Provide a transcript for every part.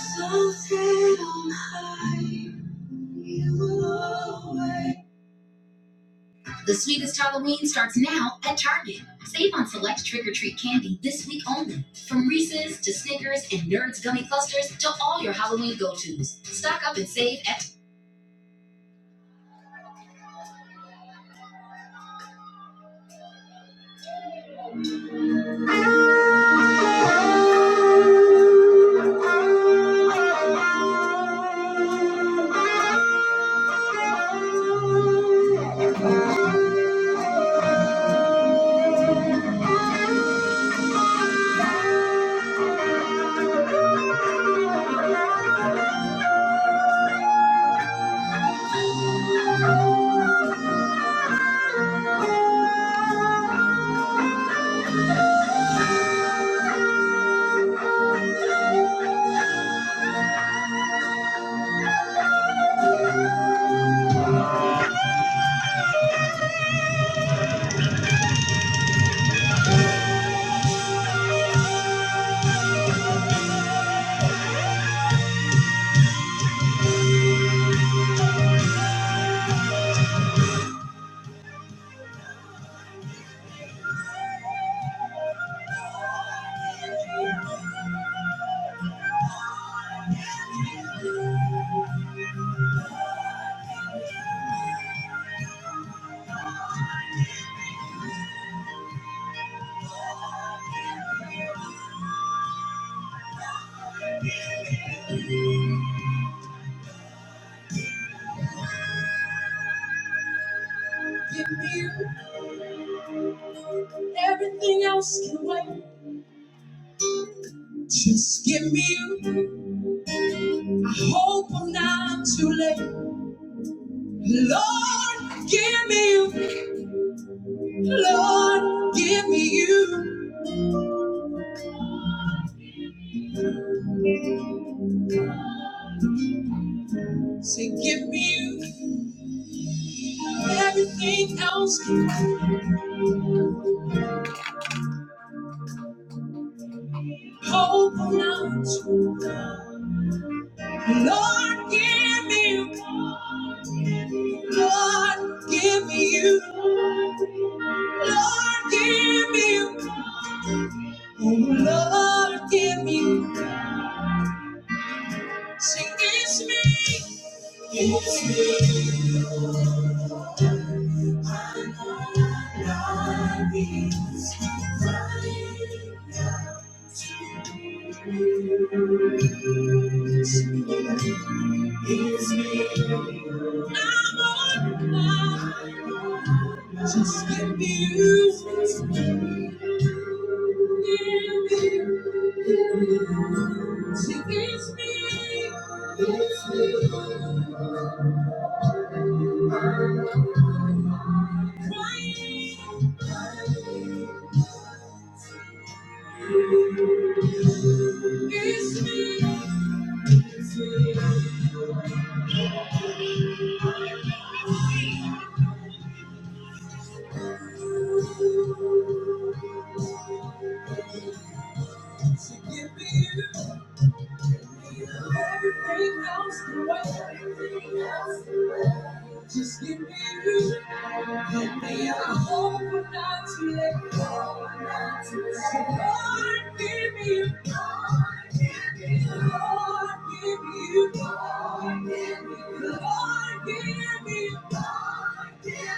Exalted on high, you alone. The sweetest Halloween starts now at Target. Save on select trick or treat candy this week only. From Reese's to Snickers and Nerds gummy clusters to all your Halloween go tos. Stock up and save at. Everything else can wait. Just give me you. I hope I'm not too late. Lord, give me you. Lord, give me you. Say, give me you. Everything else can hope I'm not too late. Lord, give me you. Lord, give me you. Lord, give me you. Oh, Lord, give me you. Say, it's me. Just give me you. She gives me, gives me. It's me. It's me. To give me. you. Everything else can wait. Everything else can wait. Just give me you. Give me a hope I'm not to let go. So Lord, give me you. Lord, give me you. Lord, give me you. Lord, give me you. Lord, give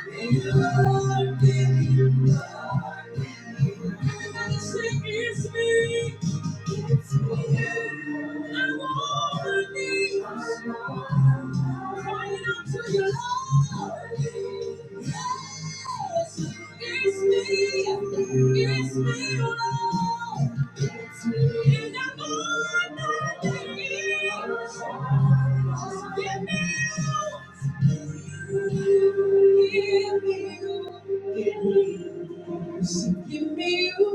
me you. Lord, give me you. Lord, give me you. Lord, give me you. Everybody sing, it's me. Give me you.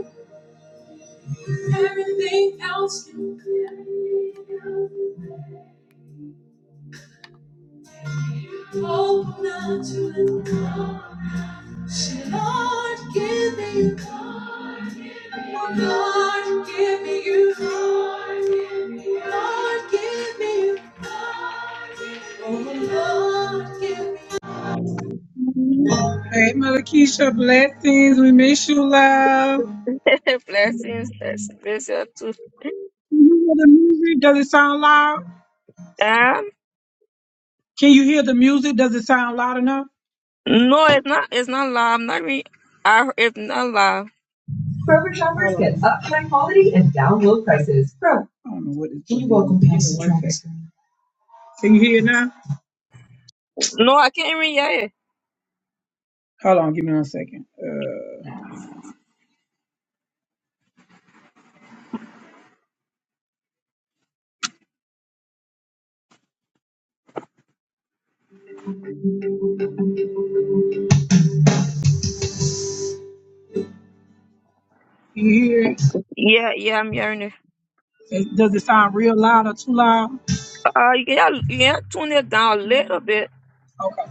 Everything else can wait. Hope I'm not too late. Say, Lord, give me you. Lord, give me you. Lord, give me you. Oh, Lord, give me you. Hey, Mother Keisha, blessings. We miss you, love. blessings, bless, bless you too. Can you hear the music? Does it sound loud? Um, Can you hear the music? Does it sound loud enough? no, it's not. It's not loud. I'm not re. I, it's not loud. Kroger shoppers get upfront quality and down low prices. Kroger. I don't know what this Can you welcome Give me Pastor Can you hear it now? No, I can't even hear it. Hold on, give me one second. Uh, can you hear it? Yeah, yeah, yeah, I'm hearing it. It- Does it sound real loud or too loud? Uh, you can you can tune it down a little bit. Okay.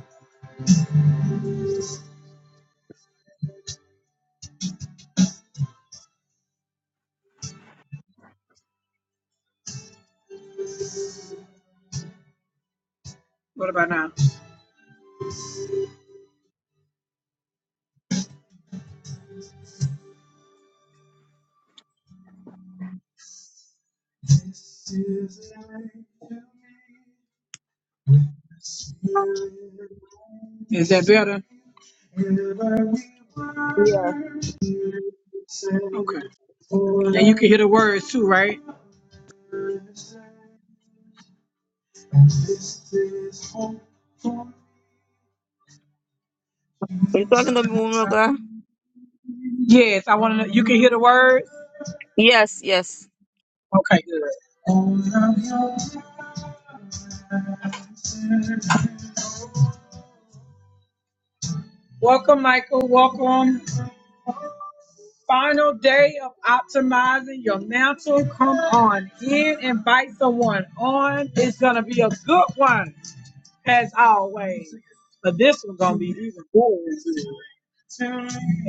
What about now? Is that better? Yeah, Okay. And you can hear the words too, right? you talking to me, woman of God? Yes, I want to. know. You can hear the words. Yes, yes. Okay, good. Welcome, Michael. Welcome. Final day of optimizing your mantle. Come on in, invite someone on. It's gonna be a good one, as always. But this one's gonna be even better.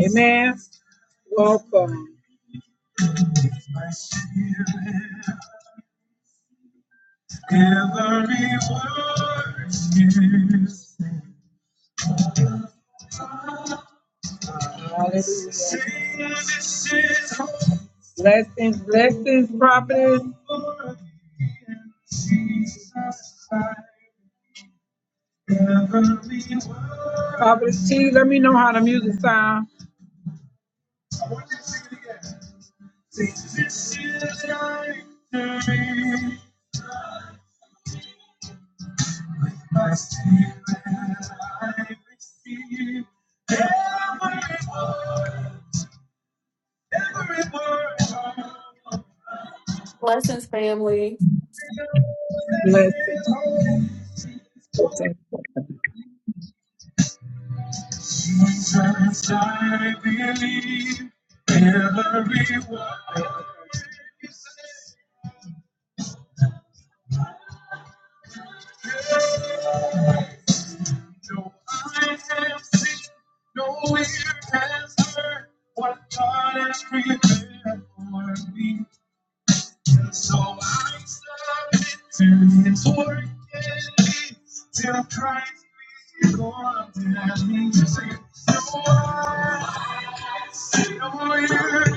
Amen. Welcome. My spirit, every word is Hallelujah. Blessings, blessings, prophetess. Papa T, let me know how the music sound. Blessings, family. Bless it. Blessings. Jesus, I believe every word you say. No eye has seen, no ear has heard what God has prepared for me. And so I submit to His work in me till Christ be formed in me. Sing it. No eye no ear,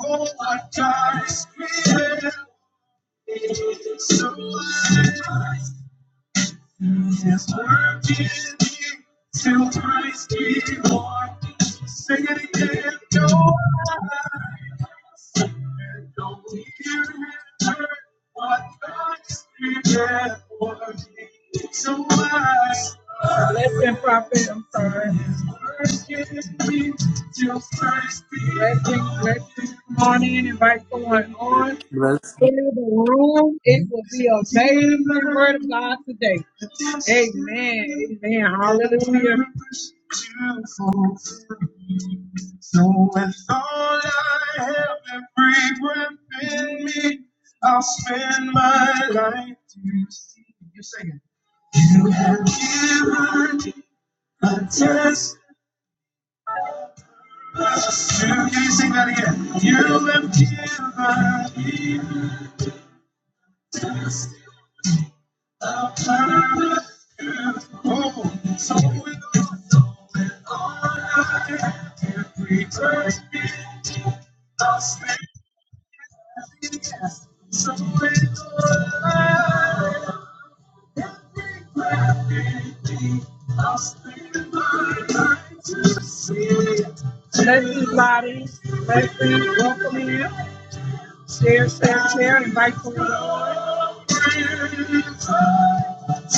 oh, what God has prepared. So I'm. His word is deep, till Christ be born. Sing it again, your eyes. And don't hear and what God's been working? So wise. Listen, prophet, I'm sorry. His word is deep, till Christ be Blessing, blessing, morning, invite someone on Bless. him. in the room. It will be a amazing the word of God today. Amen. Amen. Hallelujah. So with all I have and breath in me, I'll spend my life to see you singing. You have given a test. You, you sing that again. You have given me a test. Everybody, everybody, welcome in. Share, share, share, invite someone on.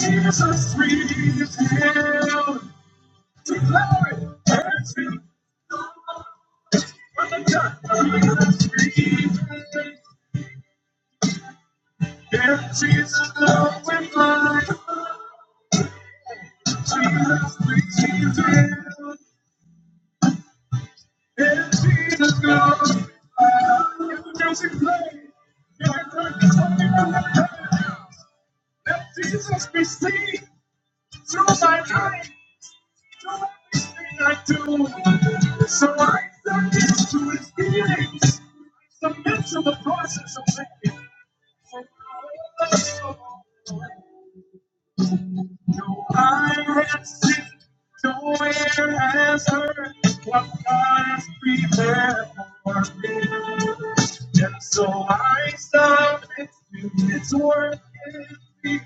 Jesus, breathe his hell to glory and to God. Jesus, breathe Yeah, Jesus, love with life. Jesus, breathe his hell. And Jesus, love with life. If the music play, if the curtains open let Jesus be seen. through my life, through everything I do. So I submit to his feelings. I submit to the process of making. No eye has seen, no ear has heard what God has prepared for me. And so I submit to His work in me.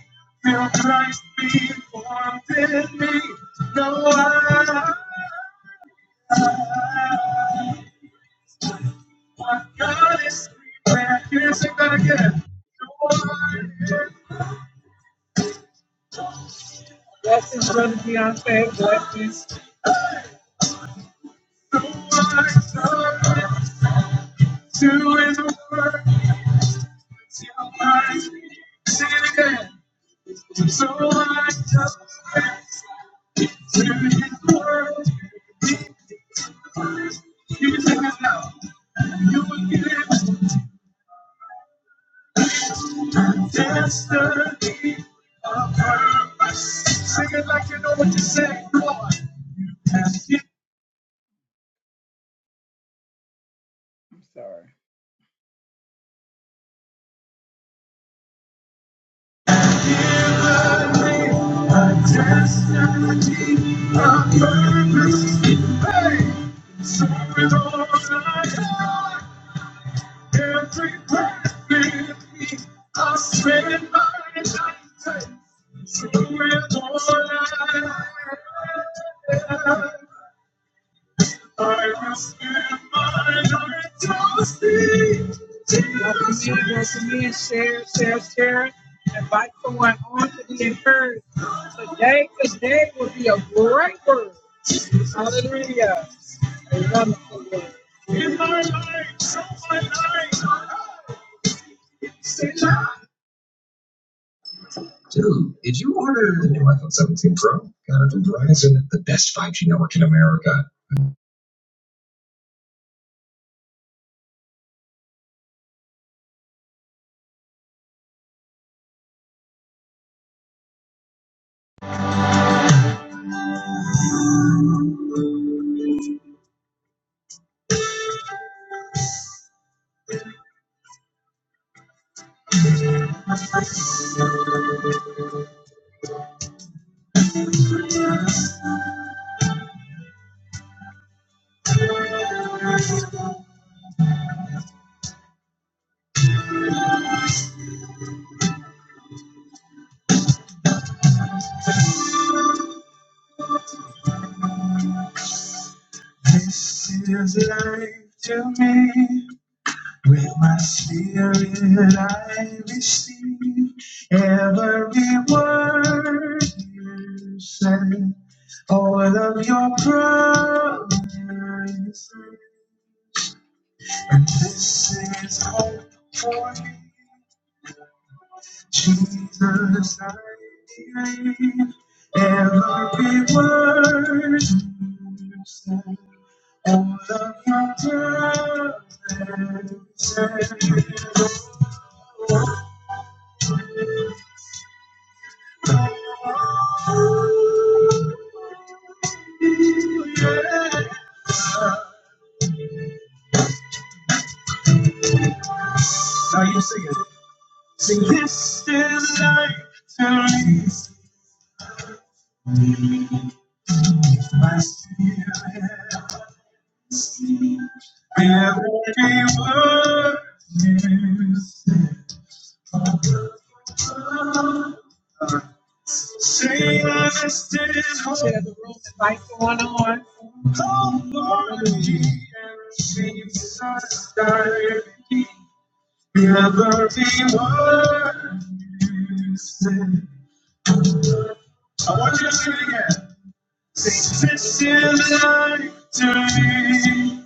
Feel Christ be formed in me. No eye, what God is prepared. Here's it gonna get it. No eye. Blessings, brother Beyonce. Blessings. No eye. submit To his word, it's your mind, sin again. So I just press to his word. You take it now, and you will give it destiny of purpose. Sing it like you know what you say, Lord. You have given. I'm Sorry. Thank you. I will spend my life trusting Y'all can sing once again, share, share, share. Invite someone on to be encouraged. Today, today will be a great word. Hallelujah. A wonderful word. In my life, show my life. Say life. Dude, did you order the new iPhone 17 Pro? Got it from Verizon, the best 5G network in America. This is life to me. With my spirit I receive every word you say, all of your promises. And this is hope for me. Jesus, I believe every word you said. All of your promises. Yes. Now you sing it. Sing this is life to least my spirit. Every word you said, say I stand on. Share the room, invite someone on. and on. Oh, Lord, every Saturday, every word you said. I want you to sing it again. Say, this is life to me.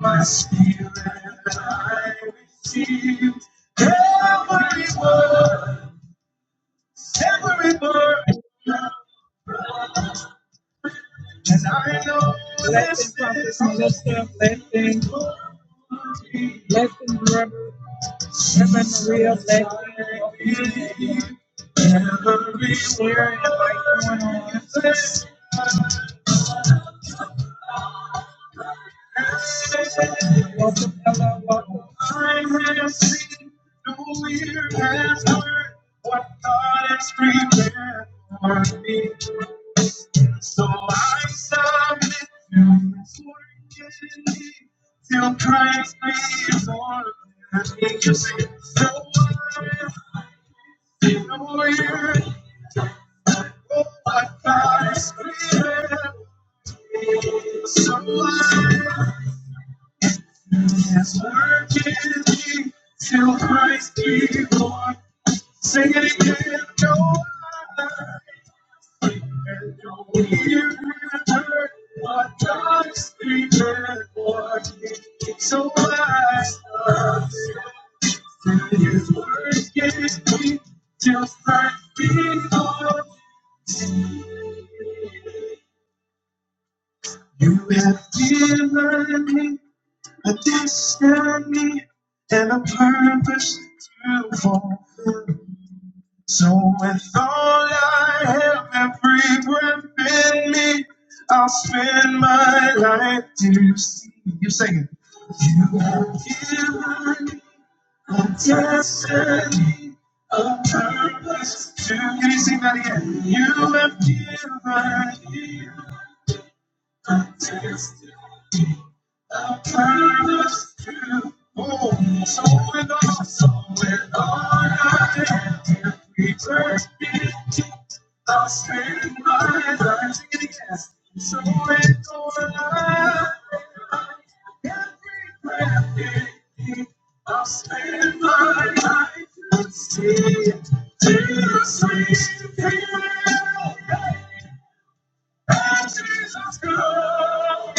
My spirit, I receive every word, every word. And I know blessings from Melissa, Blessing, blessing, Reverend Reverend Maria, Blessing, Every word, like going Welcome, Ella. Welcome. I have seen no ear has heard what God has prepared for me. So I submit to His work in me till Christ be Lord. And King. you sing it. No eye, no ear, oh, what God has prepared. So I his work in me till Christ be born. Sing it again, no other. And no ear heard what God is prepared for me. So I stand still till His work gives me till Christ be born. You have given me. a destiny and a purpose to fulfill. So with all I have, every breath in me, I'll spend my life to see you singing. You have given a destiny, a purpose to. Can you sing that again? You have given. me contested. I promise to Oh, so it all, so it all I can return it. I'll spend my life in yes, so it all I every breath it is. I'll spend my life to see, to see, to feel. Oh, Jesus Christ,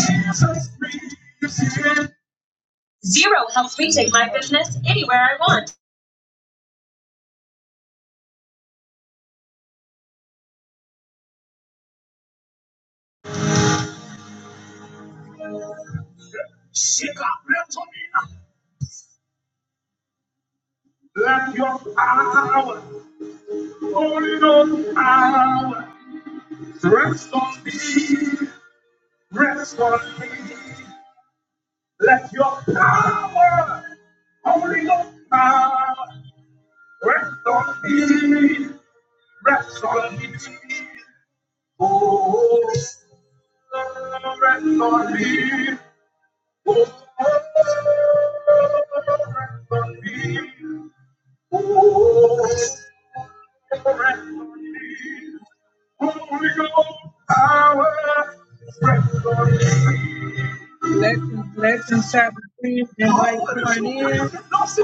Jesus Christ, Shikapretonina. Let your power, Holy Ghost power, rest on me, rest on me. Let your power, Holy Ghost power, rest on me, rest on me. Oh, surrender me. Oh, surrender me. Oh, surrender me. Holy Ghost power, rest on me. Blessings, blessings, Sabbath Queen. Invite someone in.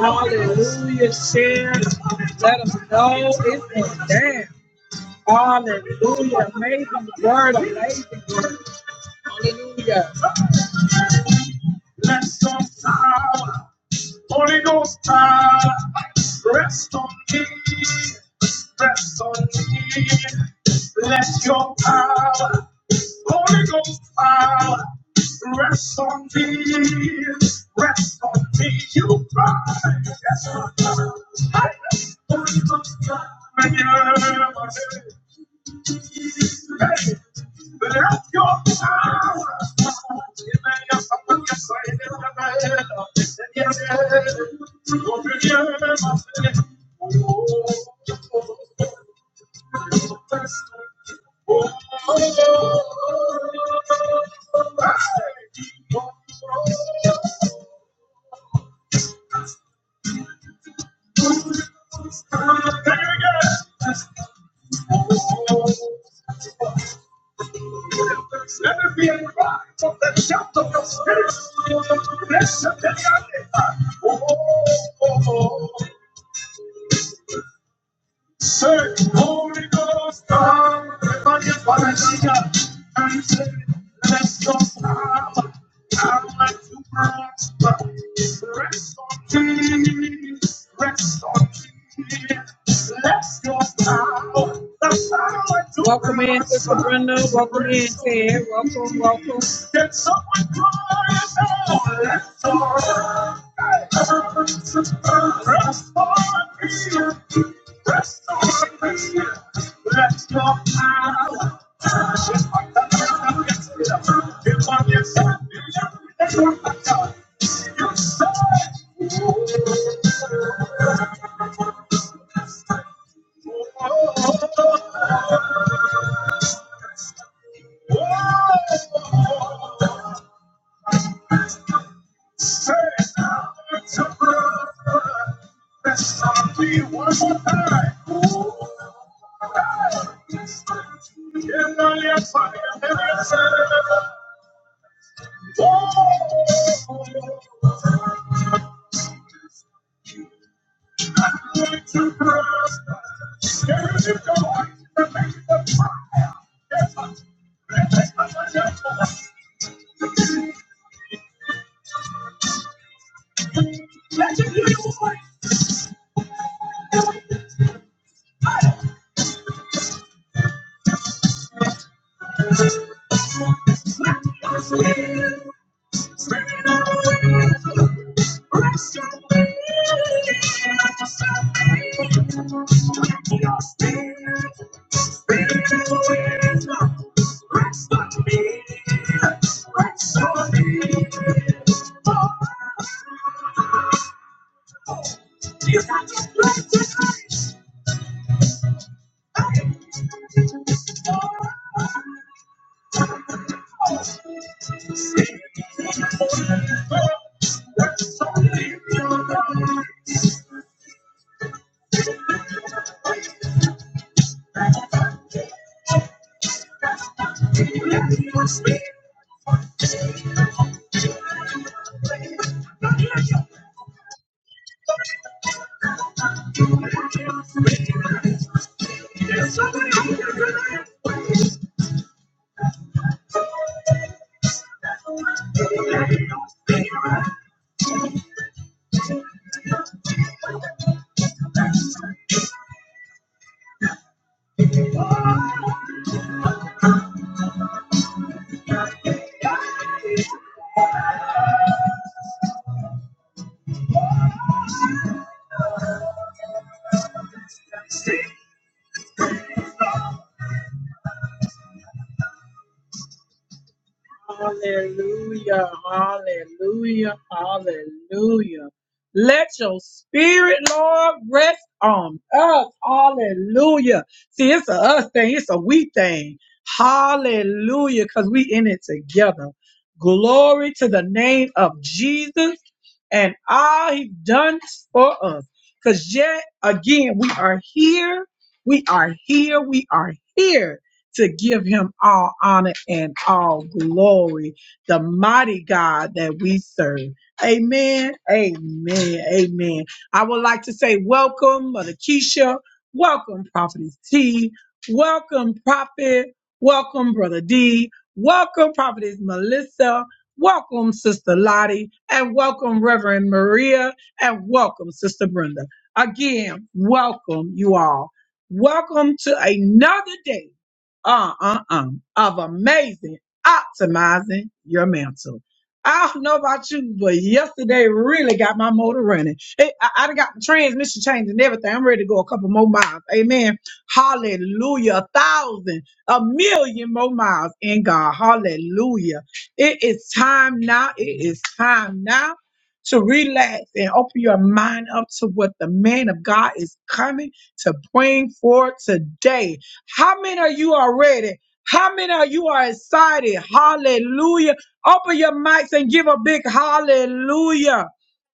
Hallelujah. Share. Let us know it's been done. Hallelujah. Amazing word. Amazing word. Hallelujah. Bless on power. Holy Ghost power. Rest on me. Rest on me. Let your power. Holy Ghost power. Rest on me. Rest on me. You cry. Yes, I cry. Holy Ghost power. Let your power Thank Let there be a cry from the depth of your spirit. Blessed be the name. Oh, oh, oh. Search, Holy Ghost, come, everybody, Valencia, and say, let's us have power to prosper. Rest on me, rest on me. Let's just have the power to Welcome in, Sister Brenda. Welcome in, Rest Ted. Welcome, welcome. me. someone cry out, let's go. Rest on me. That's the Holy Spirit. Let your power. Just like the Lord of Israel. Give on your son. That's what I got. You say, oh, oh, oh, oh. Say it now, it's a brother. Let's start me one more time, gonna gonna Thank Hallelujah, hallelujah, hallelujah. Let your spirit, Lord, rest on us. Hallelujah. See, it's a us thing, it's a we thing. Hallelujah, because we in it together. Glory to the name of Jesus and all he's done for us. Because yet again, we are here, we are here, we are here to give him all honor and all glory, the mighty God that we serve. Amen, amen, amen. I would like to say welcome, Mother Keisha. Welcome, Prophetess T. Welcome, Prophet. Welcome, Brother D. Welcome, Prophetess Melissa. Welcome, Sister Lottie, and welcome, Reverend Maria, and welcome, Sister Brenda. Again, welcome you all. Welcome to another day uh, uh, uh, of amazing optimizing your mantle. I don't know about you, but yesterday really got my motor running. It, I, I done got the transmission changed and everything. I'm ready to go a couple more miles. Amen. Hallelujah. A thousand, a million more miles in God. Hallelujah. It is time now. It is time now to relax and open your mind up to what the man of God is coming to bring for today. How many of you are ready? How many of you are excited? Hallelujah. Open your mics and give a big hallelujah.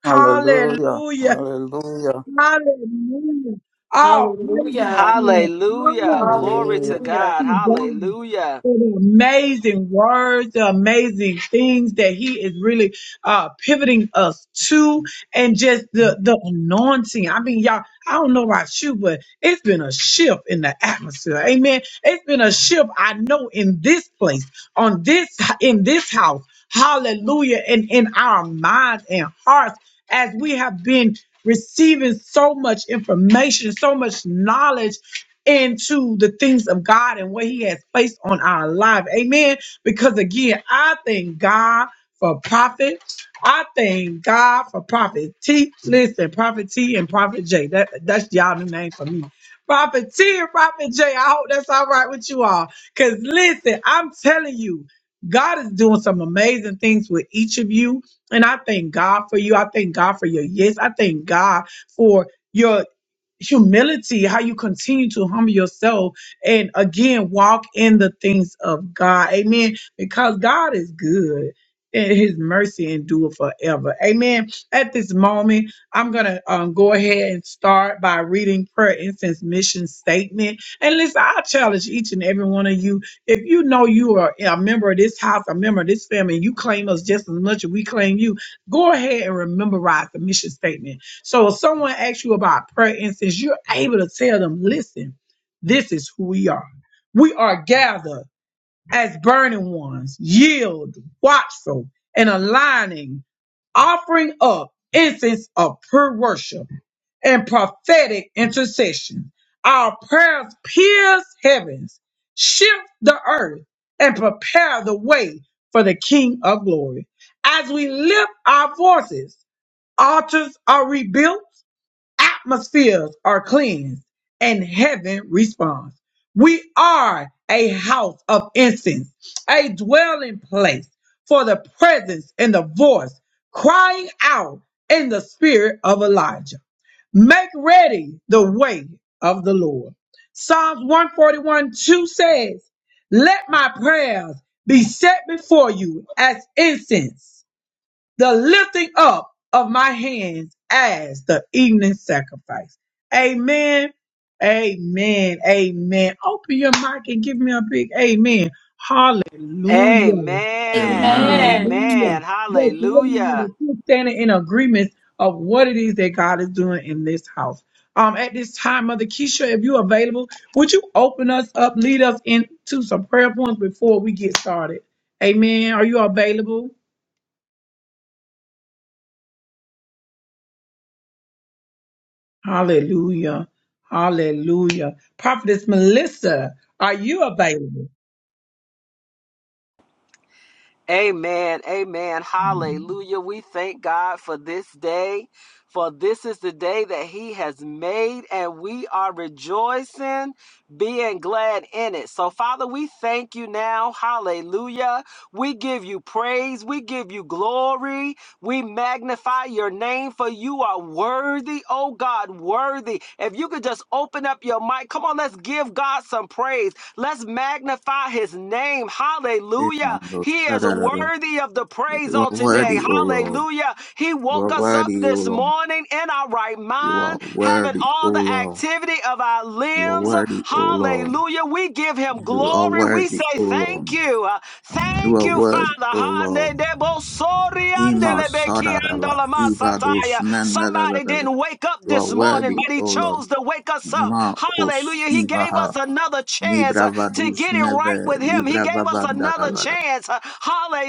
Hallelujah. Hallelujah. Hallelujah. Hallelujah. All praise Hallelujah. and Hallelujah. honor Glory Hallelujah. to Hallelujah. God. to God Hallelujah. for the amazing words, the amazing things that He is really uh, pivoting us to, and just the the anointing. I mean, y'all, I don't know about you, but it's been a shift in the atmosphere. Amen. It's been a shift. I know in this place, on this in this house. Hallelujah. And in our minds and hearts, as we have been receiving so much information, so much knowledge into the things of God and what He has placed on our life. Amen. Because again, I thank God for prophet. I thank God for prophet T. Listen, prophet T and prophet J. That that's y'all new name for me. Prophet T and prophet J. I hope that's all right with you all. Cause listen, I'm telling you, God is doing some amazing things with each of you. And I thank God for you. I thank God for your yes. I thank God for your humility, how you continue to humble yourself and again walk in the things of God. Amen. Because God is good and his mercy endure forever. Amen. At this moment, I'm going to um, go ahead and start by reading prayer instance mission statement. And listen, I challenge each and every one of you. If you know you are a member of this house, a member of this family, and you claim us just as much as we claim you, go ahead and rememberize the mission statement so if someone asks you about prayer incense, you're able to tell them, listen, this is who we are. We are gathered as burning ones, yield, watchful, and aligning, offering up incense of pure worship and prophetic intercession. Our prayers pierce heavens, shift the earth, and prepare the way for the King of glory. As we lift our voices, altars are rebuilt atmospheres are cleansed and heaven responds. We are a house of incense, a dwelling place for the presence and the voice crying out in the spirit of Elijah. Make ready the way of the Lord. Psalms 141 2 says, Let my prayers be set before you as incense the lifting up of my hands as the evening sacrifice. Amen. Amen. Amen. Open your mic and give me a big amen. Hallelujah. Amen. Amen. Amen. Hallelujah. Amen. Just let me know Hallelujah. that you're standing in agreement of what it is that God is doing in this house. Um, at this time, Mother Keisha, if you're available, would you open us up, lead us into some prayer points before we get started? Amen. Are you available? Hallelujah. Hallelujah. Prophetess Melissa, are you available? Amen. Amen. Hallelujah. We thank God for this day, for this is the day that He has made, and we are rejoicing, being glad in it. So, Father, we thank you now. Hallelujah. We give you praise. We give you glory. We magnify your name for you are worthy, oh God, worthy. If you could just open up your mic, come on, let's give God some praise. Let's magnify his name. Amen, Hallelujah. Lord. He da is worthy of the praise You are on today. worthy, O Lord. Hallelujah. He You are woke us up worthy, O this Lord. morning in our right You are mind, having worthy, O all the Lord. activity of our You are limbs. worthy, O Lord. Hallelujah. We give him You are glory. We worthy, say O Lord. thank you. Uh, You Thank are you, worthy, O Father. Lord. Mande debo sori Ima andele sadaraba, ibados masataya. Somebody mendadaraba. didn't wake up You are this morning, worthy, but he O Lord. chose to wake us up. Ma os Hallelujah. He gave us ibaha, another chance uh, to libravadus get it right meve, with him. He gave us another Libravavanda. chance. uh,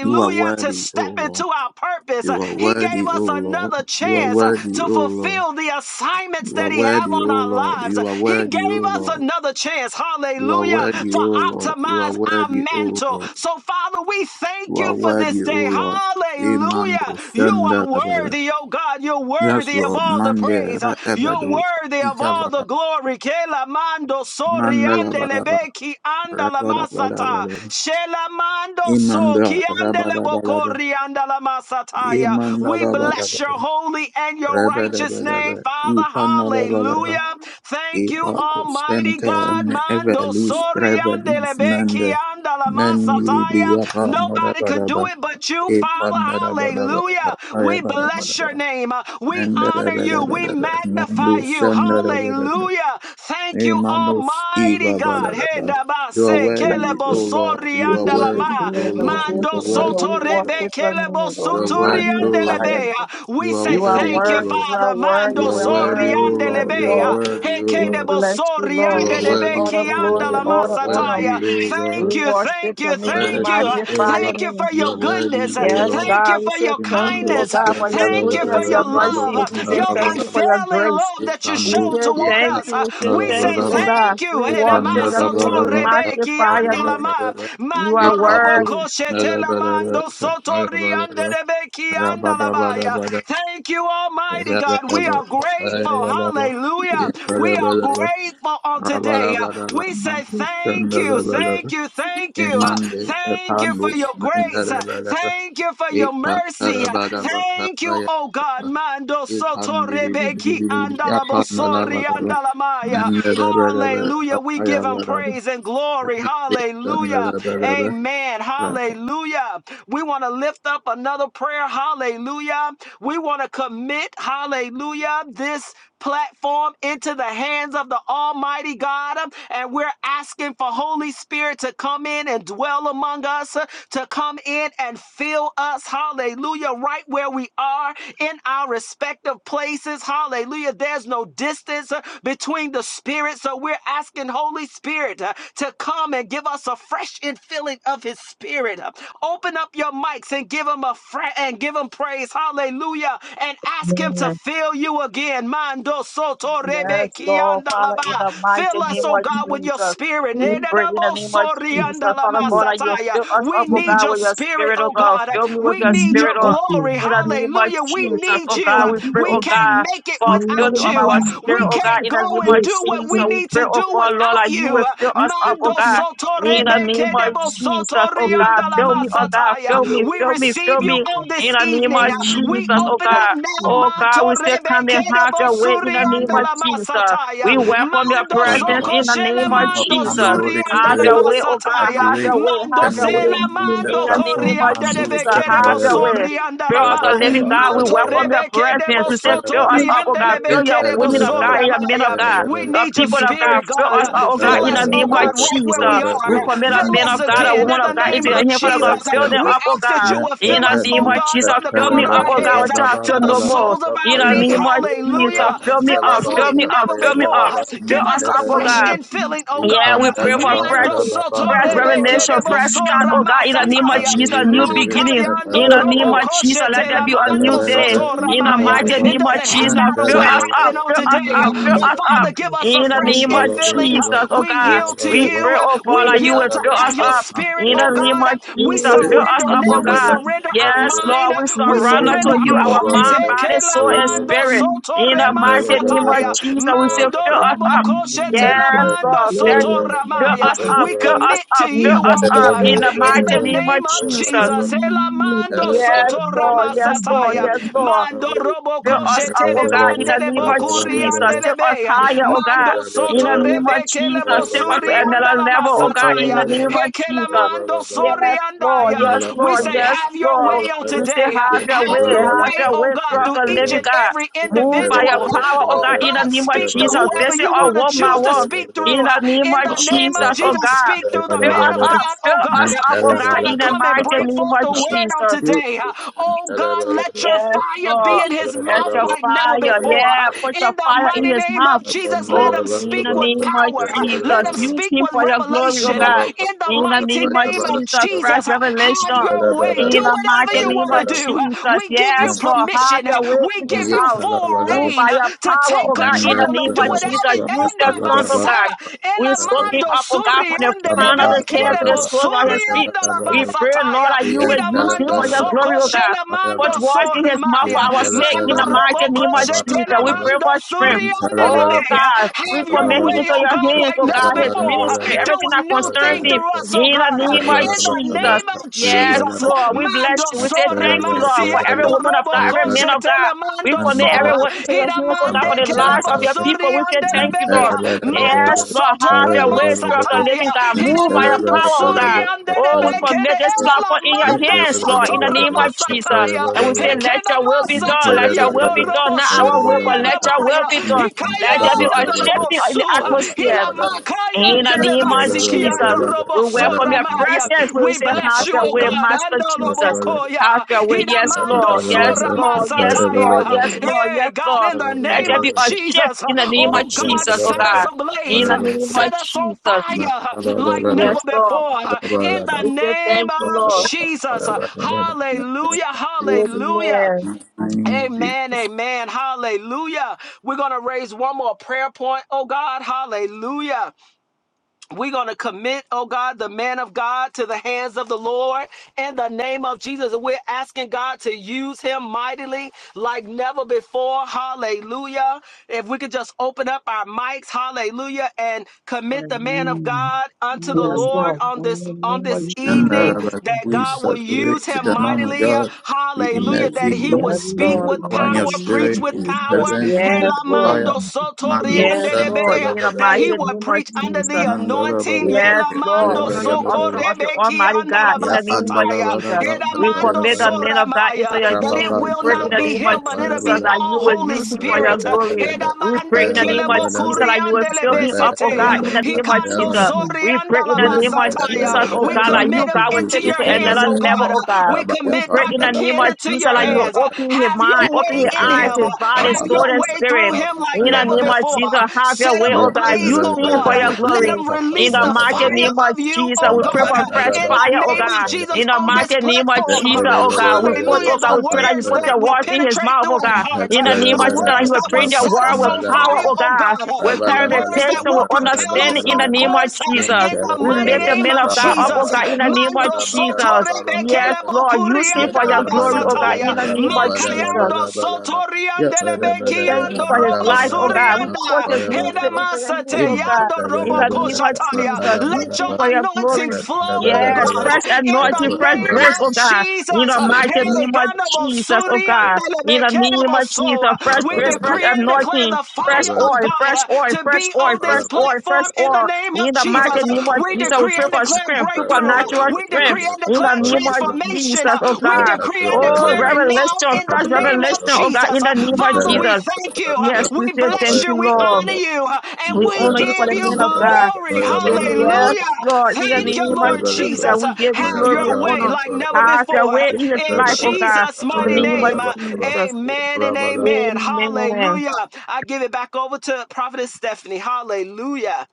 You are To worthy, O step into Lord. our purpose. You Uh, are He gave worthy, O us Lord. another You are chance uh, worthy, to O Lord. fulfill the assignments You are that he have worthy, O on our Lord. lives. You are He worthy, O gave us Lord. another chance. You are Hallelujah. worthy, To O Lord. You are optimize our worthy, O mantle Lord. so, Father, we thank You are you for this worthy, O day. Lord. Hallelujah. Emmanuel, You are Shandalabara. worthy, oh God. You're Yes, worthy of Lord. all the Mande, praise. Uh, You're Re'ebedu, worthy of all the Italaba, glory. Kela mando sori Mandalabaraba, andelebeki andalamasata. Rabadabadabada. Shela mando so Imanda, Rabadabalaba, kiandelebokori andalamasataya. We bless your Imandalabalaba, holy and your righteous Rabadabadaba, name, Father. Ipanalabalaba, Hallelujah. Thank you, Eva Almighty Costente God. and Mando Evelus sori andele Trevelus Telebeki Mende anda la Meni masataya. Briapa Nobody could do Nadabadaba it but you, Epan Father. Nadabadaba Hallelujah. We bless your Ayabadabadaba name. We honor you. We Mendabadabadaba magnify Mendu you. Sandabadaba Hallelujah. Thank you, Emanus Almighty Eva God. Badabadaba You are God Hendabase bless worthy, kelebo O you. Lord. sori We You give are anda la you glory, ma. worthy, O Lord. we give You are Mando you honor, soto worthy, we O rebe Lord. worship your kelebo name, You Lord. are We suturi worthy, O anda magnify Lord. lebe. you. We You are say You are worthy, O thank you, worthy, Lord. you are Father. worthy, You Mando we are are worthy, sori O worthy, anda yes, Lord. lebe. You are Lord. worthy, We O Lord. Hekedebo bless you, sori You Lord. We are anda lebe. give you all worthy, Rebeki the O glory and andala Lord. all You are the honor. worthy, Masataya. O We Thank Lord. you, worship thank your you, name. We thank you. Uh, worthy, O magnify your Lord. Thank you for name. You your are goodness. worthy, Uh, O Yes, Lord. Thank God. you We for say your thank you, Imando oh kindness. Uh, God, for your sandala Thank la you la for goodness, your your la la la love, mercies. We uh, la say your la la thank la you la for your unfailing grace. love that you show We say toward thank us. you. Uh, We say We thank say you, oh God. thank you. We worship your name. We magnify your name. You Mando are robo worthy. mando sotori Rabba Thank you, Almighty God. We are grateful. Hallelujah. We we are grateful on today. Uh, Abalabalabalaba, We say mantu thank you, shandalabalaba, thank you, thank you. Uh, emande Thank you for epandus your grace. Uh, mendalabalaba, Thank you for your mercy. Uh, ekatarabalaba, Thank you, oh God. kapayabalaba, Mando soto rebeki epandilibilibilibilibi, andalabo sori apandalabalaba, andalamaya. mendalabalaba, Hallelujah. We give him kapayabalaba, praise and glory. epandus Hallelujah. shandalabalaba, Amen. Father, Hallelujah. We want to lift up another prayer. Hallelujah. We want to commit. Hallelujah this platform into the hands of the Almighty God. um, And we're asking for Holy Spirit to come in and dwell among us, uh, to come in and fill us, hallelujah, right where we are in our respective places, hallelujah. There's no distance uh, between the Spirit. So we're asking Holy Spirit uh, to come and give us a fresh infilling of His Spirit. Uh, Open up your mics and give Him a fra- and give Him praise, hallelujah, and ask Him to fill you again. Mando soto rebe Yes, Lord, Father, in kiandalaba. the mighty Fill us, name oh of God, with your Jesus. spirit. We pray in the name of Jesus, Father God, that you will fill us We up, oh need God, your with your spirit, spirit, oh oh God. God. Fill me with We your need spirit, your oh, glory. in the name of Hallelujah. We Jesus, need oh you. God. We pray, We oh can't God, make it for filling without of you. our spirit, We oh God, can't in the go name and of do what Jesus. we We need pray, to oh do God, Lord, without that you will you. fill us up, oh Mando God. soto In rebe the name of kedebo soto Jesus, oh God, fill riandalama me, oh God, fill me, We fill me, fill receive you me. on this this In the name evening. of Uh, We Jesus, oh open up God. now, Oh God, Manto we say come Rebe and have Kerebo your way in the name Surianda of la Jesus. Masataya, We welcome your Mando Father, presence Father, Soko in the we Shele name of Mando welcome you, Jesus. Holy Surianda Have la Spirit. your way, oh God, have Masataya, your saturate, way, Mando have your permeate way. Sela through the Mando In the platform. name of Corianda Mando Jesus, Rebe Kerebo have your Shandaraba, way. Surianda la Fill Ma, us the living Rababa, God, we Manto welcome Rababa, your Rebe presence. Kerebo We say, fill us Rababa, up, oh Sotorianda God. Rebe Fill your Kerebo women of God Intalabaraba, and your men of Soramaya. God. We Rababa, The need your people of God, spirit, fill God. us Uh, and up, oh God, Fill in the us, oh name God, of Talabaraba, right where Jesus. we We are. Rababos, commit a Fill man us of God, Nanta, a again in woman of the God name into Maru, your of hand, Father Rabada, God. Fill Jesus. them Santa, We up, oh ask God. that you will In fill the us, name oh Matapanu, of God, Jesus, from the fill me crown of up, Satalaba, our oh God, heads uh, until I Rababa, to feel the no more. Dalaba, soles of our In the feet. Papayaba, name of Hallelujah. Jesus, fill me Fill up, us Rabandalaba, fill like me up, never fill me before. up, Papayabaraba, uh, fill Give us us a up, oh fresh Intalabaraba, God. infilling, oh Yeah, God. uh, we pray for Ipandalaba, fresh Mando soto Rababa, fresh rebeke revelation, Talabalaba, debo fresh start, sora oh God, in the Thank name of masataya. Jesus, a new beginning. Makayando In the name robo of Jesus, let koshete there la be a new mando day. soto In the ramaya. mighty It name of doesn't Jesus, matter fill what us up, happened on fill us today, up, uh, fill but us up. Father, give us a In the fresh name of infilling. uh, Jesus, oh We God, yield to we you. pray, uh, oh We God, that you will yield to fill uh, us your up. spirit spirit, In the oh name God. of We Jesus, fill us surrender up, now. oh We God. surrender our Yes, mind. Lord, we We surrender surrender to you our our hearts. mind, body, soul, and you. mando spirit. soto In the rema Thank mighty name of sataya. Jesus, we say, Mando fill us robo up. koshe tela Yes, Lord, fill soto Fill ramaya. us up, We fill us commit to up, fill you, us oh up God, in the in mighty the name of name of Jesus. Jesus. Ela Yes, soto Lord, rama yes, Lord, sataya. yes, Lord. Mando robo Fill us koshe up, oh tele God, in bande the name of Jesus. ande le Fill us higher, oh God, Mando in soto the name rebe of kele Jesus. Fill us to bosuri another level, oh God, in the Mandalamasataya, name of Jesus. Hekelamando Yes, Lord. Yes, Soriandaya. We Lord. say, Yes, Have your Lord. way on We say, today. have your Have way. your Have way, your oh way, God, Spirit through the each living and you. God. every Yeah, Move by your individual. power, oh Oh God, God, in the name of speak to Jesus. whoever Visit you us want to one by choose to one, speak through. in the name In of the name of Jesus, Jesus, oh God. speak through the Fill man us of up. God, oh Fill God, us up, oh that's going God, to in the come and mighty bring name forth of the word on Jesus. today. Oh God, let your Yes, fire be Lord. in his Let mouth your like never fire, before. yeah, put your In the fire in mighty his name mouth. of Jesus, let Oh, him in the speak what with name of power. Uh, Let Jesus, them use speak him with for your glory, oh revelation. Uh, God. In the In the mighty name of name of Jesus, fresh Jesus, uh, have revelation. your way. Do In the whatever mighty you name want to of do. Uh, Jesus, We give you yes, Lord, have permission. Uh, your way We in this give you house. full Move reign by uh, your to power, take oh God, in the control and name do of whatever. Jesus. Use your son, oh God. We're soaking up, oh God, from the crown of his head to the soles of his feet. We pray, Lord, that you will use him for your glory, oh God put words in his mouth for our sake Mando in the mighty name of Jesus. We pray for strength. Oh God, we have commit your him way, into oh your God, hands, like oh never God, his before. ministry, Do everything a that new concerns thing him through us, oh in the God. name of In the Jesus. name of Yes, Jesus. Lord, we Mando bless you. We say sore thank you, Lord, for every masiando woman of God, robo every Yantala man koshe of God. tele We Yes, commit so. everyone into your Hida hands, oh God, mande for the lives of your people. We say thank you, andelebe. Lord. Mando Yes, Lord, soto have your way, Spirit of the remasataya. living God. Hida Move by your power, oh suri God. Oh, we andelebe kede commit this ela platform in your mando hands, Lord, soto in the name of Jesus. remasataya. And we say, let Hekena your will be done. Let your masataya will do be done. robo Not Shaya our will, but let your will Labaya, be done. Let there be Hikayana a shifting in the Dorobosua, atmosphere. Hilamakaya In the name of Delebasiki and Jesus. We welcome your Dorobosoramaya. presence. We will We say, bless have you, your O way, God, and Master Jesus. Have Dolobokoya, your way. Jesus. In Yes, the Hidamando Lord. Yes, Sora Lord. Yes, masataya. Lord. Yes, Lord. Hey, Yes, God, Lord. in the Let name there be of a shift Jesus, in the name of oh God, Jesus, oh set us God. In ablaze, the name set of us on Jesus. fire like Yes, never Lord. before, in the We say name thank you, of Lord. Jesus. Hallelujah, hallelujah. Amen. name of Amen, Jesus. amen, hallelujah. We're going to raise one more prayer point. Oh God, hallelujah. We're going to commit, oh God, the man of God to the hands of the Lord in the name of Jesus. We're asking God to use him mightily like never before. Hallelujah. If we could just open up our mics, hallelujah, and commit the man of God unto the Yes, Lord Lord. on In this the on name of this And Jesus. evening that that we God will use saturate to him the man of mightily. God. We Hallelujah. immerse That he him will Yes, in speak your Lord, with in power and the your power, name of preach spirit, in with your Jesus. power. presence with Yes, the Lord. fire. Helamando Mando Yes, Lord, in the Santa that he mighty would name of preach under Jesus. the Nandala anointing. Badaba Yes, Lord, Yelamando under the Ayabada option of the Almighty Sokorebekiandalabasataya, God, in yap the name of andala Jesus, Badaba we Edamando commit the Ayabadaba man of God into Soramaya, your that it hands. We Rababam will pray in not the Talaba be name of him, but it'll Jesus be that Ayabadaba all you will Holy use him for your Spirit. glory. We Rabadabadaba pray Edamande in the name of Ayabadabadaba Jesus that you will fill him up, oh Kelebokuriandelebeseteya, God, in Rabadabadaba the name of Hikando Jesus. Ayabadaba We pray in the name of Jesus, Mandalabadaba Soriandalamasataya. oh We God, that Rapa commit you, him God, will into take him your to hands, another oh Yukisalaba level, God. oh God. We Rabaya We commit pray in Dr. the name Pandalaba Ken of into Jesus your that you will hands. Ayabadaba open his Have your mind, open way his in eyes, him. Uh, Yisalabadaba his body, Have soul, your and Rababada way through spirit. him like In the never name of before. Ayabadaba Uh, Jesus, have your Set way, him oh God. ablaze, Use oh him for God. your Yapandalabadaba Uh, Let glory. him In release the the mighty Yapandalabadaba fire name of of you, Jesus, oh we Rabba pray God. for Uh, fresh In fire, the oh name of God. Jesus In the on this mighty name of platform. Uh, Jesus, oh God, we put, Hallelujah. oh The God, we pray that you words put that your will words in his penetrate mouth, through oh our God. yeah, hearts. In Uh, the name The of Jesus, that he words will that will bring your set word us with on power, fire, oh oh God, God. Uh, with The words that clarification, will with propel understanding us in the on name of course. uh, Jesus. In the We mighty lift the name men of of God up, oh Jesus. God, Uh, in the name of Mando soto Jesus. Yes, rebekele Lord, bokuri. use him Rianda for la your glory, oh God, basataya. in the name of Jesus. Makayando soto riande We say thank you for his robo life, oh God. We surianda. put his ministry Heda into your hands, oh God. yando In robo the name of koshataya. Jesus, we Let sing your for your anointing glory. flow, oh Yes, God, fresh in the anointing, fresh name grace, oh of God. In Jesus. the mighty Hey, name of ganda bo Jesus, oh God. surianda In the lebeke de name bo of so. Jesus, fresh We Rabba grace, fresh decree and declare anointing, the fresh fire of oil, fresh God oil, to fresh be oil, on this fresh oil, fresh platform in the oil. name In of the Jesus. mighty name of We Jesus, we decree pray and for declare breakthrough strength, breakthrough. Uh, supernatural We decree strength. and In the declare name of transformation. Jesus, oh Uh, We God. decree and Oh, declare it now revelation, in fresh the name of revelation, oh God, in Jesus. the Uh, name of Father, we Jesus. thank you. Uh, Yes, we We say bless thank you. you, We Lord. honor you. Uh, And We we honor you for give the you man of God. glory. We give you, yes, Hallelujah. Lord, in the Thank name you, of Lord Jesus, Jesus. Uh, we give you Have your glory and way honor. like never Have your before. Uh, way in his In life, oh God, Jesus' in the mighty name of name. Uh, Jesus. Amen and amen. Amen. Hallelujah. I give it back over to Prophetess Stephanie. Hallelujah.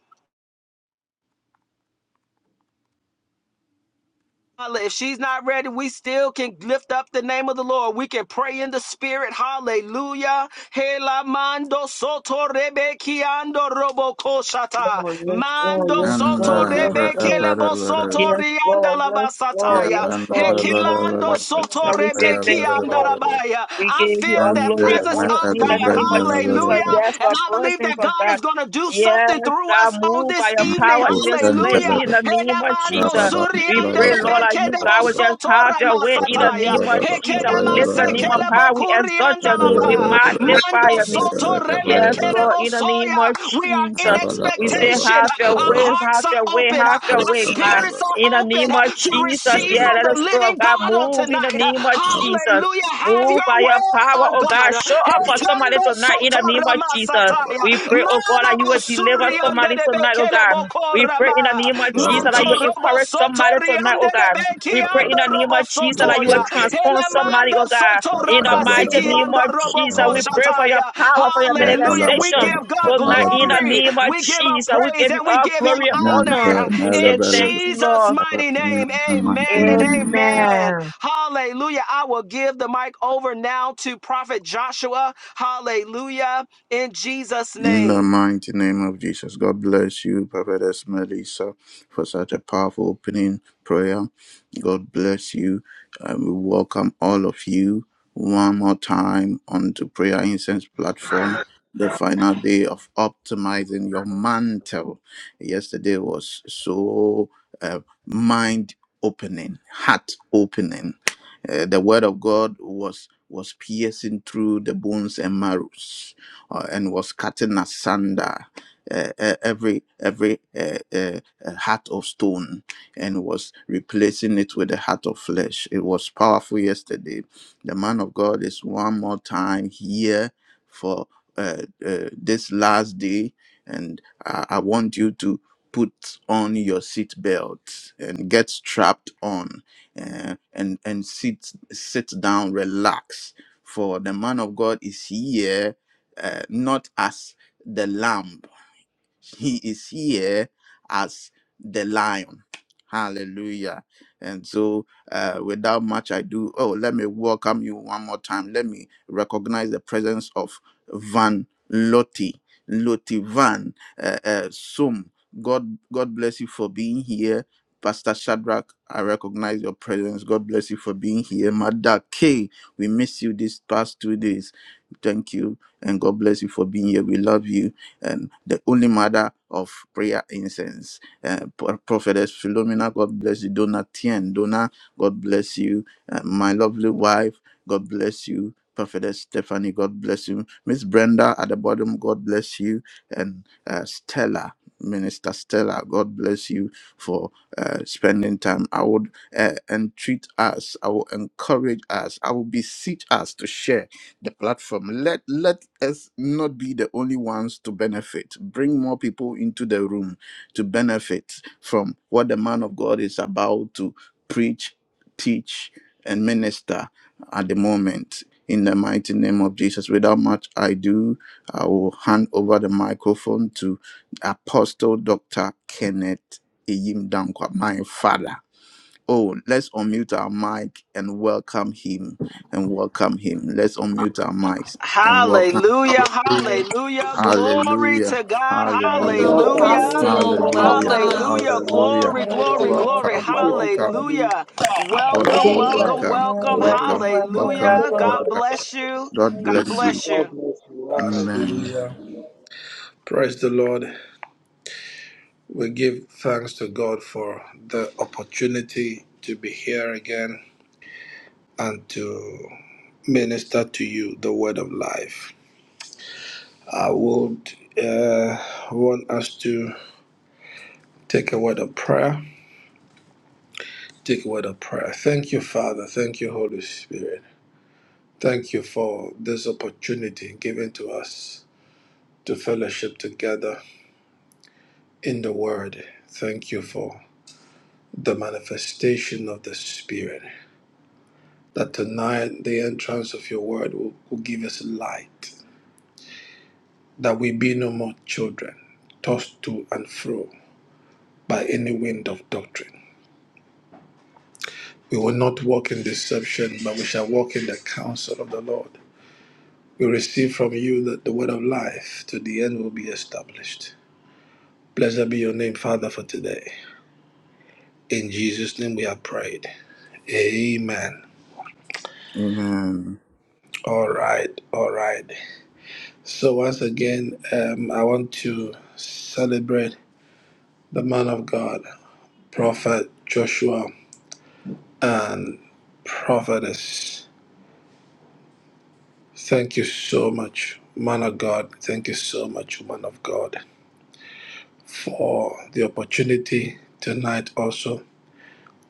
Holla, If she's not ready, we still can lift up the name of the Lord. We can pray in the spirit. Hallelujah. Hela mando soto rebe kiando robo koshata. Lord, yes, Lord, Mando yes, soto Lord, Anda yes, ra rebe para Lord. para kelebo soto Yes, rianda Lord, la yes, Lord, ya basataya. yes, panda Lord. ra In para the name Hekelando of Jesus, soto we para say ya rebe thank para you, kianda Lord. para rabaya. We I give you feel all that glory nanda and presence honor of in the makalu God. name branda of la para Hallelujah. Jesus. para Yes, And the I believe presence that of God God. is going to do Yes, something through God, us on move by this your evening. power in this ustanta place la in bara. the Hallelujah. name of la Ekedamando Jesus. We suriande pray, de Lord, that you, bekedebo God, will just have sotora your way in the masataya. name of Jesus. We Ekedama lift the name of sekelebo high. We exalt your kuriandalama. name. We magnify Mando your name. soto Yes, Lord, remekedebo in the name soya. of We are in Jesus. We say, expectation. have your Our way, hearts have are your way, open. have your Our way, God. spirits In are the open name of to Jesus, receive yeah, from let the the Spirit living of God God on move in the tonight. name of Jesus. Hallelujah. Have Move your by your way, power, oh oh God. God. Show up for somebody Etendo tonight in soto the name of Jesus. We ramasataya. pray, oh God, that you Manabo will deliver somebody suriande tonight, oh God. keleboko We pray in the rama name of Jesus that manto you will robo encourage soto somebody tonight, oh riande God. rebeki We pray in ando the name robo of Jesus that soto you ya will transform somebody, elamando oh God. soto In the baba la mighty rabasiki name ando of robo Jesus, ko we baba pray for your shataya power, for your hallelujah we manifestation. give God Tonight, in the glory name of we give him Jesus, we praise give you and we all give him glory and honor Nanta, honor. We say in thank you, Jesus Lord. mighty name amen and amen Amen. hallelujah I will give the mic over now to prophet Joshua hallelujah in Jesus In the name mighty name of Jesus, God bless you, Prophetess Melissa, for such a powerful opening prayer. God bless you. and we welcome all of you one more time onto Prayer Incense platform. The final day of optimizing your mantle. Yesterday was so uh, mind opening, heart opening. Uh, the word of God was was piercing through the bones and marrows uh, and was cutting asunder uh, uh, every every uh, uh, uh, heart of stone and was replacing it with a heart of flesh. It was powerful yesterday. The man of God is one more time here for uh, uh, this last day, and I, I want you to put on your seat belt and get strapped on uh, and and sit sit down relax for the man of god is here uh, not as the lamb he is here as the lion. Hallelujah. And so, uh, without much ado, oh, let me welcome you one more time. Let me recognize the presence of Van Loti, Loti Van uh, uh, Sum. God, God bless you for being here. Pastor Shadrach, I recognize your presence. God bless you for being here. Mother K, we miss you these past two days. Thank you. And God bless you for being here. We love you and the only mother of prayer incense. Uh, Pro- Prophetess Philomena, God bless you. Donna Tien, Donna, God bless you. Uh, my lovely wife, God bless you. Prophetess Stephanie, God bless you. Miss Brenda at the bottom, God bless you. And uh, Stella, Minister Stella, God bless you for uh, spending time. I would uh, entreat us, I will encourage us, I will beseech us to share the platform. Let let us not be the only ones to benefit. Bring more people into the room to benefit from what the man of God is about to preach, teach, and minister at the moment. In the mighty name of Jesus. Without much ado, I will hand over the microphone to Apostle Dr. Kenneth Iyim Dankwa, my father. Oh, let's unmute our mic and welcome him and welcome him. Let's unmute our mics and welcome. Hallelujah, hallelujah, glory Hallelujah. to God, Welcome, Hallelujah. Welcome, hallelujah, welcome, Yes, Apostle. welcome, God, I Hallelujah. will Welcome. hallelujah, Hallelujah. welcome, glory, glory, welcome, welcome. We glory, welcome, Welcome. appreciate Pastor you for Welcome. Ken. coming hallelujah. back Welcome, Apostle, again. Hallelujah, welcome, welcome. amen. welcome, Thank you. Welcome, Welcome. welcome, Welcome. hallelujah. welcome. God Welcome. Welcome. bless you, God God bless you. bless God you. bless you. Welcome. Amen. Hallelujah. Praise the Lord. We give thanks to God for the opportunity to be here again and to minister to you the word of life. I would uh, want us to take a word of prayer. Take a word of prayer. Thank you, Father. Thank you, Holy Spirit. Thank you for this opportunity given to us to fellowship together in the Word. Thank you for the manifestation of the Spirit. that tonight the entrance of your word will, will give us light, that we be no more children, tossed to and fro by any wind of doctrine. We will not walk in deception, but we shall walk in the counsel of the Lord. We receive from you that the word of life to the end will be established. Blessed be your name, Father, for today. In Jesus' name we have prayed. Amen. Amen. All right, all right. So, once again, um, I want to celebrate the man of God. Prophet Joshua, and Prophetess. Thank you so much, man of God. Thank you so much, woman of God, for the opportunity tonight also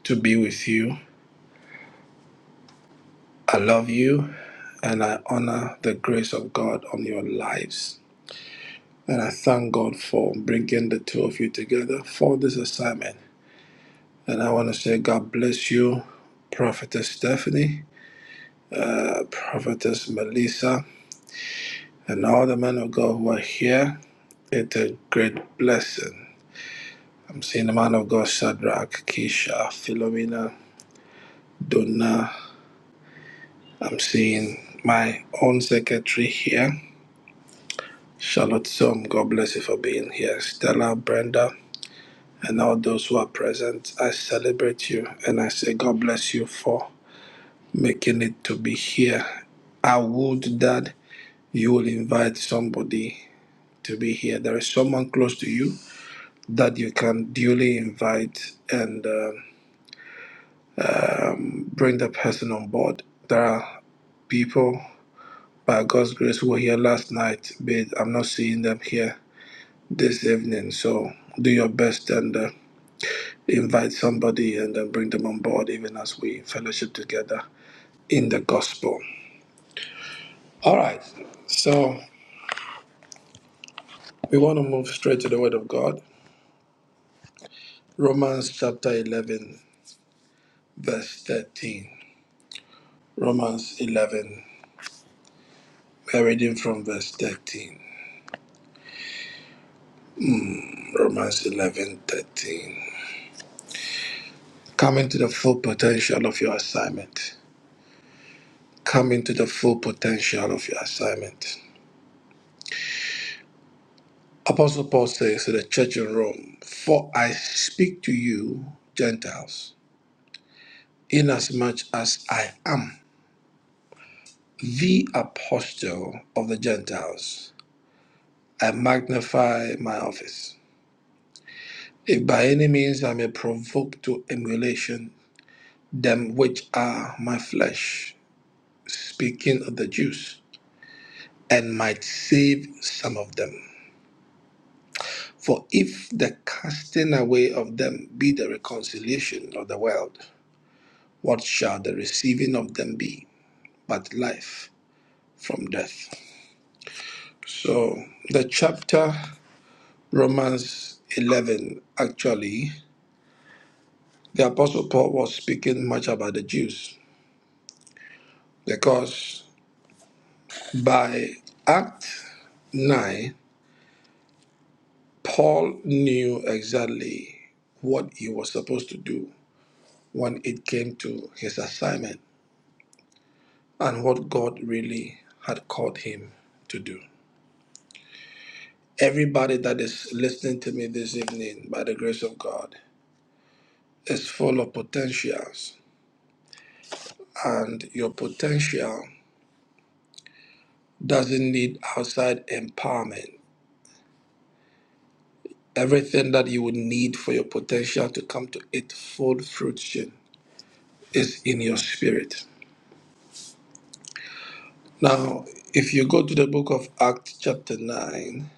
to be with you. I love you and I honor the grace of God on your lives. And I thank God for bringing the two of you together for this assignment. And I want to say, God bless you, Prophetess Stephanie, uh, Prophetess Melissa, and all the men of God who are here. It's a great blessing. I'm seeing the man of God, Shadrach, Keisha, Philomena, Donna. I'm seeing my own secretary here, Charlotte Som. God bless you for being here. Stella, Brenda, and all those who are present. I celebrate you and I say, God bless you for making it to be here. I would that you will invite somebody to be here. There is someone close to you that you can duly invite and. uh, bring the person on board. There are people, by God's grace, who were here last night, but I'm not seeing them here this evening. So do your best and uh, invite somebody and then bring them on board, even as we fellowship together in the gospel. All right. So we want to move straight to the Word of God. Romans chapter 11, verse 13. Romans 11. We're reading from verse 13. Romans 11:13. Come into the full potential of your assignment. Come into the full potential of your assignment. Apostle Paul says to the church in Rome, For I speak to you, Gentiles, inasmuch as I am the apostle of the Gentiles, I magnify my office. If by any means I may provoke to emulation them which are my flesh, speaking of the Jews, and might save some of them. For if the casting away of them be the reconciliation of the world, what shall the receiving of them be but life from death? So, the chapter Romans 11, actually, the Apostle Paul was speaking much about the Jews because by Act 9, Paul knew exactly what he was supposed to do when it came to his assignment and what God really had called him to do. Everybody that is listening to me this evening, by the grace of God, is full of potentials, and your potential doesn't need outside empowerment. Everything that you would need for your potential to come to its full fruition is in your spirit. Now, if you go to the book of Acts, chapter 9,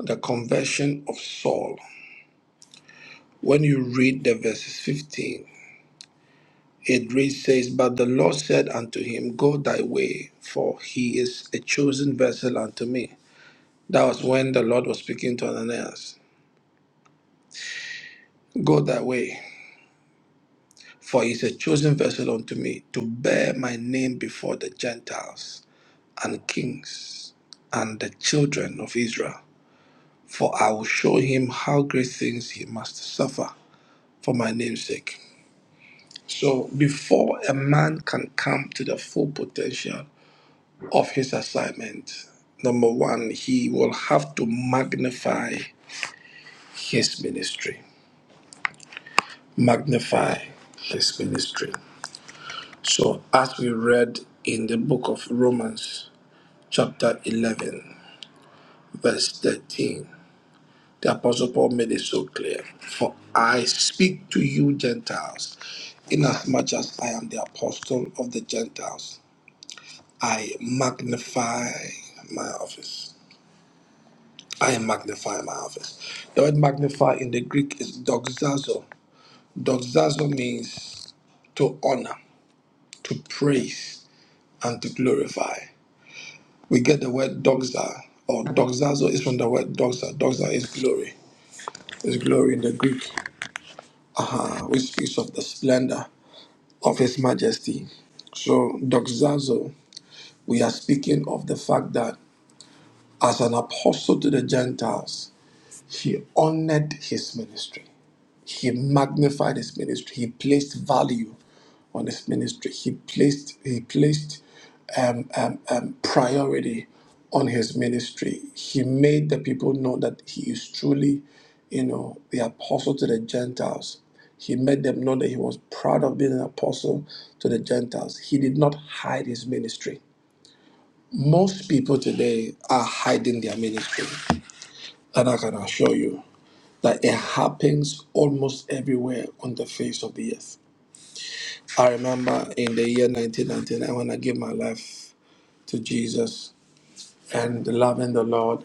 the conversion of Saul, when you read the verses 15, It reads says, But the Lord said unto him, Go thy way, for he is a chosen vessel unto me. That was when the Lord was speaking to Ananias. Go thy way, for he is a chosen vessel unto me, to bear my name before the Gentiles and kings and the children of Israel. For I will show him how great things he must suffer for my name's sake. So before a man can come to the full potential of his assignment. Number one, he will have to magnify his ministry. Magnify his ministry. So, as we read in the book of Romans, chapter 11, verse 13, the Apostle Paul made it so clear For I speak to you, Gentiles, inasmuch as I am the apostle of the Gentiles, I magnify my office. I magnify my office. The word magnify in the Greek is doxazo. Doxazo means to honor, to praise, and to glorify. We get the word doxa or doxazo is from the word doxa. Doxa is glory. It's glory in the Greek, uh, which speaks of the splendor of His Majesty. So, doxazo, we are speaking of the fact that as an apostle to the Gentiles, he honored his ministry. He magnified his ministry. He placed value on his ministry. He placed he placed um, um, um, priority on his ministry. He made the people know that he is truly, you know, the apostle to the Gentiles. He made them know that he was proud of being an apostle to the Gentiles. He did not hide his ministry. Most people today are hiding their ministry, and I can assure you that it happens almost everywhere on the face of the earth. I remember in the year 1999 when I gave my life to Jesus and loving the Lord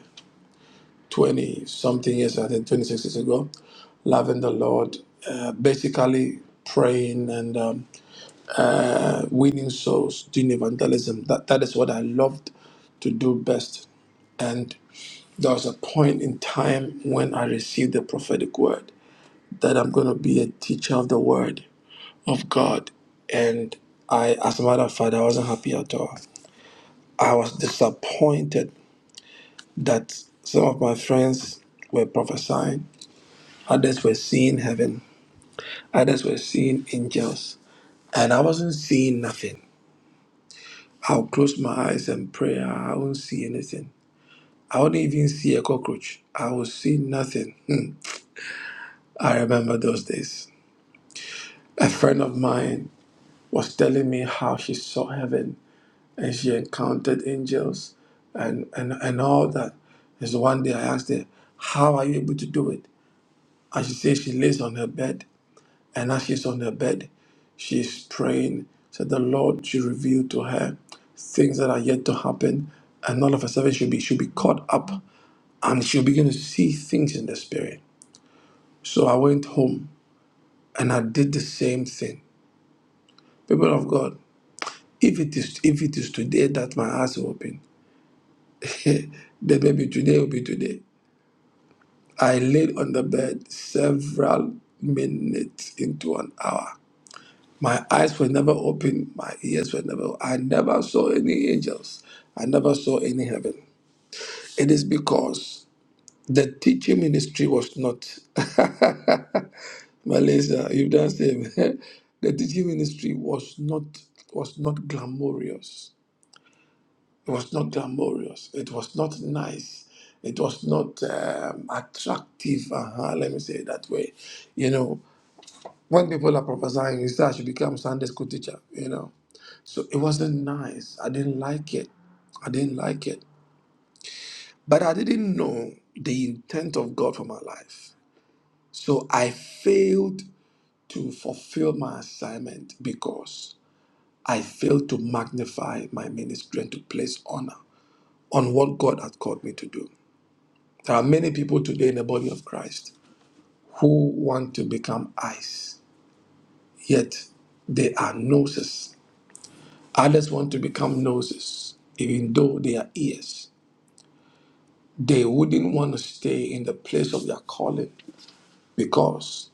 20 something years, I think 26 years ago, loving the Lord, uh, basically praying and um, uh, winning souls, doing evangelism. That, that is what I loved to do best. And there was a point in time when I received the prophetic word that I'm going to be a teacher of the word. of God. And I, as a matter of fact, I wasn't happy at all. I was disappointed that some of my friends were prophesying, others were seeing heaven, others were seeing angels, and I wasn't seeing nothing. I'll close my eyes and pray, I won't see anything. I wouldn't even see a cockroach. I would see nothing. Hmm. I remember those days. A friend of mine was telling me how she saw heaven and she encountered angels and, and, and all that. And so one day I asked her, How are you able to do it? And she says she lays on her bed, and as she's on her bed, she's praying. So the Lord should reveal to her things that are yet to happen, and all of a sudden she'll be she'll be caught up and she'll begin to see things in the spirit. So I went home and I did the same thing. People of God, if it is if it is today that my eyes will open, then maybe today will be today. I lay on the bed several minutes into an hour. My eyes were never open, my ears were never I never saw any angels. I never saw any heaven. It is because the teaching ministry was not Malaysia. you've done same. the teaching ministry was not was not glamorous. It was not glamorous. It was not nice. It was not um, attractive. Uh-huh, let me say it that way. You know, When people are prophesying, you say I should become Sunday school teacher, you know. So it wasn't nice. I didn't like it. I didn't like it. But I didn't know the intent of God for my life. So I failed to fulfill my assignment because I failed to magnify my ministry and to place honor on what God had called me to do. There are many people today in the body of Christ who want to become eyes, yet they are noses Others want to become noses, even though they are ears. They wouldn't want to stay in the place of their calling because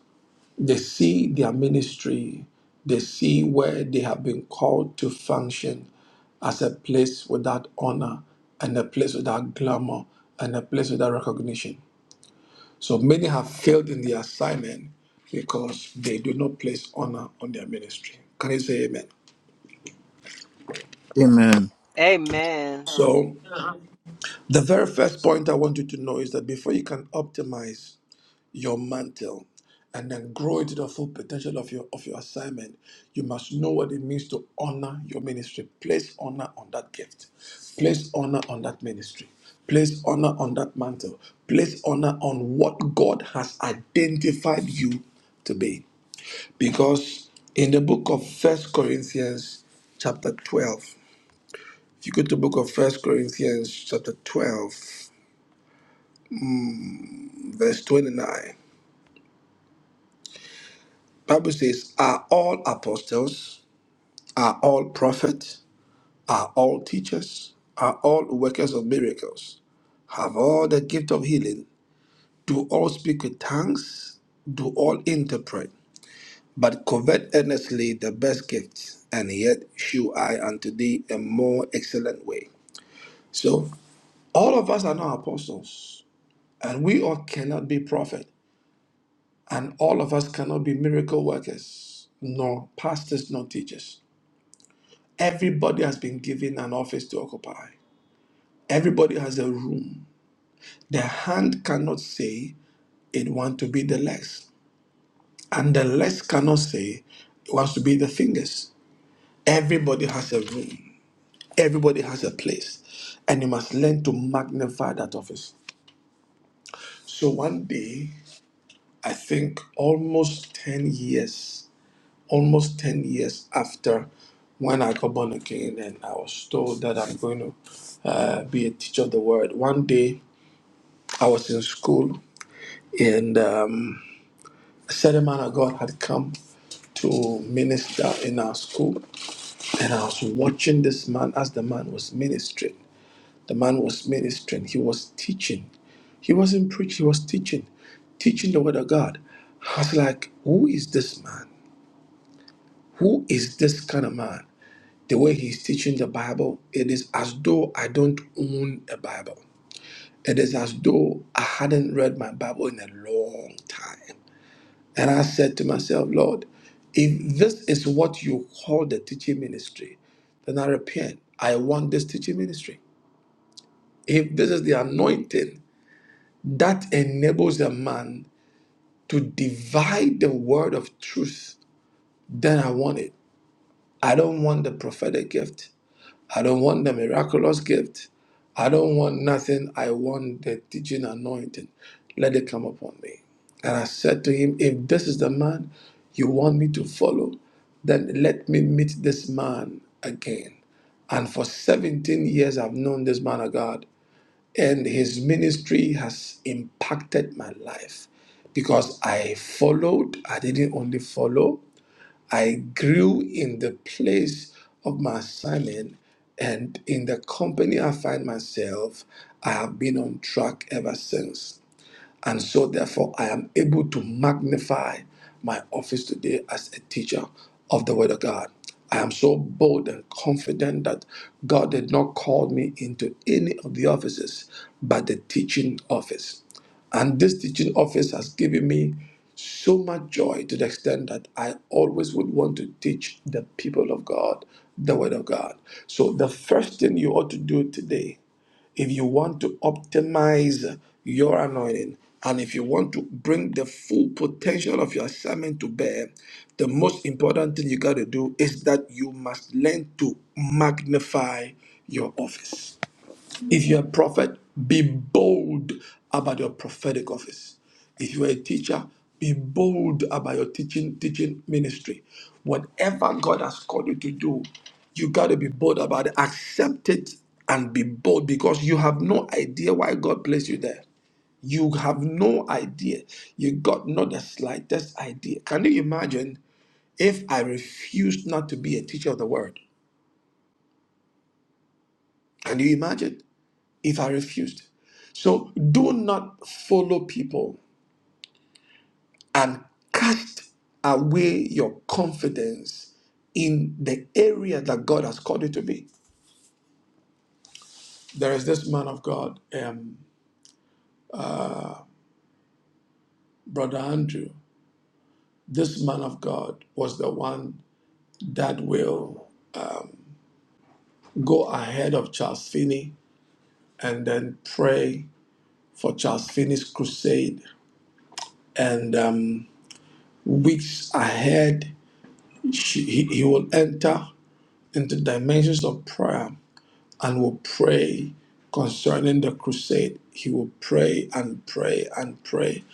they see their ministry, they see where they have been called to function as a place without honor and a place without glamour and a place without recognition. So many have failed in their assignment because they do not place honor on their ministry. Can you say amen? Amen. Amen, So The very first point I want you to know is that before you can optimize your mantle and then grow into the full potential of your of your assignment, you must know what it means to honor your ministry. Place honor on that gift. Place honor on that ministry. Place honor on that mantle. Place honor on what God has identified you to be. Because in the book of First Corinthians chapter 12, if you go to the book of First Corinthians chapter 12, verse 29. Bible says, Are all apostles, are all prophets, are all teachers, are all workers of miracles, have all the gift of healing, do all speak with tongues, do all interpret, but covet earnestly the best gift, and yet shew I unto thee a more excellent way. So all of us are not apostles, and we all cannot be prophets. And all of us cannot be miracle workers, nor pastors, nor teachers. Everybody has been given an office to occupy, everybody has a room. The hand cannot say it wants to be the legs, and the legs cannot say it wants to be the fingers. Everybody has a room, everybody has a place, and you must learn to magnify that office. So one day, I think almost 10 years almost 10 years after when I got born again and I was told that I'm going to uh, be a teacher of the word. One day I was in school and um, a certain man of God had come to minister in our school and I was watching this man as the man was ministering. The man was ministering, he was teaching. He wasn't preaching, he was teaching, teaching the word of God. I was like, who is this man? Who is this kind of man? the way he's teaching the Bible, it is as though I don't own a Bible. It is as though I hadn't read my Bible in a long time. And I said to myself, Lord, if this is what you call the teaching ministry, then I repent. I want this teaching ministry. If this is the anointing that enables a man to divide the word of truth, then I want it. I don't want the prophetic gift. I don't want the miraculous gift. I don't want nothing. I want the teaching anointing. Let it come upon me. And I said to him, If this is the man you want me to follow, then let me meet this man again. And for 17 years, I've known this man of God, and his ministry has impacted my life because I followed. I didn't only follow, I grew in the place of my assignment and in the company I find myself. I have been on track ever since. And so, therefore, I am able to magnify my office today as a teacher of the Word of God. I am so bold and confident that God did not call me into any of the offices but the teaching office. And this teaching office has given me so much joy to the extent that I always would want to teach the people of God the Word of God. So, the first thing you ought to do today if you want to optimize your anointing and if you want to bring the full potential of your assignment to bear, the most important thing you got to do is that you must learn to magnify your office. If you're a prophet, be bold about your prophetic office. If you're a teacher, be bold about your teaching teaching ministry. Whatever God has called you to do, you got to be bold about it. Accept it and be bold because you have no idea why God placed you there. You have no idea. You got not the slightest idea. Can you imagine if I refused not to be a teacher of the word? Can you imagine? if I refused. So do not follow people and cast away your confidence in the area that God has called you to be. There is this man of God, um, Brother Andrew. This man of God was the one that will go ahead of Charles Finney and then pray for Charles Finney's crusade. And um, weeks ahead, she, he, he will enter into dimensions of prayer and will pray concerning the crusade. He will pray and pray and pray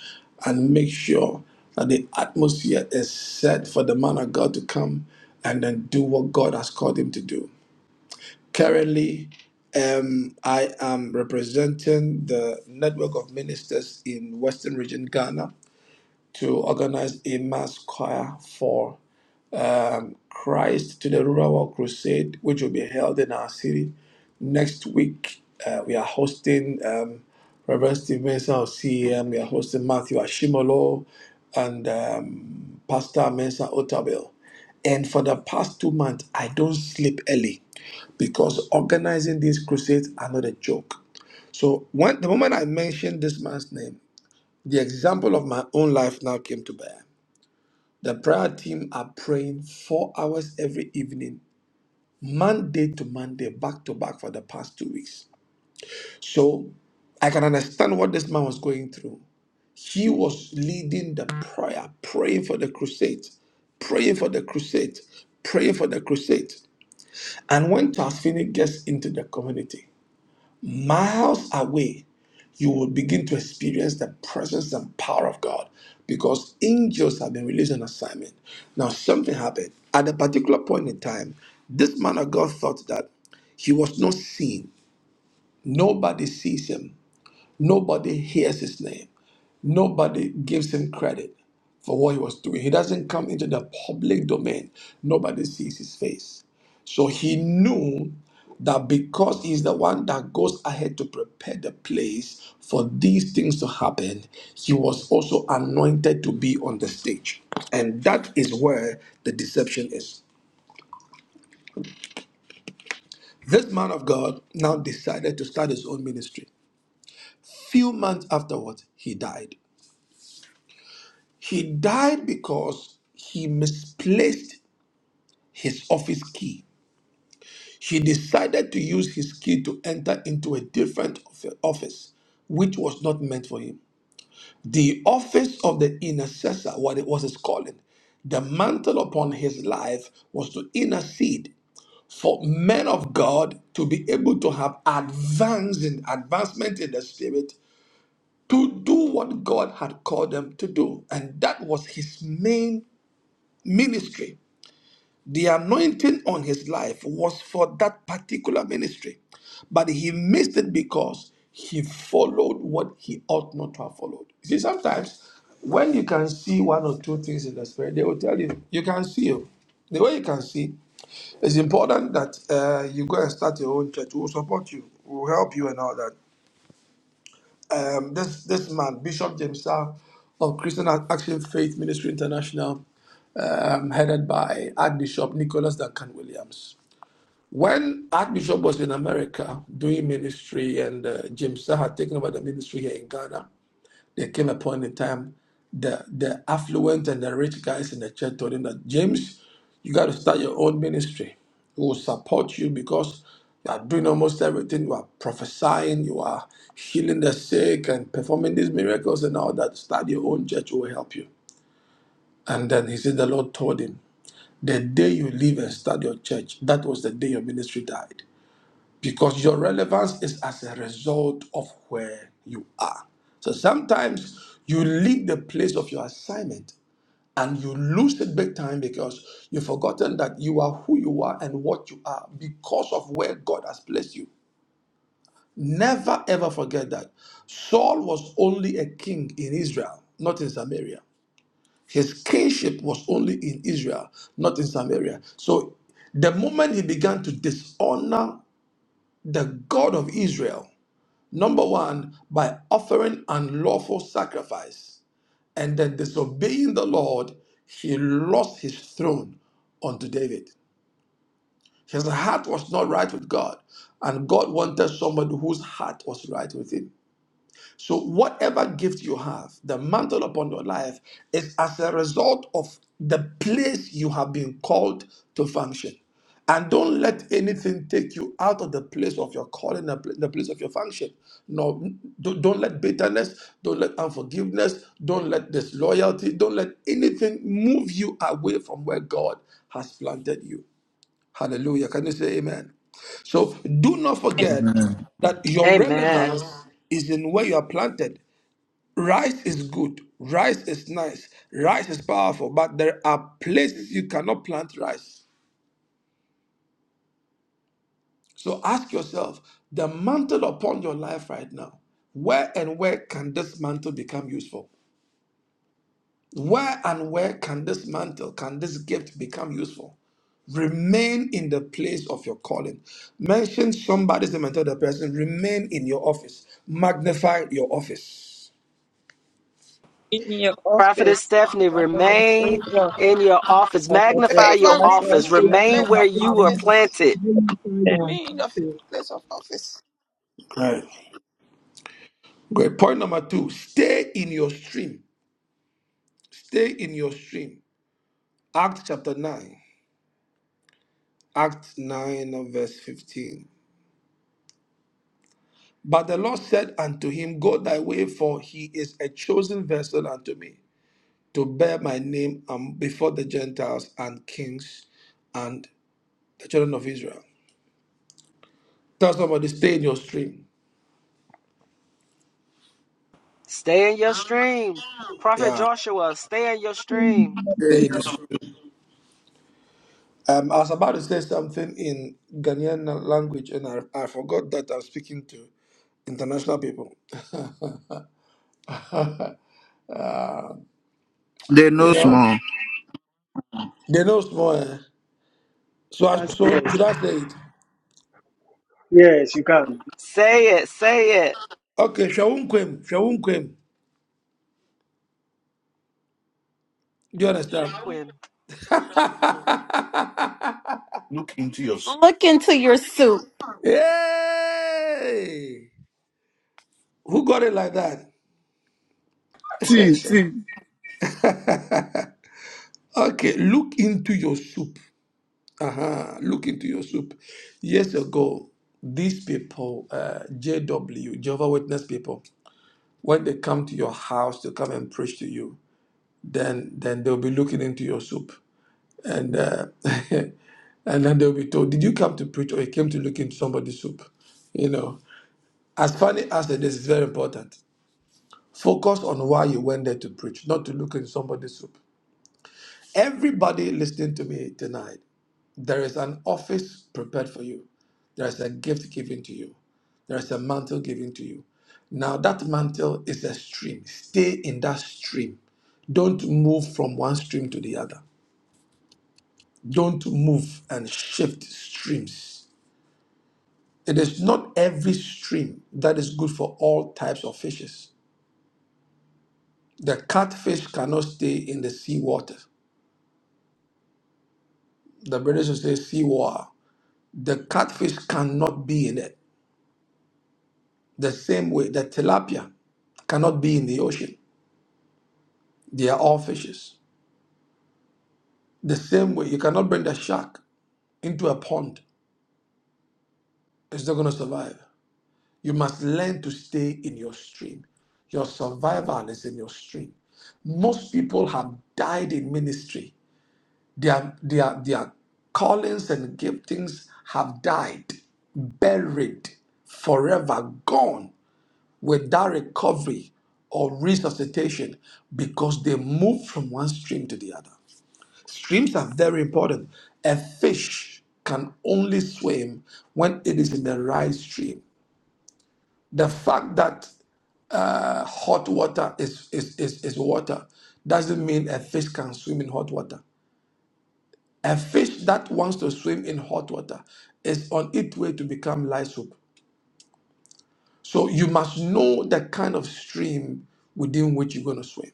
and make sure that the atmosphere is set for the man of God to come and then do what God has called him to do. Currently, um, I am representing the network of ministers in Western Region Ghana to organize a mass choir for um, Christ to the Rural World Crusade, which will be held in our city next week. Uh, we are hosting um, Reverend Stevenson of CEM, we are hosting Matthew Ashimolo and um, Pastor Mensah Otabel. And for the past two months, I don't sleep early because organizing these crusades are not a joke. So, when, the moment I mentioned this man's name, the example of my own life now came to bear. The prayer team are praying four hours every evening, Monday to Monday, back to back for the past two weeks. So I can understand what this man was going through. He was leading the prayer, praying for the crusade, praying for the crusade, praying for the crusade. And when Tasfini gets into the community, miles away. you will begin to experience the presence and power of God because angels have been released on assignment. Now, something happened. At a particular point in time, this man of God thought that he was not seen. Nobody sees him, nobody hears his name. Nobody gives him credit for what he was doing. He doesn't come into the public domain, nobody sees his face. So he knew that because he's the one that goes ahead to prepare the place for these things to happen, he was also anointed to be on the stage. And that is where the deception is. This man of God now decided to start his own ministry. Few months afterwards, he died. He died because he misplaced his office key. He decided to use his key to enter into a different of- office, which was not meant for him. The office of the intercessor, what it was his calling, the mantle upon his life was to intercede for men of God to be able to have advance in advancement in the spirit to do what God had called them to do. And that was his main ministry. The anointing on his life was for that particular ministry, but he missed it because he followed what he ought not to have followed. You see, sometimes when you can see one or two things in the spirit, they will tell you, you can see you. The way you can see, it's important that uh, you go and start your own church. We'll support you, we'll help you, and all that. Um, this this man, Bishop James Sar of Christian Action Faith Ministry International, um, headed by Archbishop Nicholas Duncan Williams. When Archbishop was in America doing ministry and uh, Jim Sah had taken over the ministry here in Ghana, there came a point in time the the affluent and the rich guys in the church told him that James, you got to start your own ministry. We will support you because you are doing almost everything. You are prophesying, you are healing the sick and performing these miracles and all that. Start your own church, we will help you. And then he said, The Lord told him, The day you leave and start your church, that was the day your ministry died because your relevance is as a result of where you are. So sometimes you leave the place of your assignment and you lose it big time because you've forgotten that you are who you are and what you are because of where God has placed you. Never ever forget that. Saul was only a king in Israel, not in Samaria. His kingship was only in Israel, not in Samaria. So the moment he began to dishonor the God of Israel, Number one, by offering unlawful sacrifice and then disobeying the Lord, he lost his throne unto David. His heart was not right with God, and God wanted somebody whose heart was right with him. So, whatever gift you have, the mantle upon your life is as a result of the place you have been called to function. And don't let anything take you out of the place of your calling, the pl- the place of your function. No, don't don't let bitterness, don't let unforgiveness, don't let disloyalty, don't let anything move you away from where God has planted you. Hallelujah. Can you say amen? So do not forget Amen. that your amen. relevance is in where you are planted. Rice is good, rice is nice, rice is powerful, but there are places you cannot plant rice. So ask yourself the mantle upon your life right now, where and where can this mantle become useful? Where and where can this mantle, can this gift become useful? Remain in the place of your calling. Mention somebody's name and tell the person, remain in your office. Magnify your office. Be In your Prophetess office, Stephanie, Pastor the remain Savior, in your office, Pastor the magnify your Favor Precious, office, remain in your remain place where of you were office. planted, Remain in your place of office. Right. Great. Point number two, stay in your stream. Stay in your stream. Acts chapter 9, Acts 9, and verse 15. But the Lord said unto him, Go thy way, for he is a chosen vessel unto me to bear my name um, before the Gentiles and kings and the children of Israel. Tell somebody, stay in your stream. stay in your stream. Prophet Yeah, Joshua, stay in your stream. They stay in no your small. Um, I was about to say something in Ghanaian language, and I, I forgot that I'm speaking to international people. they You no know, small. they know small. eh? So, I, Yes, so yes, should I say it? yes, you can. Say it, say it. Okay, Shawun Kwem, Shawun Kwem. Do you understand? Look into your soup. Look into your soup. Hey! Who got it like that? See, see. Okay, look into your soup. Uh-huh. Look into your soup. Years ago, these people, uh, JW, Jehovah Witness people, when they come to your house to come and preach to you, then then they'll be looking into your soup, and uh, and then they'll be told, "Did you come to preach, or you came to look into somebody's soup?" You know, as funny as it is, it's very important. Focus on why you went there to preach, not to look into somebody's soup. Everybody listening to me tonight There is an office prepared for you. There is a gift given to you. There is a mantle given to you. Now, that mantle is a stream. Stay in that stream. Don't move from one stream to the other. Don't move and shift streams. It is not every stream that is good for all types of fishes. The catfish cannot stay in the sea water. The British will say sea water. The catfish cannot be in it The same way that tilapia cannot be in the ocean. They are all fishes. The same way you cannot bring the shark into a pond. It's not going to survive. You must learn to stay in your stream. Your survival is in your stream. Most people have died in ministry. Their, their, their callings and giftings have died, buried, forever gone without recovery or resuscitation because they move from one stream to the other. Streams are very important. A fish can only swim when it is in the right stream. The fact that uh, hot water is, is, is, is water doesn't mean a fish can swim in hot water. A fish that wants to swim in hot water is on its way to become light soup. So you must know the kind of stream within which you're going to swim.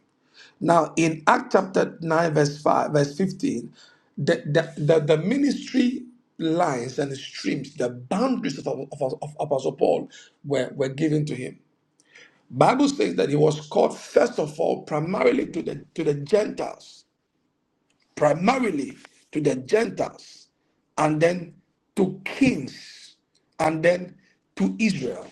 Now, in Act chapter 9, verse 5, verse 15, the, the, the, the ministry lines and streams, the boundaries of, of, of Apostle Paul were, were given to him. Bible says that he was called first of all primarily to the to the Gentiles, primarily to the Gentiles, and then to kings, and then to Israel.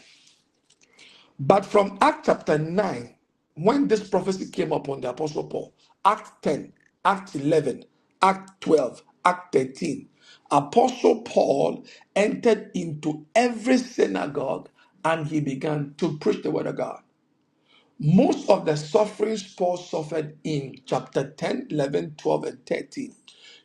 But from Act chapter 9, when this prophecy came upon the Apostle Paul, Act 10, Act 11, Act 12, Act 13, Apostle Paul entered into every synagogue and he began to preach the word of God. Most of the sufferings Paul suffered in chapter 10, 11, 12, and 13,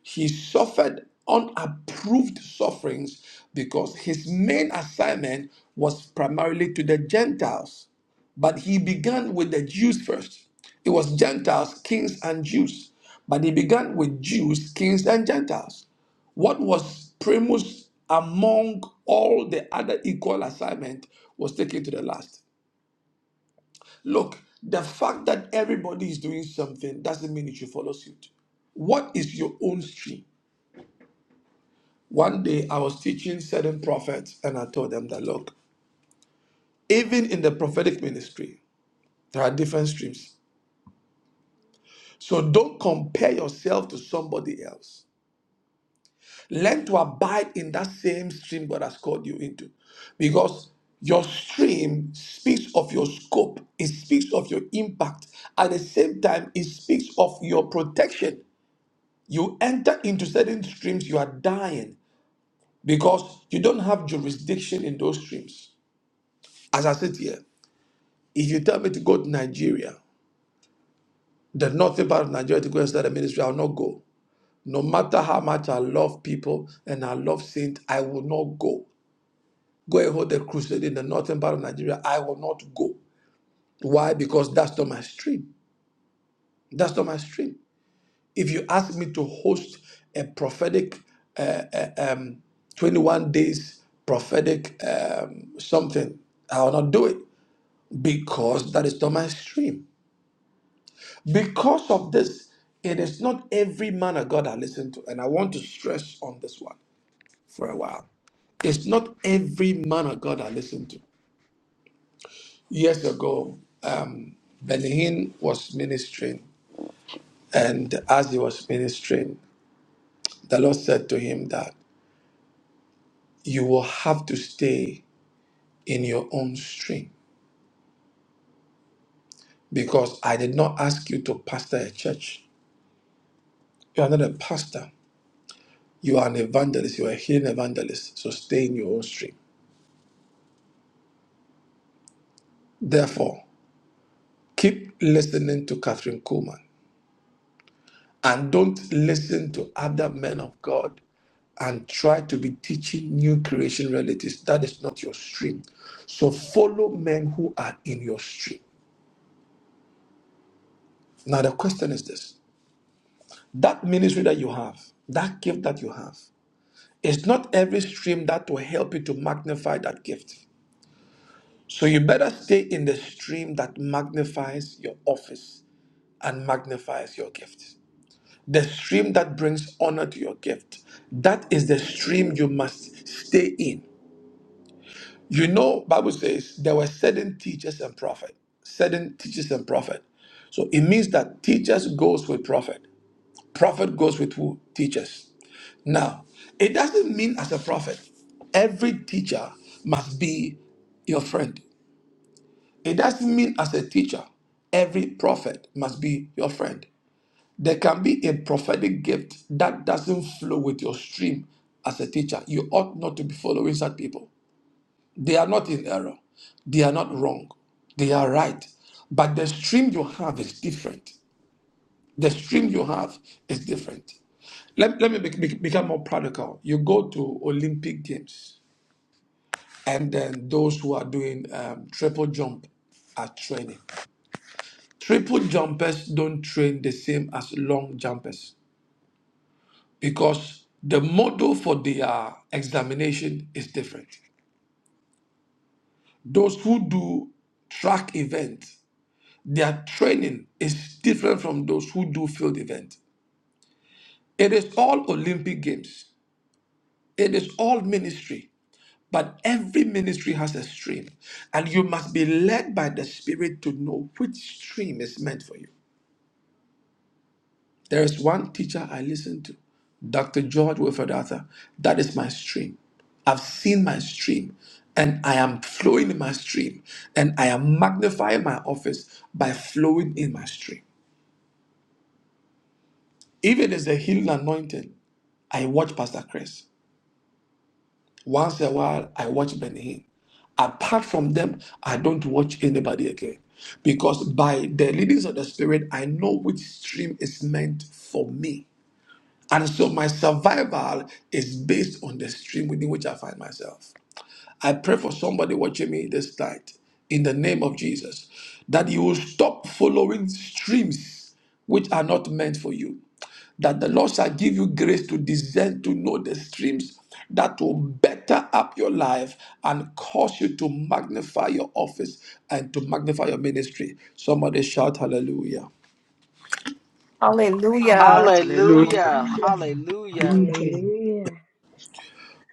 he suffered unapproved sufferings because his main assignment was primarily to the Gentiles. But he began with the Jews first. It was Gentiles, kings, and Jews. But he began with Jews, kings, and Gentiles. What was primus among all the other equal assignment was taken to the last. Look, the fact that everybody is doing something doesn't mean you should follow suit. What is your own stream? One day I was teaching certain prophets and I told them that, look, even in the prophetic ministry, there are different streams. So don't compare yourself to somebody else. Learn to abide in that same stream God has called you into because your stream speaks of your scope, it speaks of your impact. At the same time, it speaks of your protection You enter into certain streams, you are dying because you don't have jurisdiction in those streams. As I sit here, if you tell me to go to Nigeria, the northern part of Nigeria to go and start a ministry, I'll not go. No matter how much I love people and I love saints, I will not go. Go and hold a crusade in the northern part of Nigeria, I will not go. Why? Because that's not my stream. That's not my stream. If you ask me to host a prophetic 21 days prophetic um, something. I will not do it because that is not my stream. Because of this, it is not every man of God I listen to. And I want to stress on this one for a while. It's not every man of God I listen to. Years ago, Benin was ministering. And as he was ministering, the Lord said to him that you will have to stay in your own stream because I did not ask you to pastor a church. You are not a pastor. You are an evangelist. You are a hidden evangelist. So stay in your own stream. Therefore, keep listening to Catherine Kuhlman and don't listen to other men of God and try to be teaching new creation realities. That is not your stream. So follow men who are in your stream. Now, the question is this that ministry that you have, that gift that you have, it's not every stream that will help you to magnify that gift. So you better stay in the stream that magnifies your office and magnifies your gift. The stream that brings honor to your gift. That is the stream you must stay in. You know, Bible says there were certain teachers and prophet, certain teachers and prophet. So it means that teachers goes with prophet. Prophet goes with who? Teachers. Now, it doesn't mean as a prophet, every teacher must be your friend. It doesn't mean as a teacher, every prophet must be your friend. There can be a prophetic gift that doesn't flow with your stream as a teacher. You ought not to be following such people. They are not in error, they are not wrong, they are right. But the stream you have is different. The stream you have is different. Let, let me bec- bec- become more practical. You go to Olympic Games, and then those who are doing um, triple jump are training. Triple jumpers don't train the same as long jumpers because the model for their examination is different. Those who do track events, their training is different from those who do field events. It is all Olympic Games, it is all ministry, but every ministry has a stream, and you must be led by the Spirit to know which stream is meant for you. There is one teacher I listen to, Dr. George Wilfred Arthur. That is my stream. I've seen my stream, and I am flowing in my stream, and I am magnifying my office by flowing in my stream. Even as a healing anointing, I watch Pastor Chris. Once in a while, I watch Benny Hinn. Apart from them, I don't watch anybody again. Because by the leadings of the Spirit, I know which stream is meant for me. And so my survival is based on the stream within which I find myself. I pray for somebody watching me this night in the name of Jesus that you will stop following streams which are not meant for you. That the Lord shall give you grace to discern to know the streams that will better up your life and cause you to magnify your office and to magnify your ministry. Somebody shout hallelujah. Yes. Hallelujah. Hallelujah. Hallelujah, hallelujah. Hallelujah.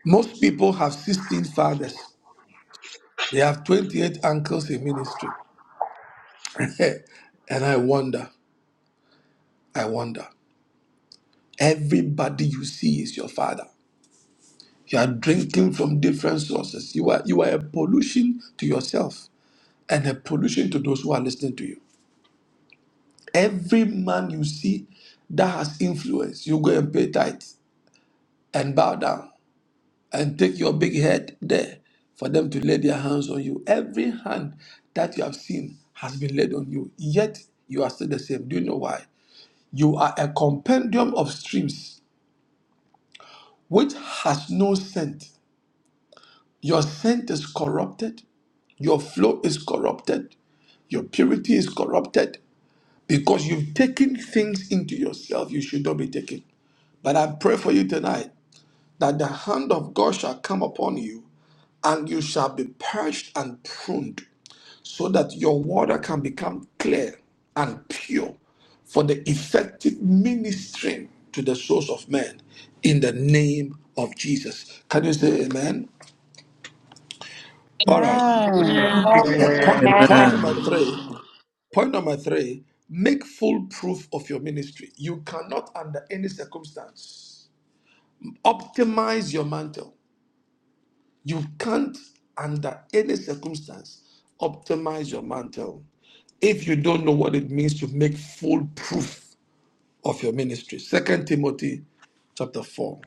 Most people have 16 fathers They have 28 uncles in ministry. and I wonder, I wonder. Everybody you see is your father. You are drinking from different sources. You are you are a pollution to yourself and a pollution to those who are listening to you. Every man you see that has influence, you go and pay tithes and bow down and take your big head there for them to lay their hands on you. Every hand that you have seen has been laid on you. Yet you are still the same. Do you know why? You are a compendium of streams which has no scent. Your scent is corrupted, your flow is corrupted, your purity is corrupted because you've taken things into yourself you should not be taking. But I pray for you tonight that the hand of God shall come upon you and you shall be purged and pruned so that your water can become clear and pure for the effective ministering to the souls of men in the name of Jesus. Can you say amen? All right. Amen. Amen. Uh, Amen. point point number Amen. three. Point number three. Make full proof of your ministry. You cannot, under any circumstance, optimize your mantle. You can't, under any circumstance, optimize your mantle if you don't know what it means to make full proof of your ministry. Second Timothy chapter 4.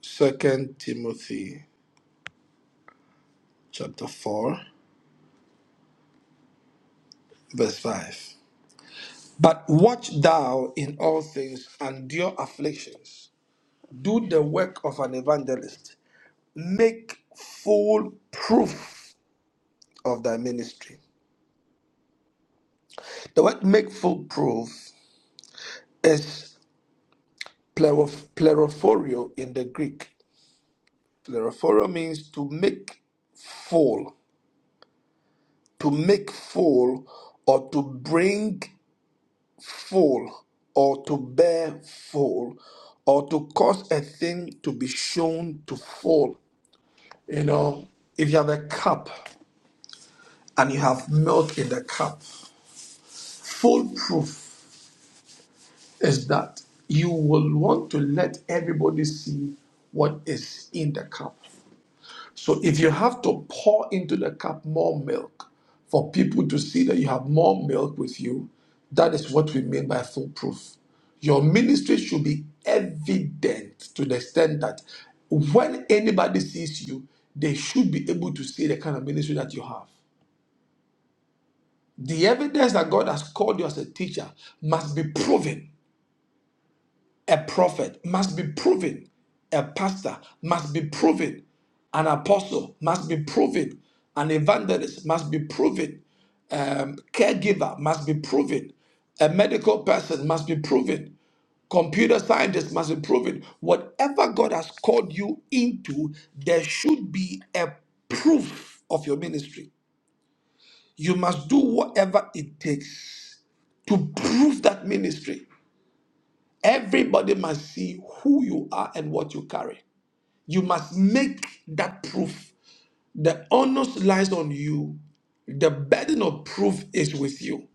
Second Timothy chapter 4, verse 5. But watch thou in all things, endure afflictions, do the work of an evangelist, make full proof of thy ministry. The word make full proof is. plero- Plerophorio in the Greek. Plerophorio means to make full, to make full, or to bring full, or to bear full, or to cause a thing to be shown to full. You know, if you have a cup and you have milk in the cup, foolproof is that you will want to let everybody see what is in the cup. So if you have to pour into the cup more milk for people to see that you have more milk with you, that is what we mean by foolproof. Your ministry should be evident to the extent that when anybody sees you, they should be able to see the kind of ministry that you have. The evidence that God has called you as a teacher must be proven A prophet must be proven. A pastor must be proven. An apostle must be proven. An evangelist must be proven. Um, caregiver must be proven. A medical person must be proven. Computer scientist must be proven. Whatever God has called you into, there should be a proof of your ministry. You must do whatever it takes to prove that ministry. Everybody must see who you are and what you carry. You must make that proof. The onus lies on you. The burden of proof is with you.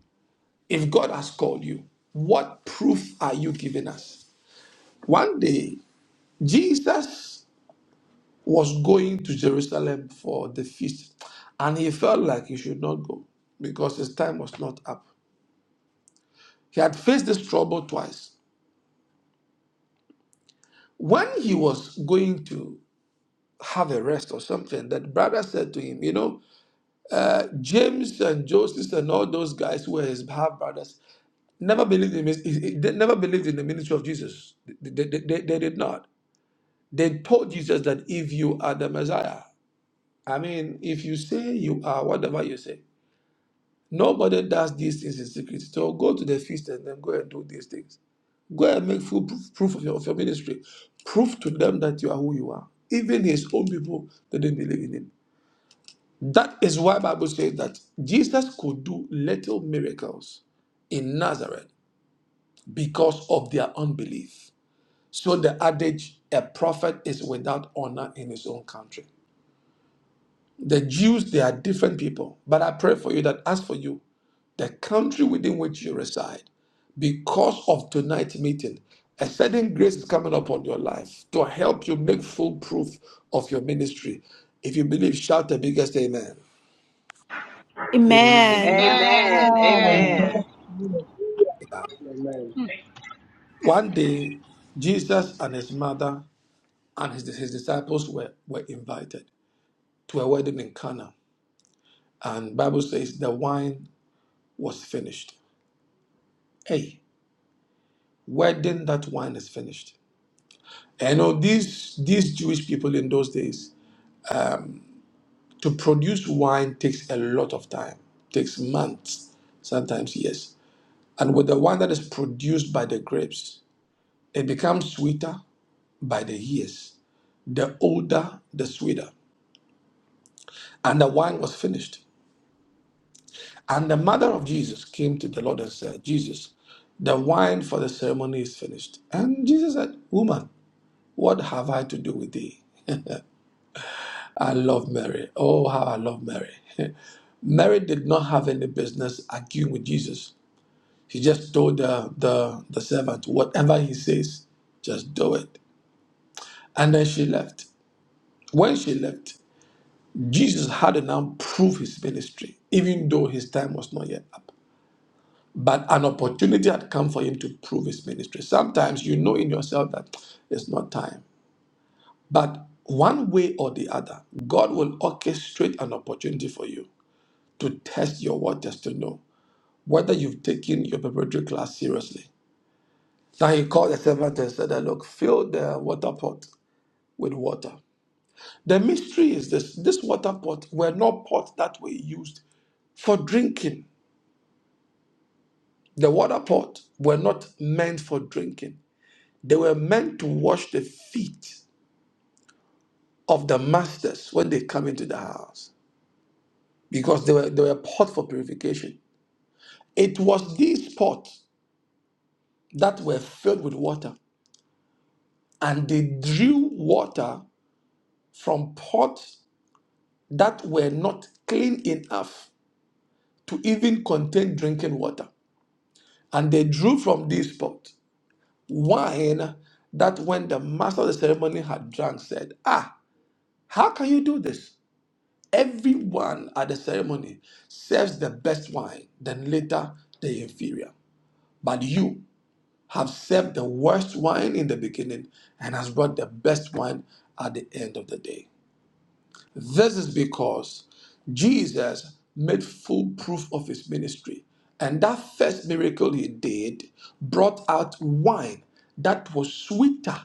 If God has called you, what proof are you giving us? One day, Jesus was going to Jerusalem for the feast, and he felt like he should not go because his time was not up. He had faced this trouble twice. When he was going to have a rest or something, that brother said to him, You know, James and Joseph and all those guys who were his half brothers never believed in they never believed in the ministry of Jesus. They, they, they- they did not. They told Jesus that if you are the Messiah, I mean, if you say you are whatever you say, nobody does these things in secret. So go to the feast and then go and do these things. Go and make full proof, proof of, your, of your ministry. Prove to them that you are who you are. Even his own people they didn't believe in him. That is why Bible says that Jesus could do little miracles in Nazareth because of their unbelief. So the adage, a prophet is without honor in his own country. The Jews, they are different people. But I pray for you that as for you, the country within which you reside, because of tonight's meeting, a certain grace is coming upon your life to help you make full proof of your ministry. If you believe, shout the biggest amen. Amen. Amen. Amen. Amen, Amen. amen, Yeah. Amen. Hmm. One day, Jesus and his mother and his, his disciples were, were invited to a wedding in Cana. And Bible says the wine was finished. Hey, wedding that wine is finished. And know these these Jewish people in those days, to produce wine takes a lot of time, takes months, sometimes years. And with the wine that is produced by the grapes, it becomes sweeter by the years. The older, the sweeter. And the wine was finished. And the mother of Jesus came to the Lord and said, Jesus, the wine for the ceremony is finished. And Jesus said, Woman, what have I to do with thee? I love Mary. Oh, how I love Mary. Mary did not have any business arguing with Jesus. She just told the, the, the servant, Whatever he says, just do it. And then she left. When she left, Jesus had to now prove his ministry, even though his time was not yet up. but an opportunity had come for him to prove his ministry. Sometimes you know in yourself that it's not time, but one way or the other, God will orchestrate an opportunity for you to test your waters to know whether you've taken your preparatory class seriously. Now he called the servant and said, that, Look, fill the water pot with water. The mystery is this this water pot were not pots that were used for drinking. The water pot were not meant for drinking. They were meant to wash the feet of the masters when they come into the house because they were, they were pots for purification. It was these pots that were filled with water, and they drew water from pots that were not clean enough to even contain drinking water. And they drew from these pots wine that when the master of the ceremony had drunk said, Ah, how can you do this? Everyone at the ceremony serves the best wine, then later the inferior. But you have served the worst wine in the beginning and has brought the best wine at the end of the day. This is because Jesus made full proof of his ministry, and that first miracle he did brought out wine that was sweeter.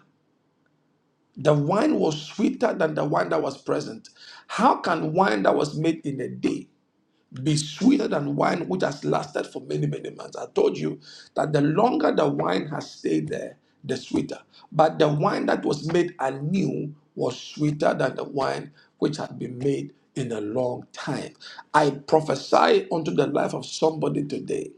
The wine was sweeter than the wine that was present. How can wine that was made in a day be sweeter than wine which has lasted for many, many months. I told you that the longer the wine has stayed there, the sweeter. But the wine that was made anew was sweeter than the wine which had been made in a long time. I prophesy unto the life of somebody today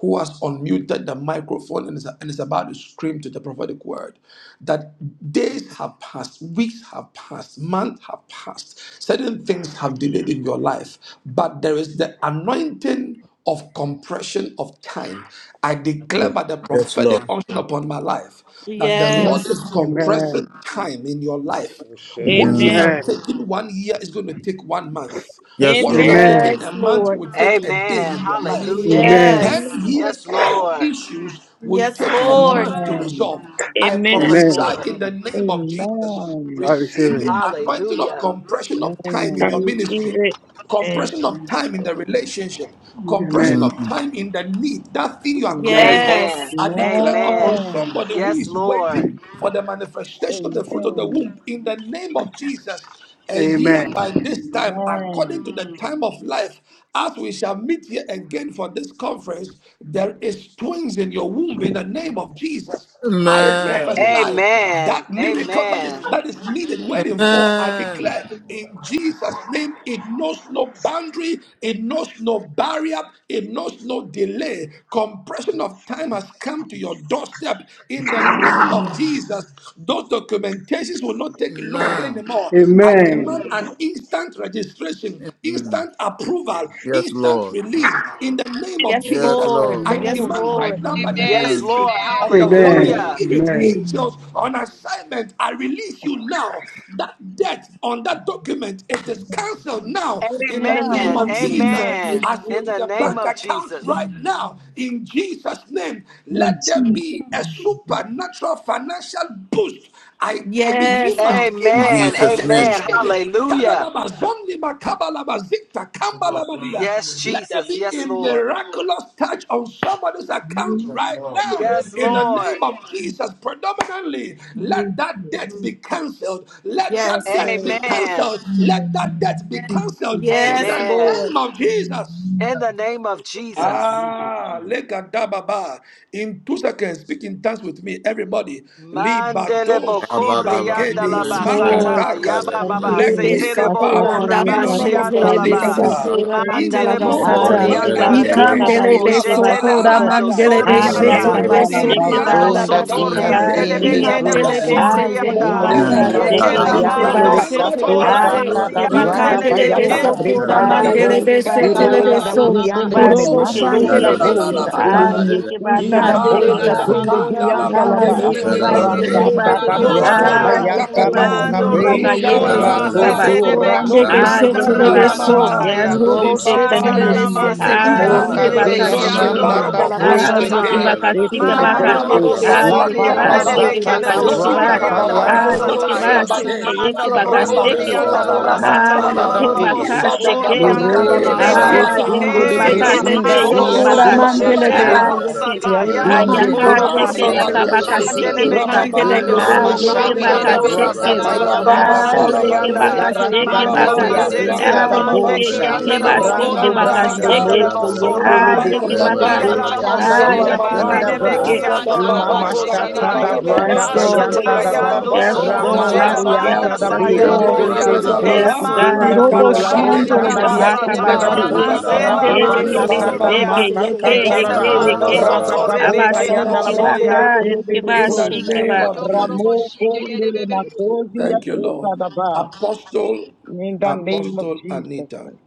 who has unmuted the microphone and is, and is about to scream to the prophetic word that days have passed, weeks have passed, months have passed, certain things have delayed in your life, but there is the anointing of compression of time. I declare by the Yes, prophetic Lord. unction upon my life that the Lord is Yes. Amen. compressing time in your life. We share it. What Amen. Amen. should have Amen. taken one year is going to take one month. What should have Amen. taken Amen. Yes, a month Lord. will take a day amen, in your life. hallelujah. Amen. Yes. 10 Amen. Yes, years of Lord, issues would Yes, take Amen. a Lord. month to Amen. resolve. I yes, Amen. Amen. Lord, prophesy in the name of Jesus. I Amen. receive Receive it. the anointing of hallelujah. compression of time I in receive your ministry, it. Amen. compression of Amen. time in the relationship, compression Amen. Amen. of time in the need, that thing you are calling for. Amen. Amen, Yes. I declare upon amen, somebody who yes, is Lord, waiting for the manifestation of the fruit of the Amen. womb in the name of Jesus. And ye and Amen. by this time, according Amen. to the time of life, as we shall meet here again for this conference, there is twins in your womb in the name of Jesus. I Amen. Amen. prophesy amen, that miracle that amen, is that is needed, waiting for. I Amen. declare in Jesus' name, it knows no boundary, it knows no barrier, it knows no delay. Compression of time has come to your doorstep in the name of Jesus us. Those documentations will not take long Amen. anymore. I Amen. demand an instant registration, Amen. instant approval, Yes, instant Lord. release in the name of Yes, Yes, Jesus. Lord. Lord. I Yes, demand right Lord. now by the Amen. yes, Amen. ministry Lord, Amen. of the Holy Amen. hallelujah, Spirit, Amen. angels on assignment. I release you now. That debt on that document, it is cancelled now in In the the name name amen, of of Jesus. Jesus. amen, I in speak to the the name Amen. bank of account Jesus. right now in Jesus' name name, let there be a supernatural financial boost. I give it, Yes, You God. must ima In a Amen, laka Jesus' teke name. amen, skene, hallelujah. kanada mazondi makabala mazikta kambala madias. Yes, Let there Jesus. be Yes, a Lord. miraculous touch on somebody's account right now Yes, in the Lord. name of Jesus. Predominantly, let that debt be cancelled. Let that Yes, debt Lord. be Amen. cancelled. Let that debt be cancelled in Yes, the Amen. Lord. name of Jesus. In the name of Jesus. Ah, legadababa. In two seconds, speak in tongues with me, everybody. Mandele Libado bokori Abba-dabba. andala Yes, shibagede Manka. Lord. basata magadakas yaba Yes, baba Pastor, Abba-dabba-dabba. Kurebe yes, lekti setele kababa boko Pastor, sokuranda yes, Pastor, rabasi yes, minonomoko Pastor, andala bashetelebe ba zikata Ikha-ha-du-shi-ha. yes, sokura Pastor, mandala mantele Ah, inonoko basata. bokori yekeba mada anda nada deke Ebbe-dabba-dabba-dabba. sekaba boko Ikandelebe shiba yekeba baba shetele sokura seka. mando halabadaya mandelebe sori Ah, anda yakaba Santa shetelebe Manna-dabba-dabba. la indodibidi ya sekeba ilamando sokuranda ki brazunda sakaka dia sotori yekeba basata. ande de Manna-dabba-dabba. seke. telebela beke de zindi badaya Imandelebe Ah, bosori sete yekeba anda Modele ka Imrunda la la la yeke seke manshakata bokayande zita yekeba. le Mandu-sa-da-dabba-dabba. mandorobo lamando kanda restasto shetelebe sotora Ah, dabaya. se. shata masi da yekeba ka Abba-dabba-dabba-dabba. brada andele Ilumi seke. Ikandelebe bayanda beke da kabara sokura brezanda Ah, da bo zante Manka-dabba-dabba-dabba. mandelebe yekeba ka kebala setelebe ironda seke bagaya. so. Da-da-da-ba-ba-ba-ba. briande yekeba le me Urobo Robobo In seke the name yeke. masonda of shandelebe sungra Imanda-dabba-dabba. bala bosha Jesus, sete. oh Ah, mataya. God. ilili we Dabba-dabba. sinta da yekebakas, pray. Mandele de bosha yekeba Yaka-dabba-dabba. Ibaraka gunde Da-da-da-ba-ba. Sokora kanda ka sekeba. la dianta Mandala la Ah, ba bakebele Basataya, yekebas, yekeba Manka-dabba-dabba. bezate. sekeba. Erebe ratata da de de Abba-dabba. brada Lobobo Da-da-da-da-ba-ba-ba. Ah, Kosata Sokora bayanta yekeba Mandele de ratakata. da Mando sekeba Sete, Imanto ka bre Robo Ingala Kona Eretiman yeke shandalabalaba, basaya. Masete de Sokora radodora Da-da-da-da-ba-ba-ba. and Beki de Ah, Lobibikum Setele Andara de Yekeba. rabalabalabalaba, So, malamamam. Yes, Masataya Lord, Robo we say Ma-ta-da-ba-so-to-ro-bu-shi. rapayabalabalaba, thank Setele Libabaria you. de Mandanana Da-da-da-da-ba. sande Sete, Masiki Ah, Mo Ande kata. de Ikandele yantalabalaba, de Yekebaka kazia Beki Loke Sotori Ando Tike. shanda bara da rabalabalaba, Robo Mandala ya na Ah, da basakte breke da ba Kosata Basataya, sia ke. Yekebaka ba yantalabalaba, seto de Nana Tikebaka. Inanana Mando besi Mandele Lobo make de rabalaba, Ah, la Sori bazakta Sokora Yekeba baba Ande de rapayabalaba, baba. Mandele Beke zata de Sekebaka da Lebo Se, Lobini braga Yekeba. Sori Da-da-da-da-ba-ba-ba. yantalabalaba, Andala kababadi bayanta Ah, Mandorobo zakte Basataya Yekeba rabalabalaba, Sete, Shuke kabade. Ma-ye-da-da-da-ba-ba. Mando Lobo Yekebaka Mansetele de Kori Steke. Rabasko Andala baba Sotora yantalabalabalaba, Ya-da-da-da-ba-ba. Ah, Mandala Basatala La labasaya. La da La Basata, Lobo rabalabalaba, be Yekebaka Inda da Soto da Onana Sheke. Riandala Mandele bazete de Lironta Mashe yantalabalaba, Ah, Sete, kababadaha. Da-da-da-da-ba-ba. brosunda yeke de Ega baka Mansekele rapayabalabalaba, Ilini de sike brechunda Mando yeke dia kobolobo Sokora baka. Yes, Masataro Soko sila sangra Mandele Bushi, Shete de de Ah, bahayas. yeke. In dia Namasataya Ah, Labo zinde Ilomini yaka kabar sheke the Pandoroboso Korabaya brechunda baba name yaka of zinde baka de tete. telebesete, sike Jesus, oh de Mandelebe yeka. God. ki Rabababa ando Lima Ah, ikandelebeso, dobele robo yeke Make begede it machata baka in korianda da la the belebe. mandoroboso, na braga sheke. na na masatara la ba ba bayanta robo ba da ba. Rababanda Ah, bea yeke sorianda. Oh labadibe. ya baka La na rapandelebesete, na sheke ba Liba rastanda Manda shake mando baka. it dia balba in the masete rebese enta sanga la baby. Ah, da mande lababa. yeke ki telebeso, bolsa Break yeke anda it in ba robo the Lebele kuranda baby, ya sike kona Brando na belakta na baka na masigi brando basotaya. ba anda ba sheke. baka. ba robo moko ba. yende Ah, Onana Somaba lebo sorabaya. Oh yeke ya inte baka. kara kababar, Ida na la mandelebese, ba robo shake coxanda it Ah, in algada the sona dia irobo ma yeke baby. ba babar, zenda nene me bra ki sike. legada ando pandorobosaya, Matara Lima robo ba babar, shake it in zakte machata the da koshataya. baby. braga barababam, Yes, mandelebese Lord. bayanta da Pashataya legada telebeso, Roko ba ando robo babar, Yes, kuranda soko zakte shika Lord. na na shela Yes, basata. ba manda Lord. barababam, Ramalarianta soto da be, Yes, robo saya la Lord. lekte shika na boya. Rebese na Insente de ba belegeza ba. Ela Rabalaba, Yes, Bosi babam, telebeso, Rabba, manda Gunda God. la kurobo do ikada La Make da it in the makanda Kitapa, shandoro la baby, Rosanda di deskiba, masata Asita le besataya. da ya na be, na Sahakabasike. na da ba ramase ba Rabalabalaba, bam, la ba Impandele ba. li bese mando Ekebe Rababashata te Kapalabalaba, barba da seke suria. mase Maka zakta yeke kata, Ekele yeke telebeso, Santalaba, li mando yeke. oranga soto babaraba Yantalabalaba, basataya. rebe zakta Rabababoka kele Yanda la Abasike barababa. Messia bosoya. baka Sese yeke Rebebebebebe de In the soko Bosa, bashike name Oh ba. of yo koro bo Ramo Jesus. Kunde le shike Masozi Thank you, Lord. Asita da ba. Apostle, In the name of Apostle Jesus Anita, Christ.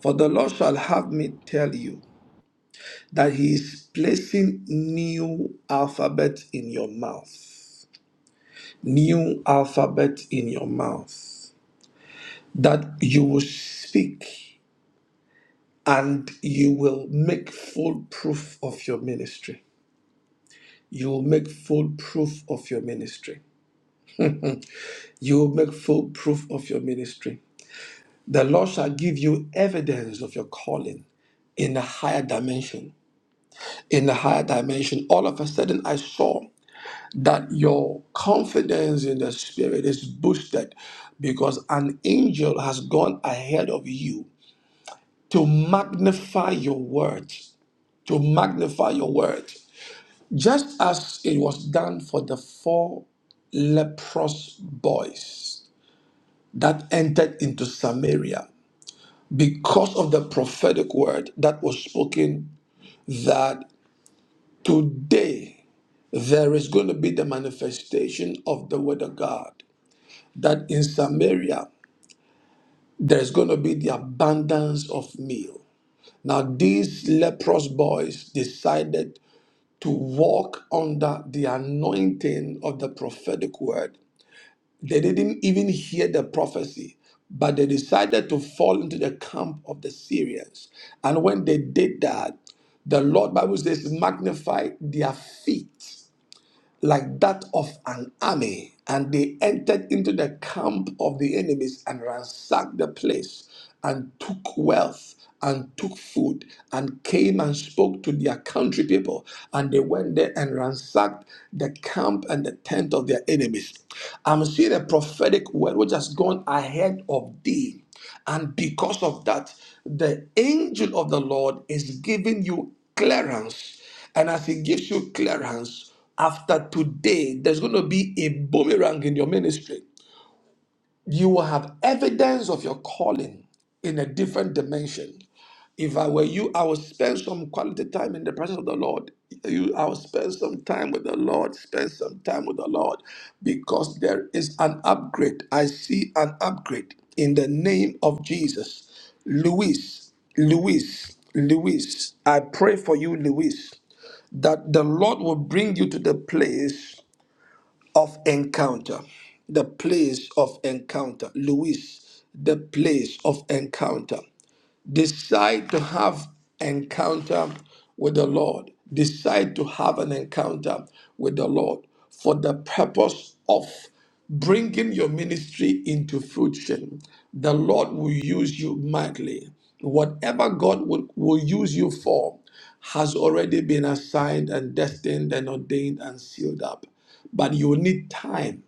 for the Lord shall have me tell you. that he is placing new alphabet in your mouth new alphabet in your mouth that you will speak and you will make full proof of your ministry you will make full proof of your ministry you will make full proof of your ministry the lord shall give you evidence of your calling in a higher dimension in a higher dimension all of a sudden i saw that your confidence in the spirit is boosted because an angel has gone ahead of you to magnify your words, to magnify your words, just as it was done for the four leprous boys that entered into Samaria because of the prophetic word that was spoken that today there is going to be the manifestation of the word of God. That in Samaria, there's going to be the abundance of meal. Now, these leprous boys decided to walk under the anointing of the prophetic word. They didn't even hear the prophecy, but they decided to fall into the camp of the Syrians. And when they did that, the Lord Bible says magnified their feet like that of an army, and they entered into the camp of the enemies and ransacked the place, and took wealth, and took food, and came and spoke to their country people. And they went there and ransacked the camp and the tent of their enemies. I'm seeing a prophetic word which has gone ahead of thee. And because of that, the angel of the Lord is giving you clearance. And as he gives you clearance, after today, there's going to be a boomerang in your ministry you will have evidence of your calling in a different dimension. If I were you, I would spend some quality time in the presence of the Lord. You, I would spend some time with the Lord, spend some time with the Lord, because there is an upgrade. I see an upgrade in the name of Jesus. Luis, Luis, Luis, I pray for you, Luis, that the Lord will bring you to the place of encounter. The place of encounter. Luis, the place of encounter decide to have encounter with the lord decide to have an encounter with the lord for the purpose of bringing your ministry into fruition the lord will use you mightily whatever god will, will use you for has already been assigned and destined and ordained and sealed up but you need time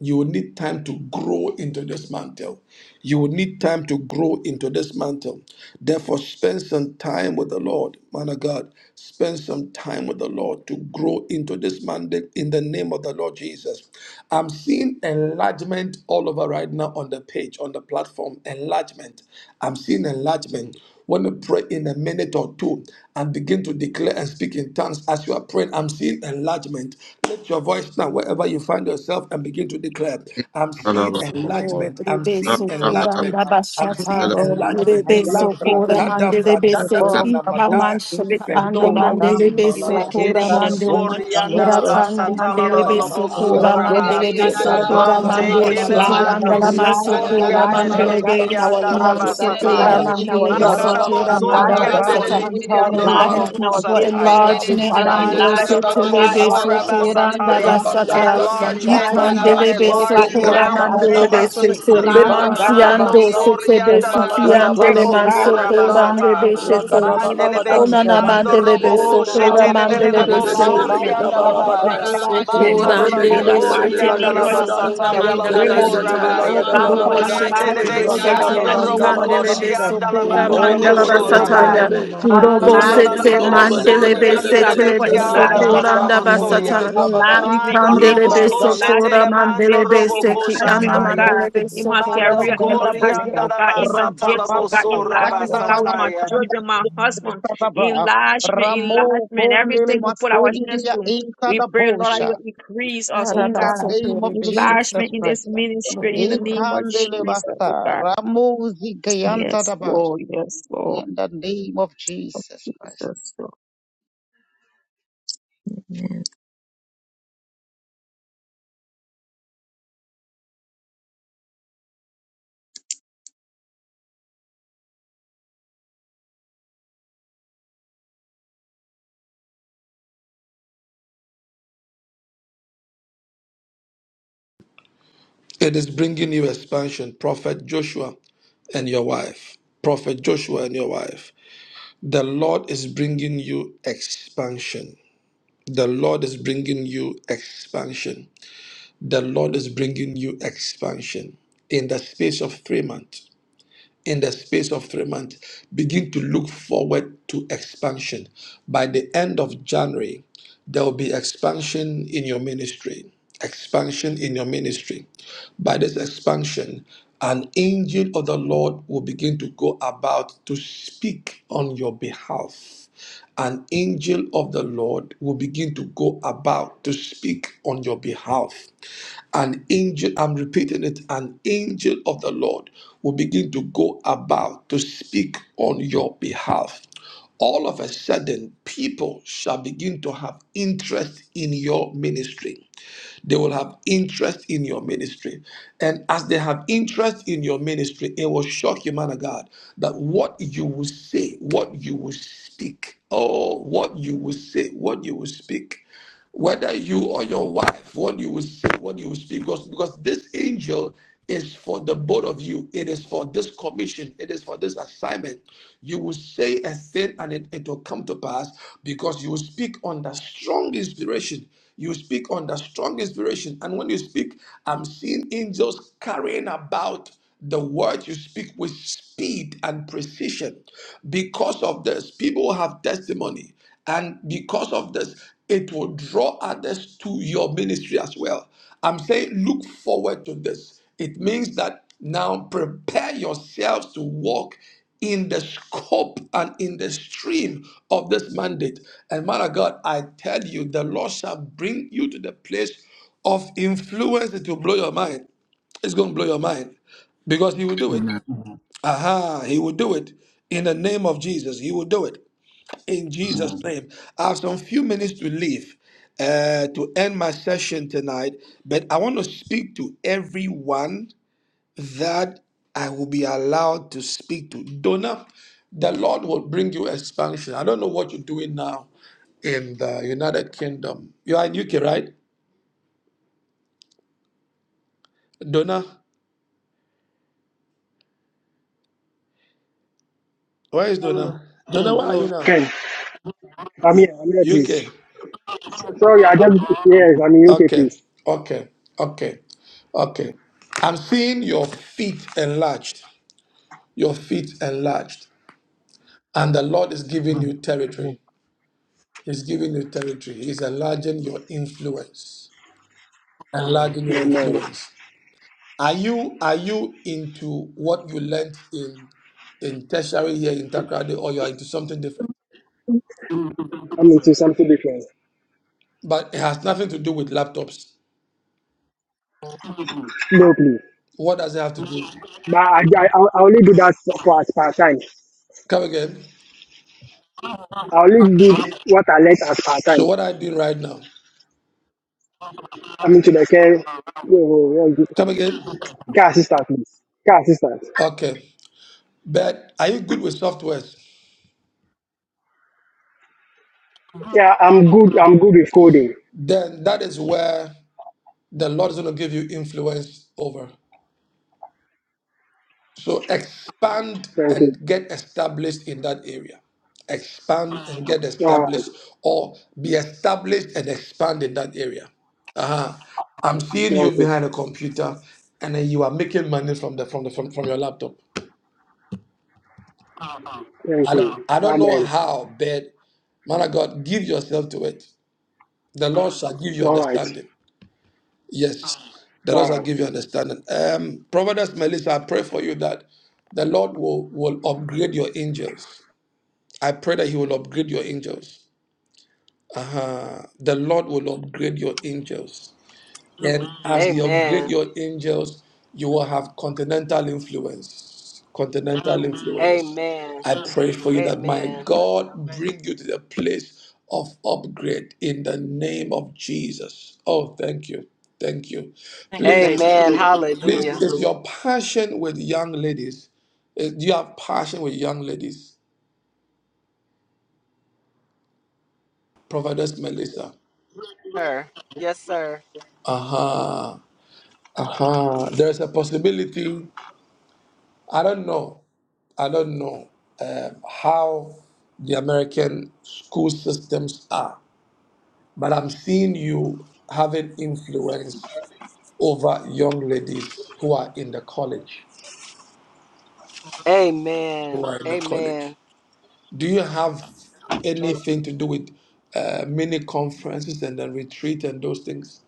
you will need time to grow into this mantle. You will need time to grow into this mantle. Therefore, spend some time with the Lord, man of God. Spend some time with the Lord to grow into this mandate in the name of the Lord Jesus. I'm seeing enlargement all over right now on the page, on the platform. Enlargement. I'm seeing enlargement want to pray in a minute or two and begin to declare and speak in tongues as you are praying. I'm seeing enlargement. Lift your voice now wherever you find yourself and begin to declare. I'm seeing Rabalaba, Yes, Lord. enlargement. I'm Rebe seeing sokora enlargement. I'm ndabashata. seeing Oh, in Rababoka the enlargement. Rebe name Yanda of da Labra sokora Jesus, be, tada mande rebe oh vradada sete God, ikha I Rababoka anamada spit. manshata Oh, ando Yanda God, fenono da be, mande receive rebe in last sokora name Inta in Bekerebo imalagadesh. da the name mande. of bolsa sorianda loro la Jesus. Adash, Ratana basata ascolta mande la la tra la rebe la Tandalaba, In Yes, sokora Asa. bosoraba. rasta the mande Lord. rebe da Father Kobelebe Yet God, sokora we branda Mante pray mande Sandra for sheti Balaka, santa kelemando enlargement, andala man enlargement, Italagada sokora sotoriande le enlargement, mande Balaba oh bucrasta God, rebe in our bekianda Sangada man lives, oh God, name sokora Baskelebe, rabasataya. of enlargement in mande our rebe Jesus, health, O cara God, Makarabo Rabalaba sokora santa la enlargement in soriande our le Sikete, mandala brasta Nakarabashi, ministry, Father, bekiando we buco robo Limbara thank enlargement in you our for Sakte kusataya. businesses. e Kababa, enlargement. Rekedebe, Father, Alos Nando Yanada, enlargement, oh Baba, Kebelebe God, Baba, setelebe in alla the Bashi, name Labadada, of sokora Kedebe, Mandadadadadabosorabasataya. Jesus, brasta ndabasata. Rabalaba, enlargement, inta Enlargement, oh enlargement. Rabadadadadadada, God, Ikandelebe Utsatarabashi, Oh God, enlarge me Dobra Kedebe, sokora now enlarge in da our the name of mandelebe Tadadabas, sanctuary, sese. Jesus. enlarge, paura Ukarada, oh Limbara Baba, God, in the Mando Lemansiando name Gadabasam, of Yekedebe, setebe Jesus. sorianda la Shikarada, We Nimalagadaba pray, masatala sukiandele oh God, for bokora Shingelebe mansokora Laya, basata. ndebe enlargement Baba, in the shete. Ragadaba name of santa Labadaga, Mandelebeki in the Onana Jesus. name Sakte ando of mandelebe Jesus, O Oh Kebelebe God, God, sokora Daba, we pray for mandelebe Shikarada, Baba, se. enlargement, papa bosorianda da la ba. buco enlargement, Ukarabashi, enlargement. e e Mantala la Sokorande In the Kedebe, beshe mighty bokorianda telebe name e la of Jesus, sokora masataya we la mandala Rekedebe, pray. bokora basata. Shikarada, Oh Baba, God, for Urobo Baba, she enlargement, telebe oh Mantelebeki God, in sete ando the name of roboko ukandele be Jesus. ba Oh, e we mandala pray, oh kalabosora basata ya. God, for Manta Urobo la la la enlargement, oh sete la God, bo in the name mandele of sori be Jesus. I pray setele for be beki anda la la la enlargement la in la my mo home, basata. enlargement Mando in e Ikandele robo ministry, koshe sotora enlargement tele in my mando mandele business, robo seki kosha enlargement, anna oh God, mandele be in my Mando career, mandala in the kori basata. enlargement, anda bush. oh la God, in my basa tala gifts, Rababa, bo oh God, sora enlargement, oh God, with my Randalabashanda, children, my husband, Rababa, enlargement, Ramo, enlargement, Kondele, everything we put our hands Mastodia, to. into We the pray, Lord, bush. that you will increase us, oh In Araba the God. name sokore of beshe Jesus Enlargement tele. in this Christ. ministry in the name of Ikandele Jesus, oh basta, God. Ramo, Zigayanta, Yes, Dabash. Lord. Yes, Lord. In the name of Jesus Christ. Jesus, Lord. it is bringing you expansion, Prophet Joshua and your wife. Prophet Joshua and your wife. The Lord is bringing you expansion. The Lord is bringing you expansion. The Lord is bringing you expansion in the space of three months in the space of three months, begin to look forward to expansion. By the end of January, there will be expansion in your ministry. Expansion in your ministry. By this expansion, an angel of the Lord will begin to go about to speak on your behalf. An angel of the Lord will begin to go about to speak on your behalf. An angel, I'm repeating it, an angel of the Lord will begin to go about to speak on your behalf. All of a sudden, people shall begin to have interest in your ministry. They will have interest in your ministry. And as they have interest in your ministry, it will shock you, man of God, that what you will say, what you will speak, oh, what you will say, what you will speak whether you or your wife, what you will say, what you will speak, because, because this angel is for the both of you. It is for this commission. It is for this assignment. You will say a thing and it, it will come to pass because you will speak under strong inspiration. You speak under strong inspiration. And when you speak, I'm seeing angels carrying about. The words you speak with speed and precision. Because of this, people have testimony. And because of this, it will draw others to your ministry as well. I'm saying look forward to this. It means that now prepare yourselves to walk in the scope and in the stream of this mandate. And man of God, I tell you, the Lord shall bring you to the place of influence that will blow your mind. It's going to blow your mind because he will do it. Aha, he will do it in the name of Jesus. He will do it in Jesus' name. I have some few minutes to leave uh, to end my session tonight, but I want to speak to everyone that I will be allowed to speak to. Donna, the Lord will bring you expansion. I don't know what you're doing now in the United Kingdom. You are in UK, right? Donna, where is Donna? Donna, where are Hello. you now? Ken, I'm here. I'm here, please. UK. Sorry, I just, yes, I'm in UK, please. Okay, okay, okay, okay. I'm seeing your feet enlarged, your feet enlarged, and the Lord is giving you Amen. territory. He's giving you territory. He's enlarging your influence, enlarging your No, no. influence. Are you are you into what you learned in in tertiary here in Takrade, or you are into something different? I'm into something different. But it has nothing to do with laptops. No, please. What does it have to do? But I, I, I only do that for, for as part time. Come again. I only do what I like as part So time. what are you doing right now? I'm into the care, uh, uh, Come again. care assistant, please. Care assistant. Okay. But are you good with softwares? Yeah, I'm good. I'm good with coding. Then that is where the Lord is going to give you influence over. So expand Thank you. and get established in that area. Expand and get All right. established, or be established and expand in that area. Uh-huh. I'm seeing you Okay. behind a computer, and then you are making money from the from the from, from your laptop. Thank I you. don't, I don't know Amen. how, but man of God, give yourself to it. The Lord shall give you All right. understanding. Yes, the All Lord shall right. give you understanding. Um, Providence Melissa, I pray for you that the Lord will, will upgrade your angels. I pray that He will upgrade your angels. Uh, the Lord will upgrade your angels. And as you upgrade Amen. your angels, you will have continental influence. Continental influence. Amen. I pray for you that my Amen. God bring you to the place of upgrade in the name of Jesus. Oh, thank you. Thank you. Thank you, Please, baby. Amen. please, Hallelujah. is your passion with young ladies? Eh, Do you have passion with young ladies? Prophetess Melissa. Sir. Yes, sir. Uh-huh. Uh-huh. There's a possibility. I don't know. I don't know um, how the American school systems are, but I'm seeing you having influence over young ladies who are in the college. Who Amen. are in the Amen. college? Do you have anything to do with uh, mini conferences and then retreat and those things?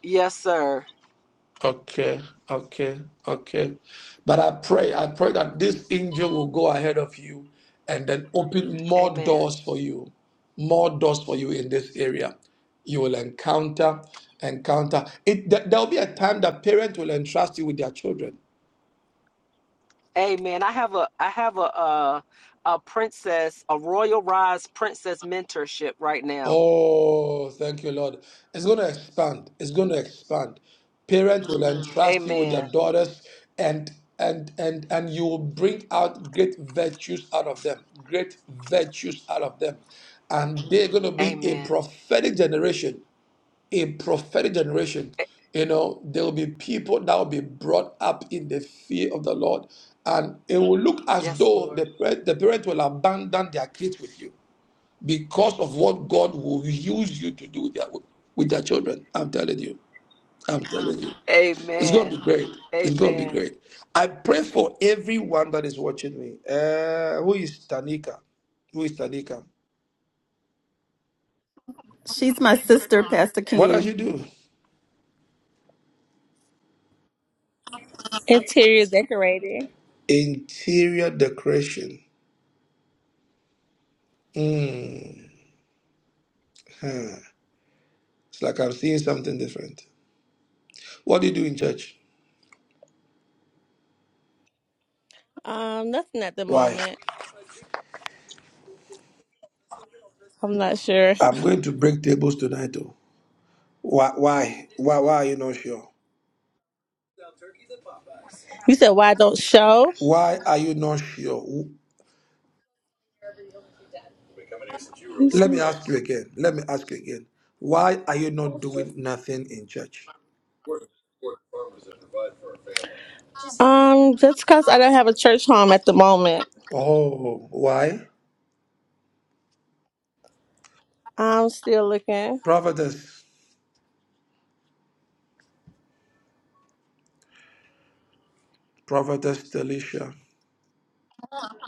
Yes, sir. Okay, okay, okay. But I pray, I pray that this angel will go ahead of you and then open more Amen. doors for you, more doors for you in this area. You will encounter, encounter. It, there will be a time that parents will entrust you with their children. Amen. I have a I have a uh a princess, a royal rise princess mentorship right now. Oh, thank you, Lord. It's going to expand. It's going to expand. Parents will entrust you with their Amen. daughters, and and and and you will bring out great virtues out of them. Great virtues out of them, and they're going to be a Amen. prophetic generation. A prophetic generation. A- You know, there will be people that will be brought up in the fear of the Lord, and it will look as Yes, though the Lord. parent, the parents will abandon their kids with you because of what God will use you to do with their with their children. I'm telling you. I'm telling you. It's gonna Amen. be great. It's gonna be Amen. great. I pray for everyone that is watching me. Uh, who is Tanika? Who is Tanika? She's my sister, Pastor What does she Ken. do? Interior decorating. Interior decoration. Hmm. It's like I'm seeing something different. What do you do in church? Um, nothing at the Why? moment. I'm not sure. I'm going to break tables tonight. Oh. Why, why? Why? Why are you not sure? You said why I don't show? Why are you not sure? Let me ask you again. Let me ask you again. Why are you not doing nothing in church? Um, just because I don't have a church home at the moment. Oh, why? I'm still looking. Prophetess, Prophetess Delisha,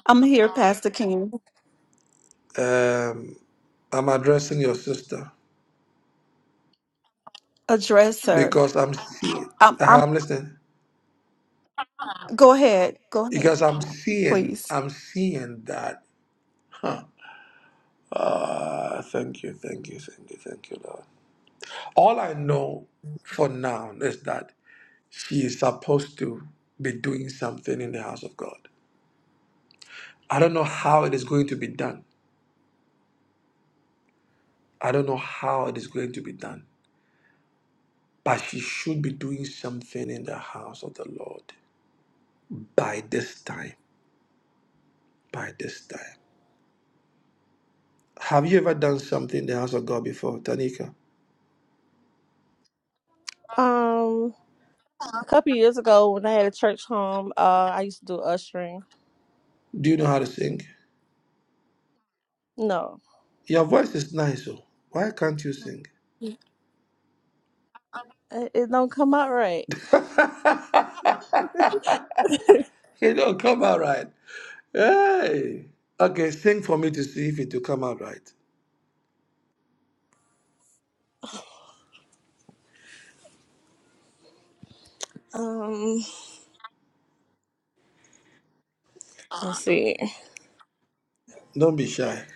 I'm here, Pastor Ken. um, I'm addressing your sister Address her. because I'm seeing, Um, uh, I'm, I'm listening, go ahead. Go ahead, because I'm seeing, please. I'm seeing that. Huh. Ah, thank you, thank you, thank you, thank you, Lord. All I know for now is that she is supposed to be doing something in the house of God. I don't know how it is going to be done. I don't know how it is going to be done. But she should be doing something in the house of the Lord by this time. By this time. Have you ever done something in the house of God before, Tanika? Um, a couple years ago when I had a church home, uh, I used to do ushering. Do you know how to sing? No, Your voice is nice, oh. Why can't you sing? it, it don't come out right. you don't come out right. Hey. Okay, sing for me to see if it will come out right. Um, let's see. Don't be shy.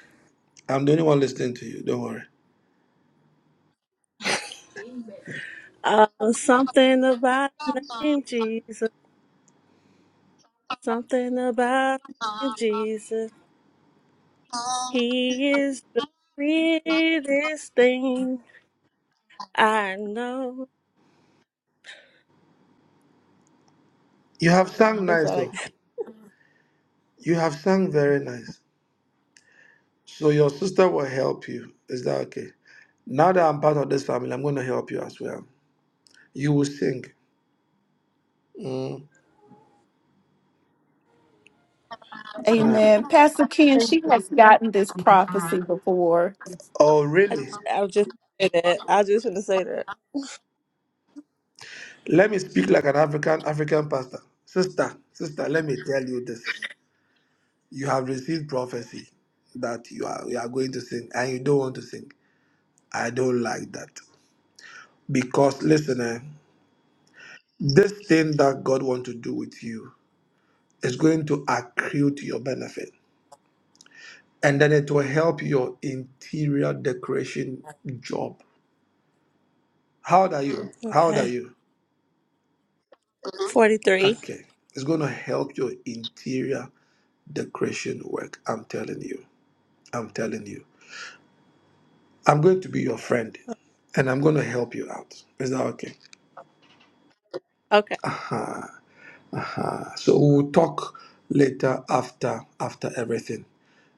I'm the only one listening to you. Don't worry. Uh, something about the name Jesus. Something about the name Jesus. He is the weirdest thing. I know. You have sung That's nice, all I though. You have sung very nice. So your sister will help you. Is that okay? Now that I'm part of this family, I'm going to help you as well. You will sing. Mm. Ah. Amen. Pastor Ken, got. she has gotten this prophecy before. Oh, I, really? j- I was just gonna say that. I was just gonna say that. Let me speak like an African African pastor. Sister, sister, let me tell you this. You have received prophecy that you are you are going to sing and you don't want to sing. I don't like that. Because listen, eh, this thing that God wants to do with you is going to accrue to your benefit. and then it will help your interior decoration job. How old are you? How old are Okay. you? Forty three. Okay. It's going to help your interior decoration work. I'm telling you. I'm telling you. I'm going to be your friend and I'm going to help you out. Is that okay? Okay. Uh-huh. Uh-huh. So we'll talk later after after everything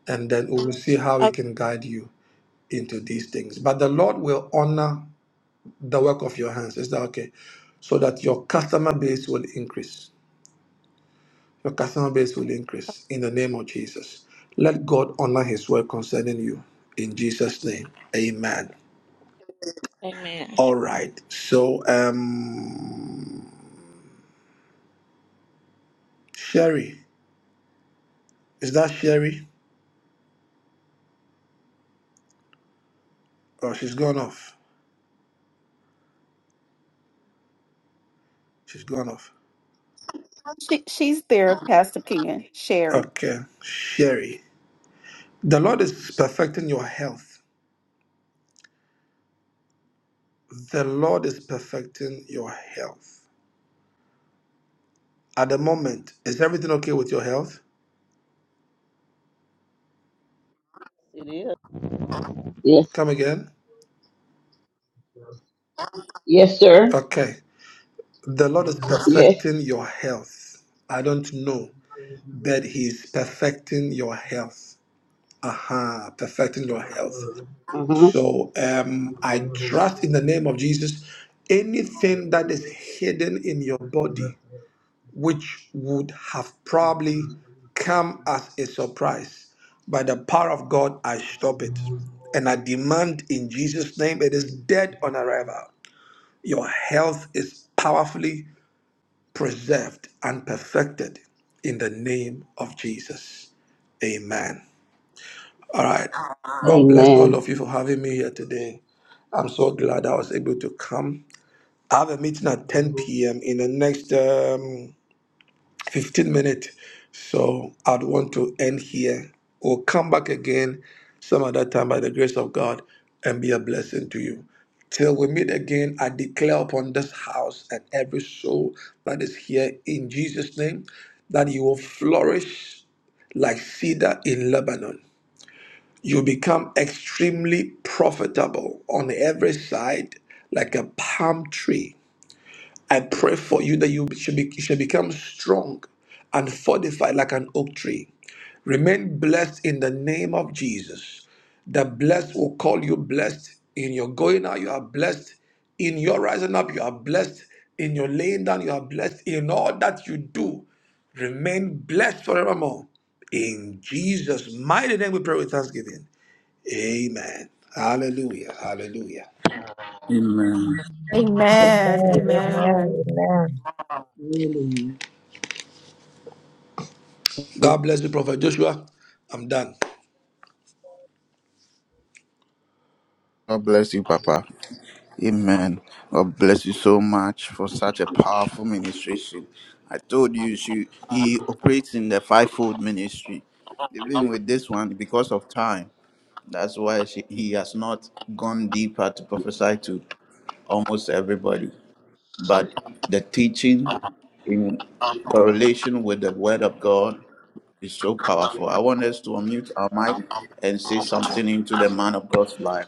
and then we'll see how we Okay. can guide you into these things. But the Lord will honor the work of your hands. Is that okay? So that your customer base will increase. Your customer base will increase in the name of Jesus. Let God honor his word concerning you. In Jesus' name. Amen. Amen. All right. So um Sherry. Is that Sherry? Oh, she's gone off. She's gone off. She, she's there, Pastor Ken, Sherry. Okay. Sherry. The Lord is perfecting your health. The Lord is perfecting your health. At the moment, is everything okay with your health? It is. Yes. Come again. Yes, sir. Okay. The Lord is Yes. perfecting your health. I don't know, but He is perfecting your health. Aha, perfecting your health. Uh huh. So um, I trust in the name of Jesus anything that is hidden in your body, which would have probably come as a surprise, by the power of God, I stop it. And I demand in Jesus' name, it is dead on arrival. Your health is powerfully preserved and perfected in the name of Jesus. Amen. All right. God bless all Amen. of you for having me here today. I'm so glad I was able to come. I have a meeting at 10 p.m. in the next um, 15 minutes. So I'd want to end here. We'll come back again some other time by the grace of God and be a blessing to you. Till we meet again, I declare upon this house and every soul that is here in Jesus' name that you will flourish like cedar in Lebanon. You become extremely profitable on every side like a palm tree I pray for you that you should, be, you should become strong and fortified like an oak tree. Remain blessed in the name of Jesus. The blessed will call you blessed in your going out. You are blessed in your rising up. You are blessed in your laying down. You are blessed in all that you do. Remain blessed forevermore. In Jesus' mighty name, we pray with thanksgiving. Amen. Hallelujah. Hallelujah. Amen. Amen. Amen, Amen. amen, amen. Really, God bless you, Prophet Joshua. I'm done. God bless you, Papa. Amen. God bless you so much for such a powerful ministration. I told you, she, he operates in the fivefold ministry. Even with this one, because of time, that's why she, he has not gone deeper to prophesy to almost everybody but the teaching in correlation with the Word of God is so powerful. I want us to unmute our mic and say something into the man of God's life.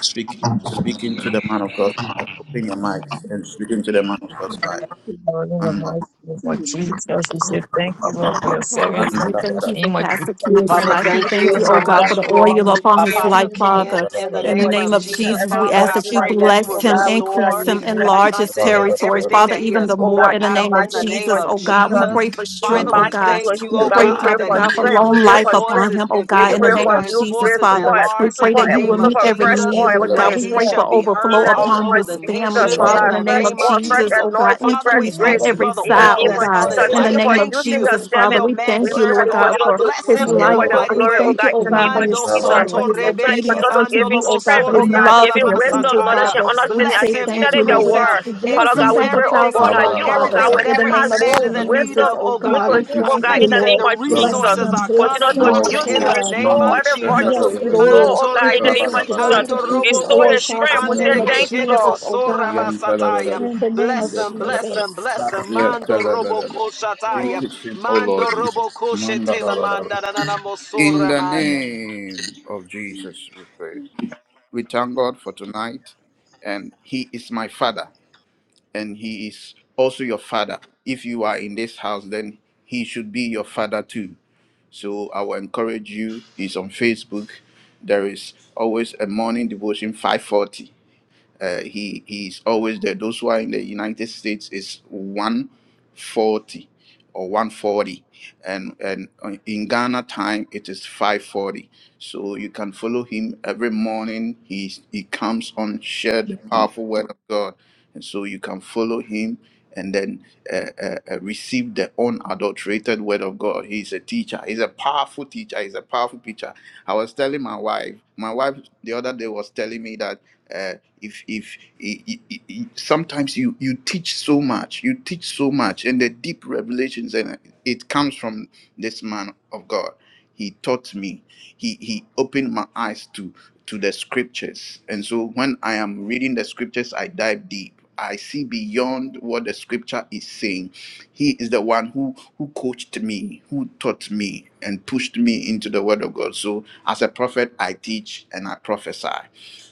Speak, speak into the man of God's life. Open your mics and speak into the man of God's life. Lord, in the Anda- mighty name of Jesus, we say thank you, Lord, for your Father, we servant. anda say la thank bara- you bara- In for the name of Pastor Jesus, we Ken's pray Father, that life. you We thank thank you restore you, him, oh so oh God, God, for much the we pray for that oil you upon his restore Apostle life, him. Ken. Father. bara- bara- In In the bara- the bara- In name the name of name of of Jesus, Jesus, Jesus, every we Father, ask I that virtue you that pray that left you him, bless will oh him, God, we pray that increase you restore him, back replenish enlarge him. bara- his bara- bara- unto him territory, Holy bara- everything Ghost, Father, that he pray even has the oh more God, poured in the in the out name of in the mighty name name Jesus, of of oh God. We Jesus. Jesus. pray for We strength, Father, oh we back God. into thank you, him, We oh oh God. pray, We God, pray Father that for he God, for is strength. We long pray his life for voice upon strength. is him, is oh We God, in the impacted, pray oh for name God. of His new Jesus, voice grace, is you Father. support, will We enlarged pray in the support. that fear you We will name him pray in of meet for every the fresh Jesus, need, oil Lord name of upon that God. We his he Jesus. pray head. shall for be In heard overflow the all name upon of over the this family, Jesus, nation oh in Father, in God, the the name fresh of name oil, of fresh Jesus, Jesus. oh God. anointing, Father, fresh we Increase Just on thank grace. you every for the In the pray, side, oil name oh Father, of that's that God, on Jesus, his you in thank the life. you for name of Thank using you your keep Jesus, for Father. servant. your We We thank you, pray that manservant, Lord you oh God, continue God. for to Bless his use him him in a life, for your Father. mighty We glory, oh way. thank you, God, in oh him, the God, name for of Lord, Mando his bara- in the Jesus. heart, for soto his name We pray that you rebeki obedience continue to unto give him you, andolobo oh God, strength, for oh of his sori God, love give andala for him your people, wisdom, bara- bara- knowledge, masataya. and Father. We understanding as Bless say you him, thank study you, your Lord. increase We Jesus. him, ask word. you to bara- Father bless him God, Not increase we back a pray, oh everything, oh God, that God, thousandfold, you, oh Father. God, everything, will Abarabarabaraba. In the whatever impart he's name of Lake standing more Anacostia in need Jesus, Yandarabaraba. wisdom of, oh oh into God. God, I we Thank him, you, oh thank God, you, in thank Savior. you the that name the Lord. of Glory Bless Jesus. resources him, are Continue bless coming, in to him, all oh Father, its use in him, ways. the God. name restore Mando. of every Jesus. virtue, Yes, Shandarabaraba. restore, Lord. oh Manto God, in the Increase name His rebeki of Jesus. grace, ando Rabarabarabaraba. increase robo His Restore is oil, his koshi God, strength. in the We ande surrounded say name of thank rebeke you, Yandarabaraba. Jesus, debo Lord. oh God, basataya. Yandarabaraba. in the name of Bless him, bless Yandarabaraba. him, Jesus. bless him. Mando robo Yandarabaraba. koshataya. Increase him, O Lord Mando Jesus. robo koshe Mandarabaraba. manda na na na In mosora the maya. name of Jesus, we pray. We thank God for tonight, and He is my Father. and he is also your father. If you are in this house, then he should be your father too. So I will encourage you. He's on Facebook. There is always a morning devotion, 540. Uh, he he's always there. Those who are in the United States is 140 or 140, and and uh, in Ghana time it is 540. So you can follow him every morning. He he comes on share the powerful word of God, and so you can follow him and then uh, uh, uh, receive the unadulterated word of God. He's a teacher. He's a powerful teacher. He's a powerful teacher. I was telling my wife. My wife the other day was telling me that. uh, if if i- i- i- i- sometimes you you teach so much you teach so much and the deep revelations and it comes from this man of god he taught me he he opened my eyes to to the scriptures and so when i am reading the scriptures i dive deep i see beyond what the scripture is saying he is the one who who coached me who taught me and pushed me into the word of god so as a prophet i teach and i prophesy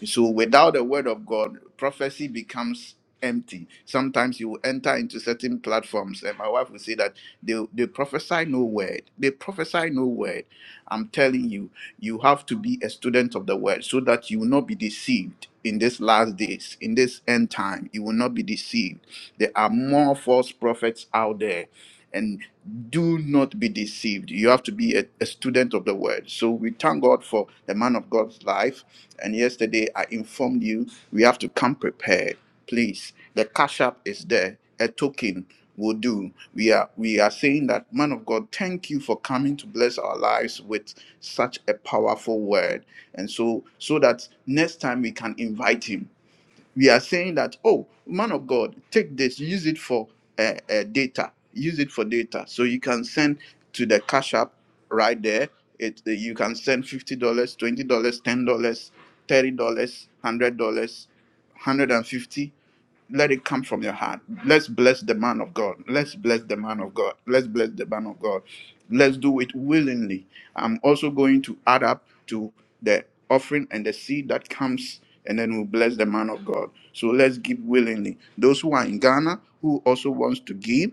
so without the word of God, prophecy becomes empty. Sometimes you will enter into certain platforms, and my wife will say that they, they prophesy no word. They prophesy no word. I'm telling you, you have to be a student of the word so that you will not be deceived in this last days, in this end time. You will not be deceived. There are more false prophets out there. And do not be deceived. You have to be a, a student of the word. So we thank God for the man of God's life and yesterday I informed you we have to come prepared. Please, the cash app is there. A token will do. We are we are saying that man of God, thank you for coming to bless our lives with such a powerful word. And so so that next time we can invite him we are saying that oh man of god take this use it for uh, uh, data use it for data so you can send to the cash app right there it eh, you can send $50 dollars, $20 dollars, $10 dollars, $30 $100 150 let it come from your heart. Let's bless the man of God. Let's bless the man of God. Let's bless the man of God. Let's do it willingly. I'm also going to add up to the offering and the seed that comes, and then we'll bless the man of God. So let's give willingly. Those who are in Ghana who also wants to give,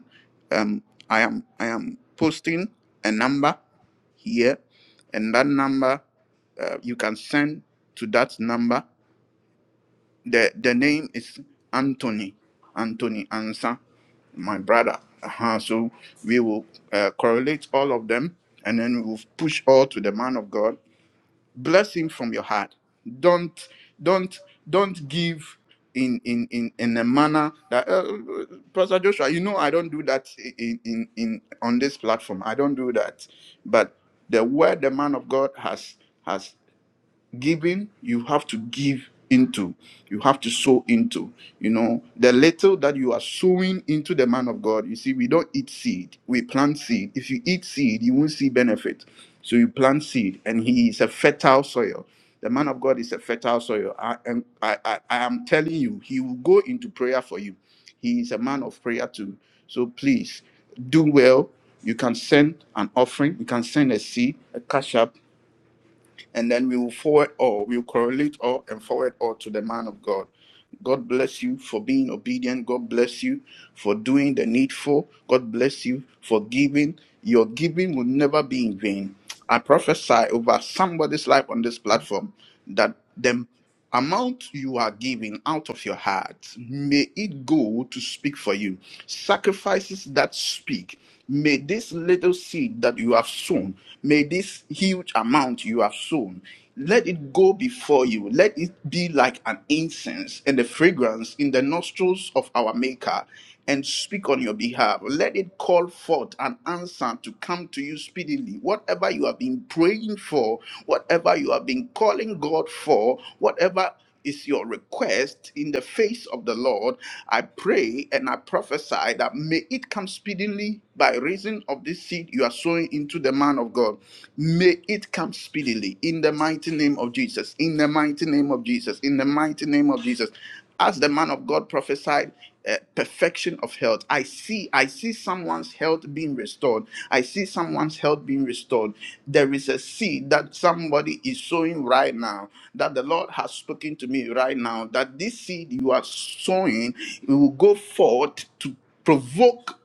um, I am I am posting a number here, and that number uh, you can send to that number the the name is Anthony. Anthony Ansa, my brother. Uh-huh. So we will uh, correlate all of them and then we will push all to the man of God. Bless him from your heart. Don't don't don't give in in in, in a manner that uh, Pastor Joshua, you know I don't do that in, in in on this platform. I don't do that. But the word the man of God has has giving you have to give into you have to sow into you know the little that you are sowing into the man of god you see we don't eat seed we plant seed if you eat seed you won't see benefit so you plant seed and he is a fertile soil the man of god is a fertile soil i am i i, I am telling you he will go into prayer for you he is a man of prayer too so please do well you can send an offering you can send a seed a cash up and then we will forward all, we will correlate all and forward all to the man of God. God bless you for being obedient. God bless you for doing the needful. God bless you for giving. Your giving will never be in vain. I prophesy over somebody's life on this platform that them amount you are giving out of your heart, may it go to speak for you. Sacrifices that speak. May this little seed that you have sown, may this huge amount you have sown, let it go before you. Let it be like an incense and a fragrance in the nostrils of our Maker and speak on your behalf. Let it call forth an answer to come to you speedily. Whatever you have been praying for, whatever you have been calling God for, whatever is your request in the face of the Lord, I pray and I prophesy that may it come speedily by reason of this seed you are sowing into the man of God. May it come speedily in the mighty name of Jesus, in the mighty name of Jesus, in the mighty name of Jesus. As the man of God prophesied, uh, perfection of health i see i see someone's health being restored i see someone's health being restored there is a seed that somebody is sowing right now that the lord has spoken to me right now that this seed you are sowing it will go forth to provoke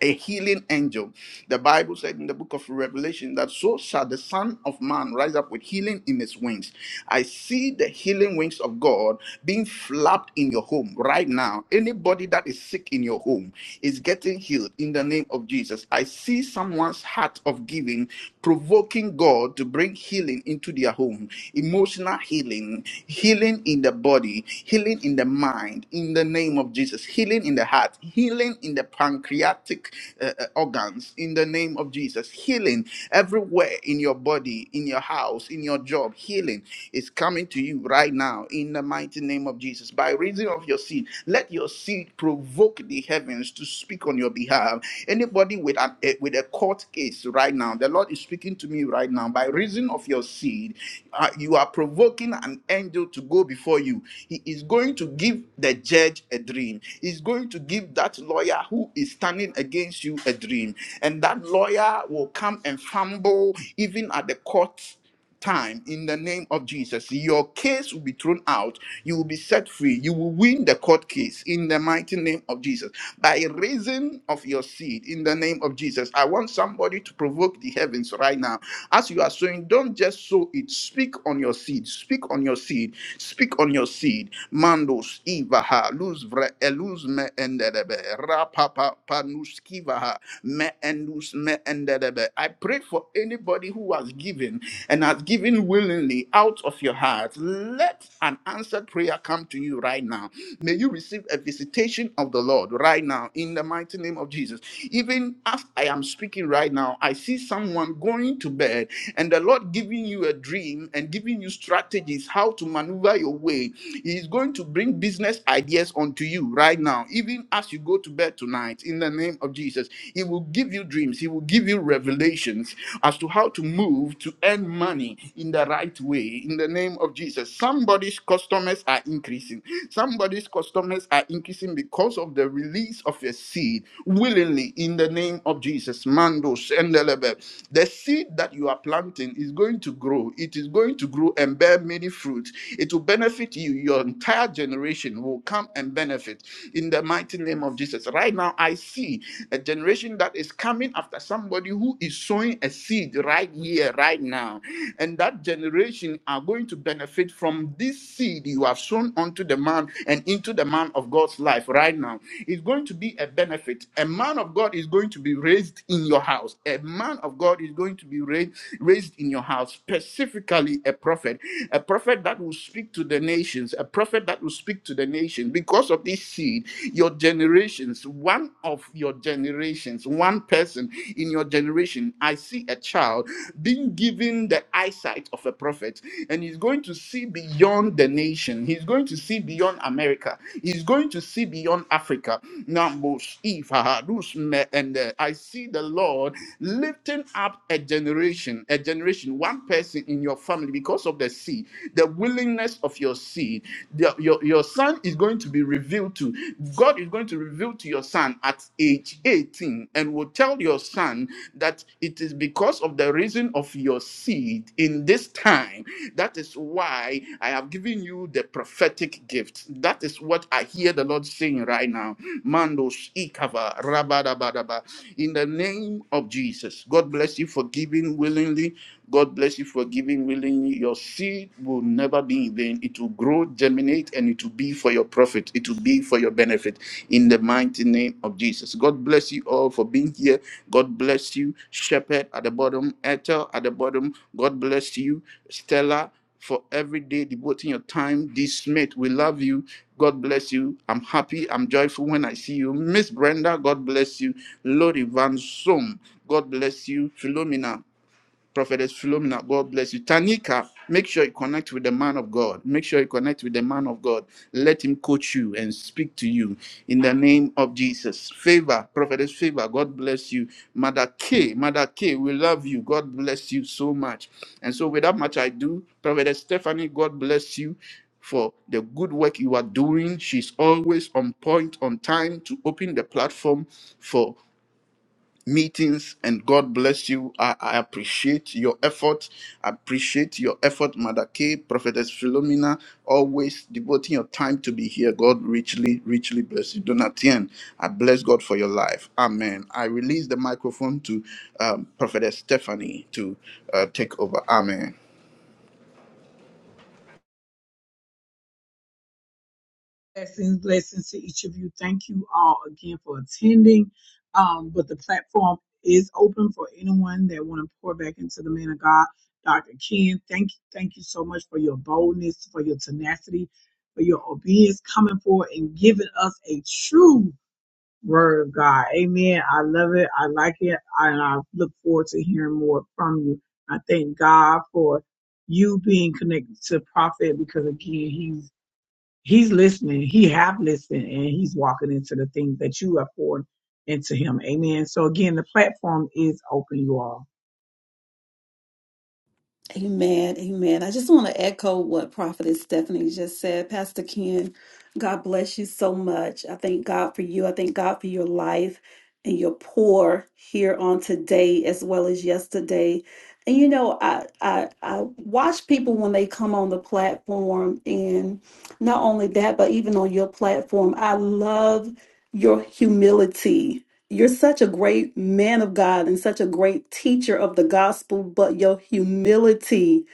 a healing angel. The Bible said in the book of Revelation that so shall the Son of Man rise up with healing in his wings. I see the healing wings of God being flapped in your home right now. Anybody that is sick in your home is getting healed in the name of Jesus. I see someone's heart of giving provoking God to bring healing into their home emotional healing, healing in the body, healing in the mind, in the name of Jesus, healing in the heart, healing in the pancreatic uh, uh, organs, in the name of Jesus, healing everywhere in your body, in your house, in your job. Healing is coming to you right now in the mighty name of Jesus. By reason of your seed, let your seed provoke the heavens heavens to speak on your behalf. Anybody with an, a, with a court case right now, the Lord is speaking to me right now. By reason of your seed, uh, you are provoking an angel to go before you. He is going to give the judge a dream. He's going to give that lawyer who is standing against you a dream, and that lawyer will come and fumble even at the court time in the name of Jesus. Your case will be thrown out. You will be set free. You will win the court case in the mighty name of Jesus. By reason of your seed in the name of Jesus. I want somebody to provoke the heavens right now. As you are sowing, don't just sow it. Speak on your seed. Speak on your seed. Speak on your seed. Mandos ivaha luz vre eluz me enderebe rapapa panuskivaha me endus me enderebe. I pray for anybody who has given and has given willingly out of your heart, let an answered prayer come to you right now May you receive a visitation of the Lord right now in the mighty name of Jesus. Even as I am speaking right now, I see someone going to bed and the Lord giving you a dream and giving you strategies how to maneuver your way. He is going to bring business ideas onto you right now, even as you go to bed tonight in the name of Jesus. He will give you dreams, He will give you revelations as to how to move to earn money in the right way in the name name of Jesus. Somebody's customers are increasing. Somebody's customers are increasing because of the release of your seed willingly in the name of Jesus. Mando, Shendelebe. The seed that you are planting is going to grow. It is going to grow and bear many fruits. It will benefit you. Your entire generation will come and benefit in the mighty name of Jesus. Right now, I see a generation that is coming after somebody who is sowing a seed seed right here, right now. And that generation are going to benefit from this seed you have sown unto the man and into the man of God's life right now. It's going to be a benefit. A man of God is going to be raised in your house. A man of God is going to be raised raised in your house, specifically a prophet, a prophet that will speak to the nations, a prophet that will speak to the nation because of this seed your generations, one of your generations, one person in your generation. I see a child being given the eyesight of a prophet, and he's going to see beyond the nation. He's going to see beyond America. He's going to see beyond Africa. Numbers, if, ah, ah, those me- and uh, I see the Lord lifting up a generation, a generation, one person in your family because of the seed, the willingness of your seed. The- your, your son is going going to be revealed to. God is going to reveal to your son at age 18 and will tell your son that it is because of the reason of your seed in this time. That is why I have given you the prophetic gift. That is what I hear the Lord saying right now. Mando ikava rabadabadaba. In the name of Jesus, God bless you for giving willingly. God bless you for giving willingly. Your seed will never be in vain. It will grow, germinate, and it will be for your profit. It will be for your benefit in the mighty name of Jesus. God bless you all for being here. God bless you, Shepherd at the bottom, Ethel at the bottom. God bless you, Stella, for every day devoting your time. This mate, we love you. God bless you. I'm happy. I'm joyful when I see you. Miss Brenda, God bless you. Lori Van Som, God bless you. Philomena, Prophetess Philomena, God bless you. Tanika, make sure you connect with the man of God. Make sure you connect with the man of God. Let him coach you and speak to you in the name of Jesus. Favor, Prophetess Favor, God bless you. Mother K, Mother K, we love you. God bless you so much. And so, without much I do, Prophetess Stephanie, God bless you for the good work you are doing. She's always on point, on time to open the platform for meetings and god bless you i, I appreciate your effort I appreciate your effort mother k prophetess philomena always devoting your time to be here god richly richly bless you donatien i bless god for your life amen i release the microphone to um, prophetess stephanie to uh, take over amen Blessings, blessings to each of you. Thank you all again for attending. Um, but the platform is open for anyone that want to pour back into the man of God, Dr. Ken. Thank you, thank you so much for your boldness, for your tenacity, for your obedience, coming forward and giving us a true word of God. Amen. I love it. I like it. I, and I look forward to hearing more from you. I thank God for you being connected to Prophet because again, he's He's listening. He have listened and he's walking into the things that you have poured into him. Amen. So again, the platform is open, you all. Amen. Amen. I just want to echo what Prophetess Stephanie just said. Pastor Ken, God bless you so much. I thank God for you. I thank God for your life and your pour here on today as well as yesterday. And you know, I I I watch people when they come on the platform and not only that, but even on your platform, I love your humility you're such a great man of God and such a great teacher of the gospel, but your humility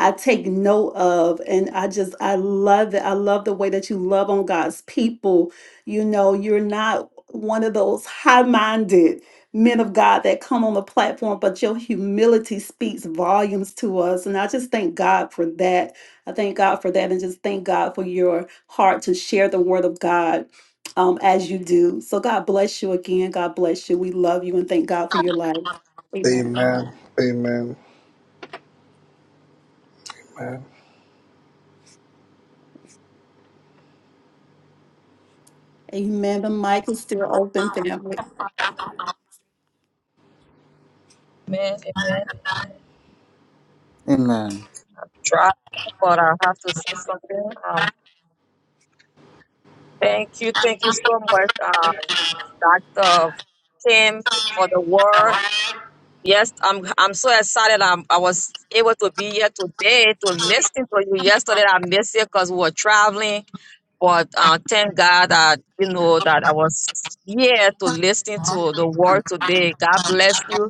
I take note of. And I just, I love it. I love the way that you love on God's people. You know, you're not one of those high minded men of God that come on the platform, but your humility speaks volumes to us. And I just thank God for that. I thank God for that. And just thank God for your heart to share the word of God um, as you do. So God bless you again. God bless you. We love you and thank God for your life. Amen. Amen. Amen. Amen. The mic is still open, family. Amen, amen. amen Try, but I have to say something. Um, thank you, thank you so much, uh, Dr. Kim, for the word. Yes, I'm I'm so excited. I'm, I was able to be here today to listen to you. Yesterday I missed it because we were traveling, but uh, thank God that you know that I was here to listen to the word today. God bless you.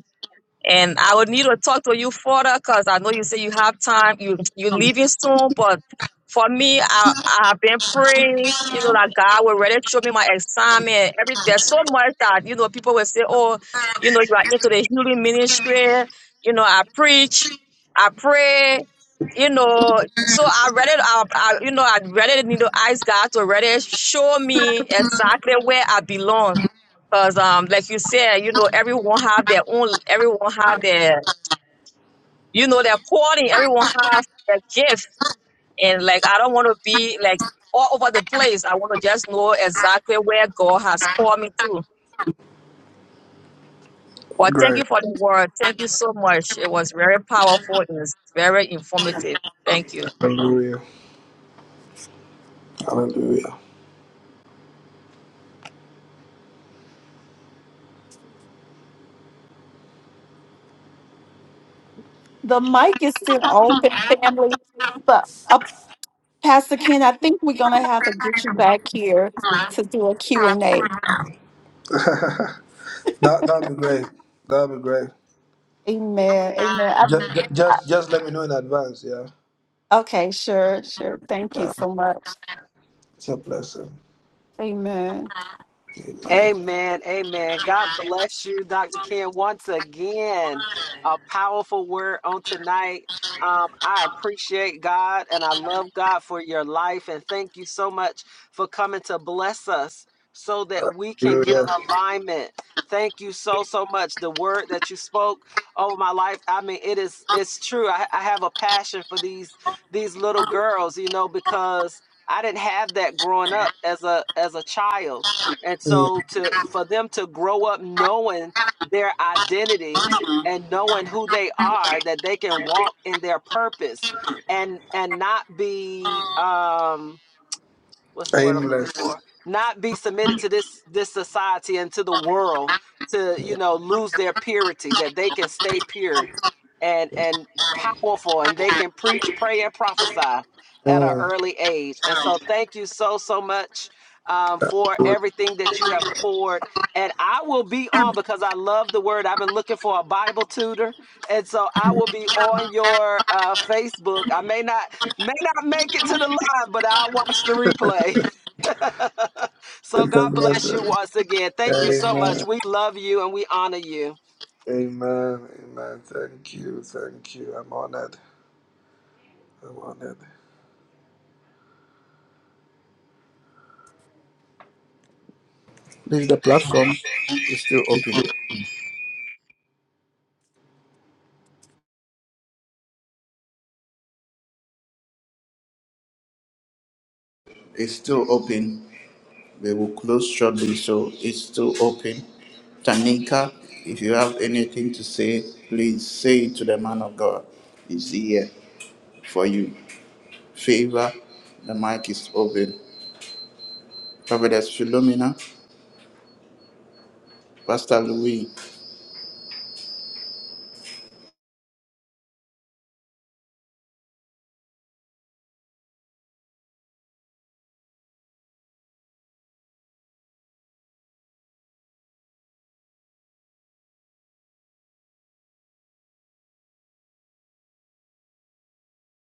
And I would need to talk to you further because I know you say you have time. You you're leaving soon, but for me, I I've been praying. You know that God will really show me my assignment. Every there's so much that you know people will say, oh, you know you are into the healing ministry. You know I preach, I pray. You know, so I read it. I, I you know I read it. You know, ask God to really show me exactly where I belong Cause um, like you said, you know, everyone have their own, everyone have their, you know, their calling. Everyone have their gift, and like I don't want to be like all over the place. I want to just know exactly where God has called me to. But thank Great. you for the word. Thank you so much. It was very powerful and it's very informative. Thank you. Hallelujah. Hallelujah. The mic is still open, family. But uh, Pastor Ken, I think we're gonna have to get you back here to do a Q and A. That that'd be great. That'd be great. Amen. Amen. I, Just I, just just let me know in advance, yeah. okay, sure, sure. Thank you so much. It's a blessing. Amen. Amen. Amen. Amen. God bless you, Dr. Ken, once again. A powerful word on tonight. Um, I appreciate God and I love God for your life. And thank you so much for coming to bless us so that we can get an alignment. Thank you so, so much. The word that you spoke over my life. I mean, it is, it's true. I, I have a passion for these, these little girls, you know, because I didn't have that growing up as a, as a child and Mm. so to for them to grow up knowing their identity and knowing who they are, that they can walk in their purpose and and not be um what's the word I'm looking Aimless. for? Not be submitted to this this society and to the world to you know lose their purity that they can stay pure and and powerful and they can preach, pray, and prophesy at an Mm. early age. And so thank you so so much um, for It's everything that you have poured. And I will be on because I love the word. I've been looking for a Bible tutor, and so I will be on your uh, Facebook. I may not. May not make it to the live, but I'll watch the replay. So a God bless you blessing. once again. Thank you so much. Amen. We love you and we honor you. Amen. Amen. Thank you. Thank you. I'm honored. I'm honored. this is the platform is still open it's still open We will close shortly, so it's still open. Tanika, if you have anything to say, please say it to the man of God. He's here for you. Favor, the mic is open. Prophetess Philomena, Pastor Louis.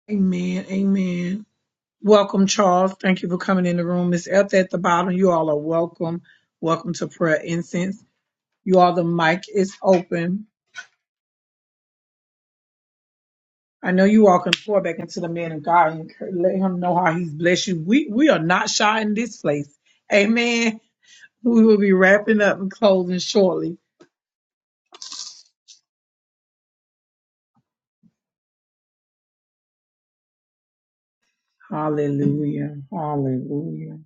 Amen. Amen. Welcome, Charles. Thank you for coming in the room. Miss Elta at the bottom. You all are welcome. Welcome to prayer incense. You all, the mic is open. I know you all can pour back into the man of God and let him know how he's blessed you. We we are not shy in this place. Amen. We will be wrapping up and closing shortly. Hallelujah. Hallelujah.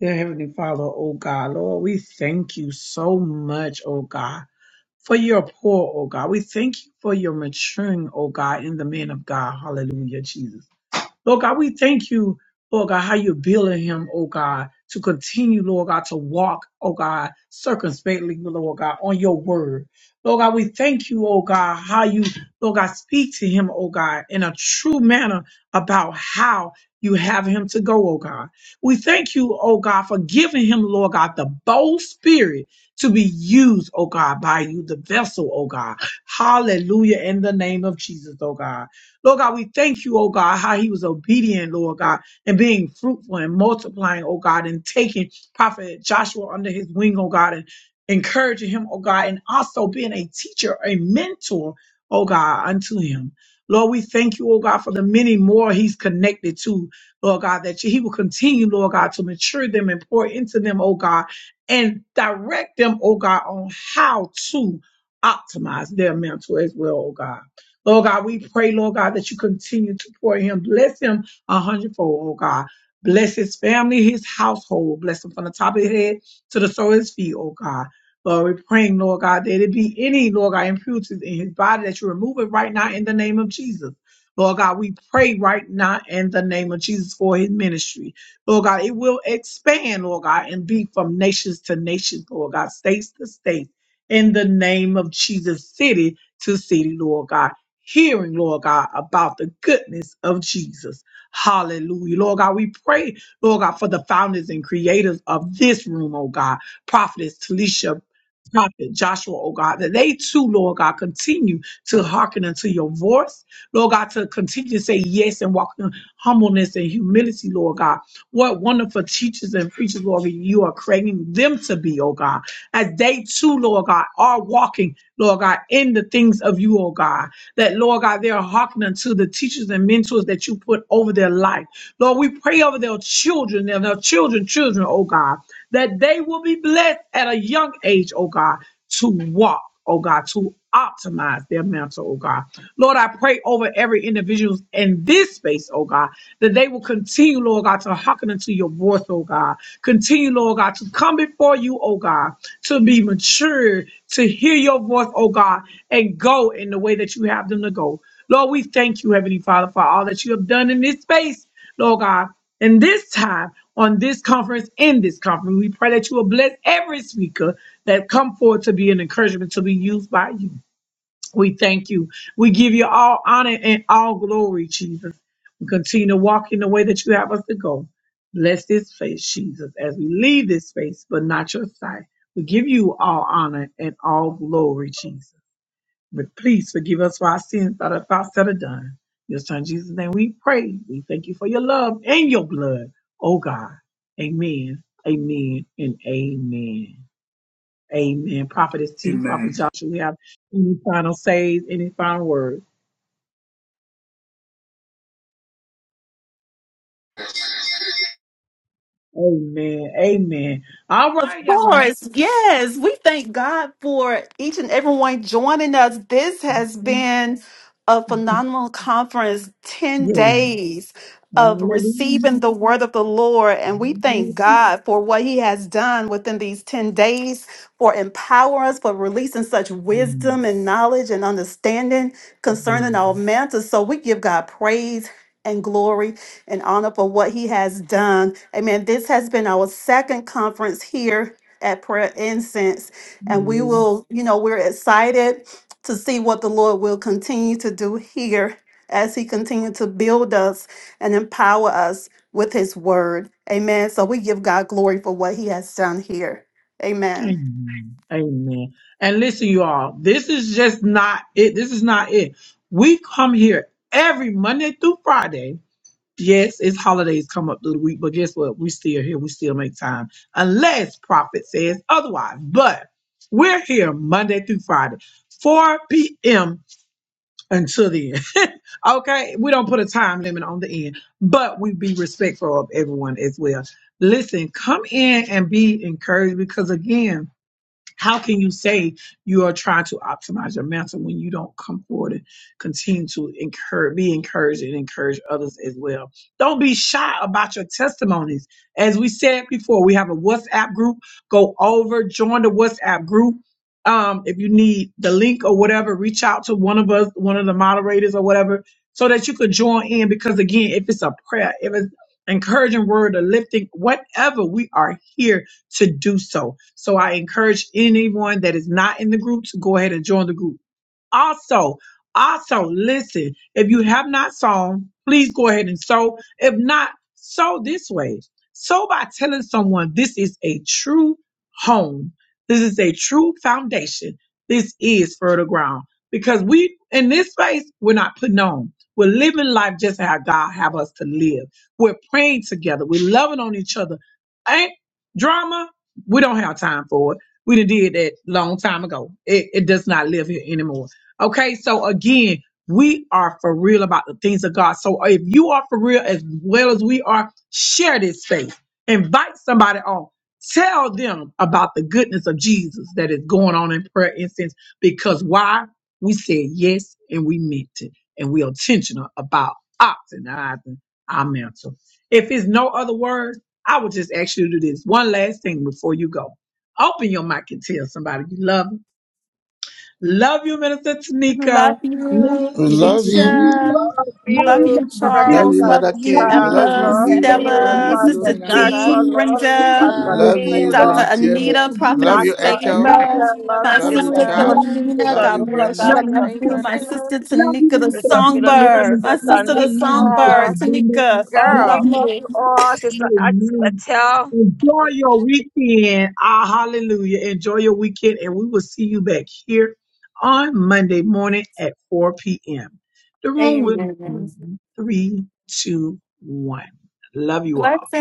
Dear Heavenly Father, oh God, Lord, we thank you so much, oh God, for your pour, oh God. We thank you for your maturing, oh God, in the man of God. Hallelujah, Jesus. Lord God, we thank you, Lord God, how you're building him, oh God, to continue, Lord God, to walk, oh God, circumspectly, Lord God, on your word. Lord God, we thank you, oh God, how you, Lord God, speak to him, oh God, in a true manner about how you have him to go, oh God. We thank you, oh God, for giving him, Lord God, the bold spirit to be used, oh God, by you, the vessel, oh God. Hallelujah, in the name of Jesus, oh God. Lord God, we thank you, oh God, how he was obedient, Lord God, and being fruitful and multiplying, oh God, and taking Prophet Joshua under his wing, oh God, and encouraging him, oh God, and also being a teacher, a mentor, oh God, unto him. Lord, we thank you, oh God, for the many more he's connected to, Lord God, that he will continue, Lord God, to mature them and pour into them, oh God, and direct them, oh God, on how to optimize their mental as well, oh God. Lord God, we pray, Lord God, that you continue to pour him. Bless him a hundredfold, oh God. Bless his family, his household. Bless him from the top of his head to the sole of his feet, oh God. Lord, we're praying, Lord God, that it be any, Lord God, impurities in his body that you remove it right now in the name of Jesus. Lord God, we pray right now in the name of Jesus for his ministry. Lord God, it will expand, Lord God, and be from nations to nations, Lord God, states to states, in the name of Jesus, city to city, Lord God hearing, Lord God, about the goodness of Jesus. Hallelujah. Lord God, we pray, Lord God, for the founders and creators of this room, oh God, Prophetess Talisha. Prophet Joshua, oh God, that they too, Lord God, continue to hearken unto your voice, Lord God, to continue to say yes and walk in humbleness and humility, Lord God. What wonderful teachers and preachers, Lord, you are creating them to be, oh God, as they too, Lord God, are walking, Lord God, in the things of you, oh God that, Lord God, they're hearkening to the teachers and mentors that you put over their life. Lord, we pray over their children, their, their children, children, oh God, that they will be blessed at a young age, oh God, to walk, oh God, to optimize their mental, oh God. Lord, I pray over every individual in this space, oh God, that they will continue, Lord God, to hearken unto your voice, oh God. Continue, Lord God, to come before you, oh God, to be mature, to hear your voice, oh God, and go in the way that you have them to go. Lord, we thank you, Heavenly Father, for all that you have done in this space, Lord God. And this time, on this conference, in this conference, we pray that you will bless every speaker that come forward to be an encouragement to be used by you. We thank you. We give you all honor and all glory, Jesus. We continue to walk in the way that you have us to go. Bless this space, Jesus, as we leave this space, but not your sight. We give you all honor and all glory, Jesus. But please forgive us for our sins, thought or thoughts that are done. Your son Jesus' name we pray. We thank you for your love and your blood. Oh God. Amen. Amen and amen. Amen. Prophetess T, Prophet Joshua, we have any final says, any final words. Amen. Amen. All Of right, y'all. course, yes. We thank God for each and everyone joining us. This has been a phenomenal conference, 10 Yeah. days of Hallelujah. receiving the word of the Lord. And we thank God for what he has done within these 10 days for empowering us, for releasing such wisdom and knowledge and understanding concerning our matters. So we give God praise and glory in honor for what he has done. Amen. This has been our second conference here at Prayer Incense, and we Hallelujah. will, you know, we're excited to see what the Lord will continue to do here as he continues to build us and empower us with his word. Amen. So we give God glory for what he has done here. Amen. Amen. Amen. And listen, you all, this is just not it. This is not it. We come here every Monday through Friday. Yes, it's holidays come up through the week, but guess what? We still here. We still make time. Unless prophet says otherwise. But we're here Monday through Friday, 4 p.m. until the end. okay. We don't put a time limit on the end, but we be respectful of everyone as well. Listen, come in and be encouraged because again, how can you say you are trying to optimize your mental when you don't come forward and continue to encourage, be encouraged and encourage others as well? Don't be shy about your testimonies. As we said before, we have a WhatsApp group. Go over, join the WhatsApp group. Um, if you need the link or whatever, reach out to one of us, one of the moderators or whatever, so that you could join in. Because again, if it's a prayer, if it's encouraging word or lifting, whatever, we are here to do so. So I encourage anyone that is not in the group to go ahead and join the group. Also, also listen, if you have not sown, please go ahead and sow. If not, sow this way. Sow by telling someone this is a true home. This is a true foundation. This is fertile ground. Because we in this space, we're not putting on. We're living life just how God have us to live. We're praying together. We're loving on each other ain't drama. We don't have time for it. We done did that long time ago. It, it does not live here anymore. Okay, so again, we are for real about the things of God. So if you are for real as well as we are, share this space. Invite somebody on. Tell them about the goodness of Jesus that is going on in prayer incense. Because why? We said yes and we meant it. And we are intentional about optimizing our mental. If it's no other words, I would just ask you to do this one last thing before you go. Open your mic and tell somebody you love them. Love you, Minister Tanika. Love Love you, you, We Brother love you. Keisha. Tanika. Love Love Love you, you, you, Dr. Prophet Love Charles. you, T. Love Mother you, Love Tavisha. K. you, Love Love Dr. you, you, Eppa, Love Favor. Anita. you, Love you, Stella, Love Stephanie. you, Pastor Sister Philomena. Dr. Love Joshua. D, T. you, Love Talisha. you, Love you, Brenda. Dr. Pastor Love Love Favor. you, Finn. you, Dr. Love Love you, you, Prophet. Anita, Sister Brenda. Prophetess Dr. Love Favor, Love Emilia. you, you, Love Mother my you, Sister Paul. sister D. Keisha. Love you, Philomena, Sister Esther. God Woman of Love you, bless God, you. I Love love Sister you, you. Favor. My Sister. Philomena. sister Love you, Tanika, the Minister Sister D. Love Philomena, songbird. you, Sister My sister, the Stella. Love you, Sister songbird, Tanika. Brenda. Tanika. Love Love Girl. you, Love you love you. you all. all. Sister Amen. Axel Enjoy your weekend. Ah, hallelujah. Enjoy your weekend, and we will see you back here on Monday morning at 4 p.m. The room will be Amen. in three, two, one. Love you all. Blessings.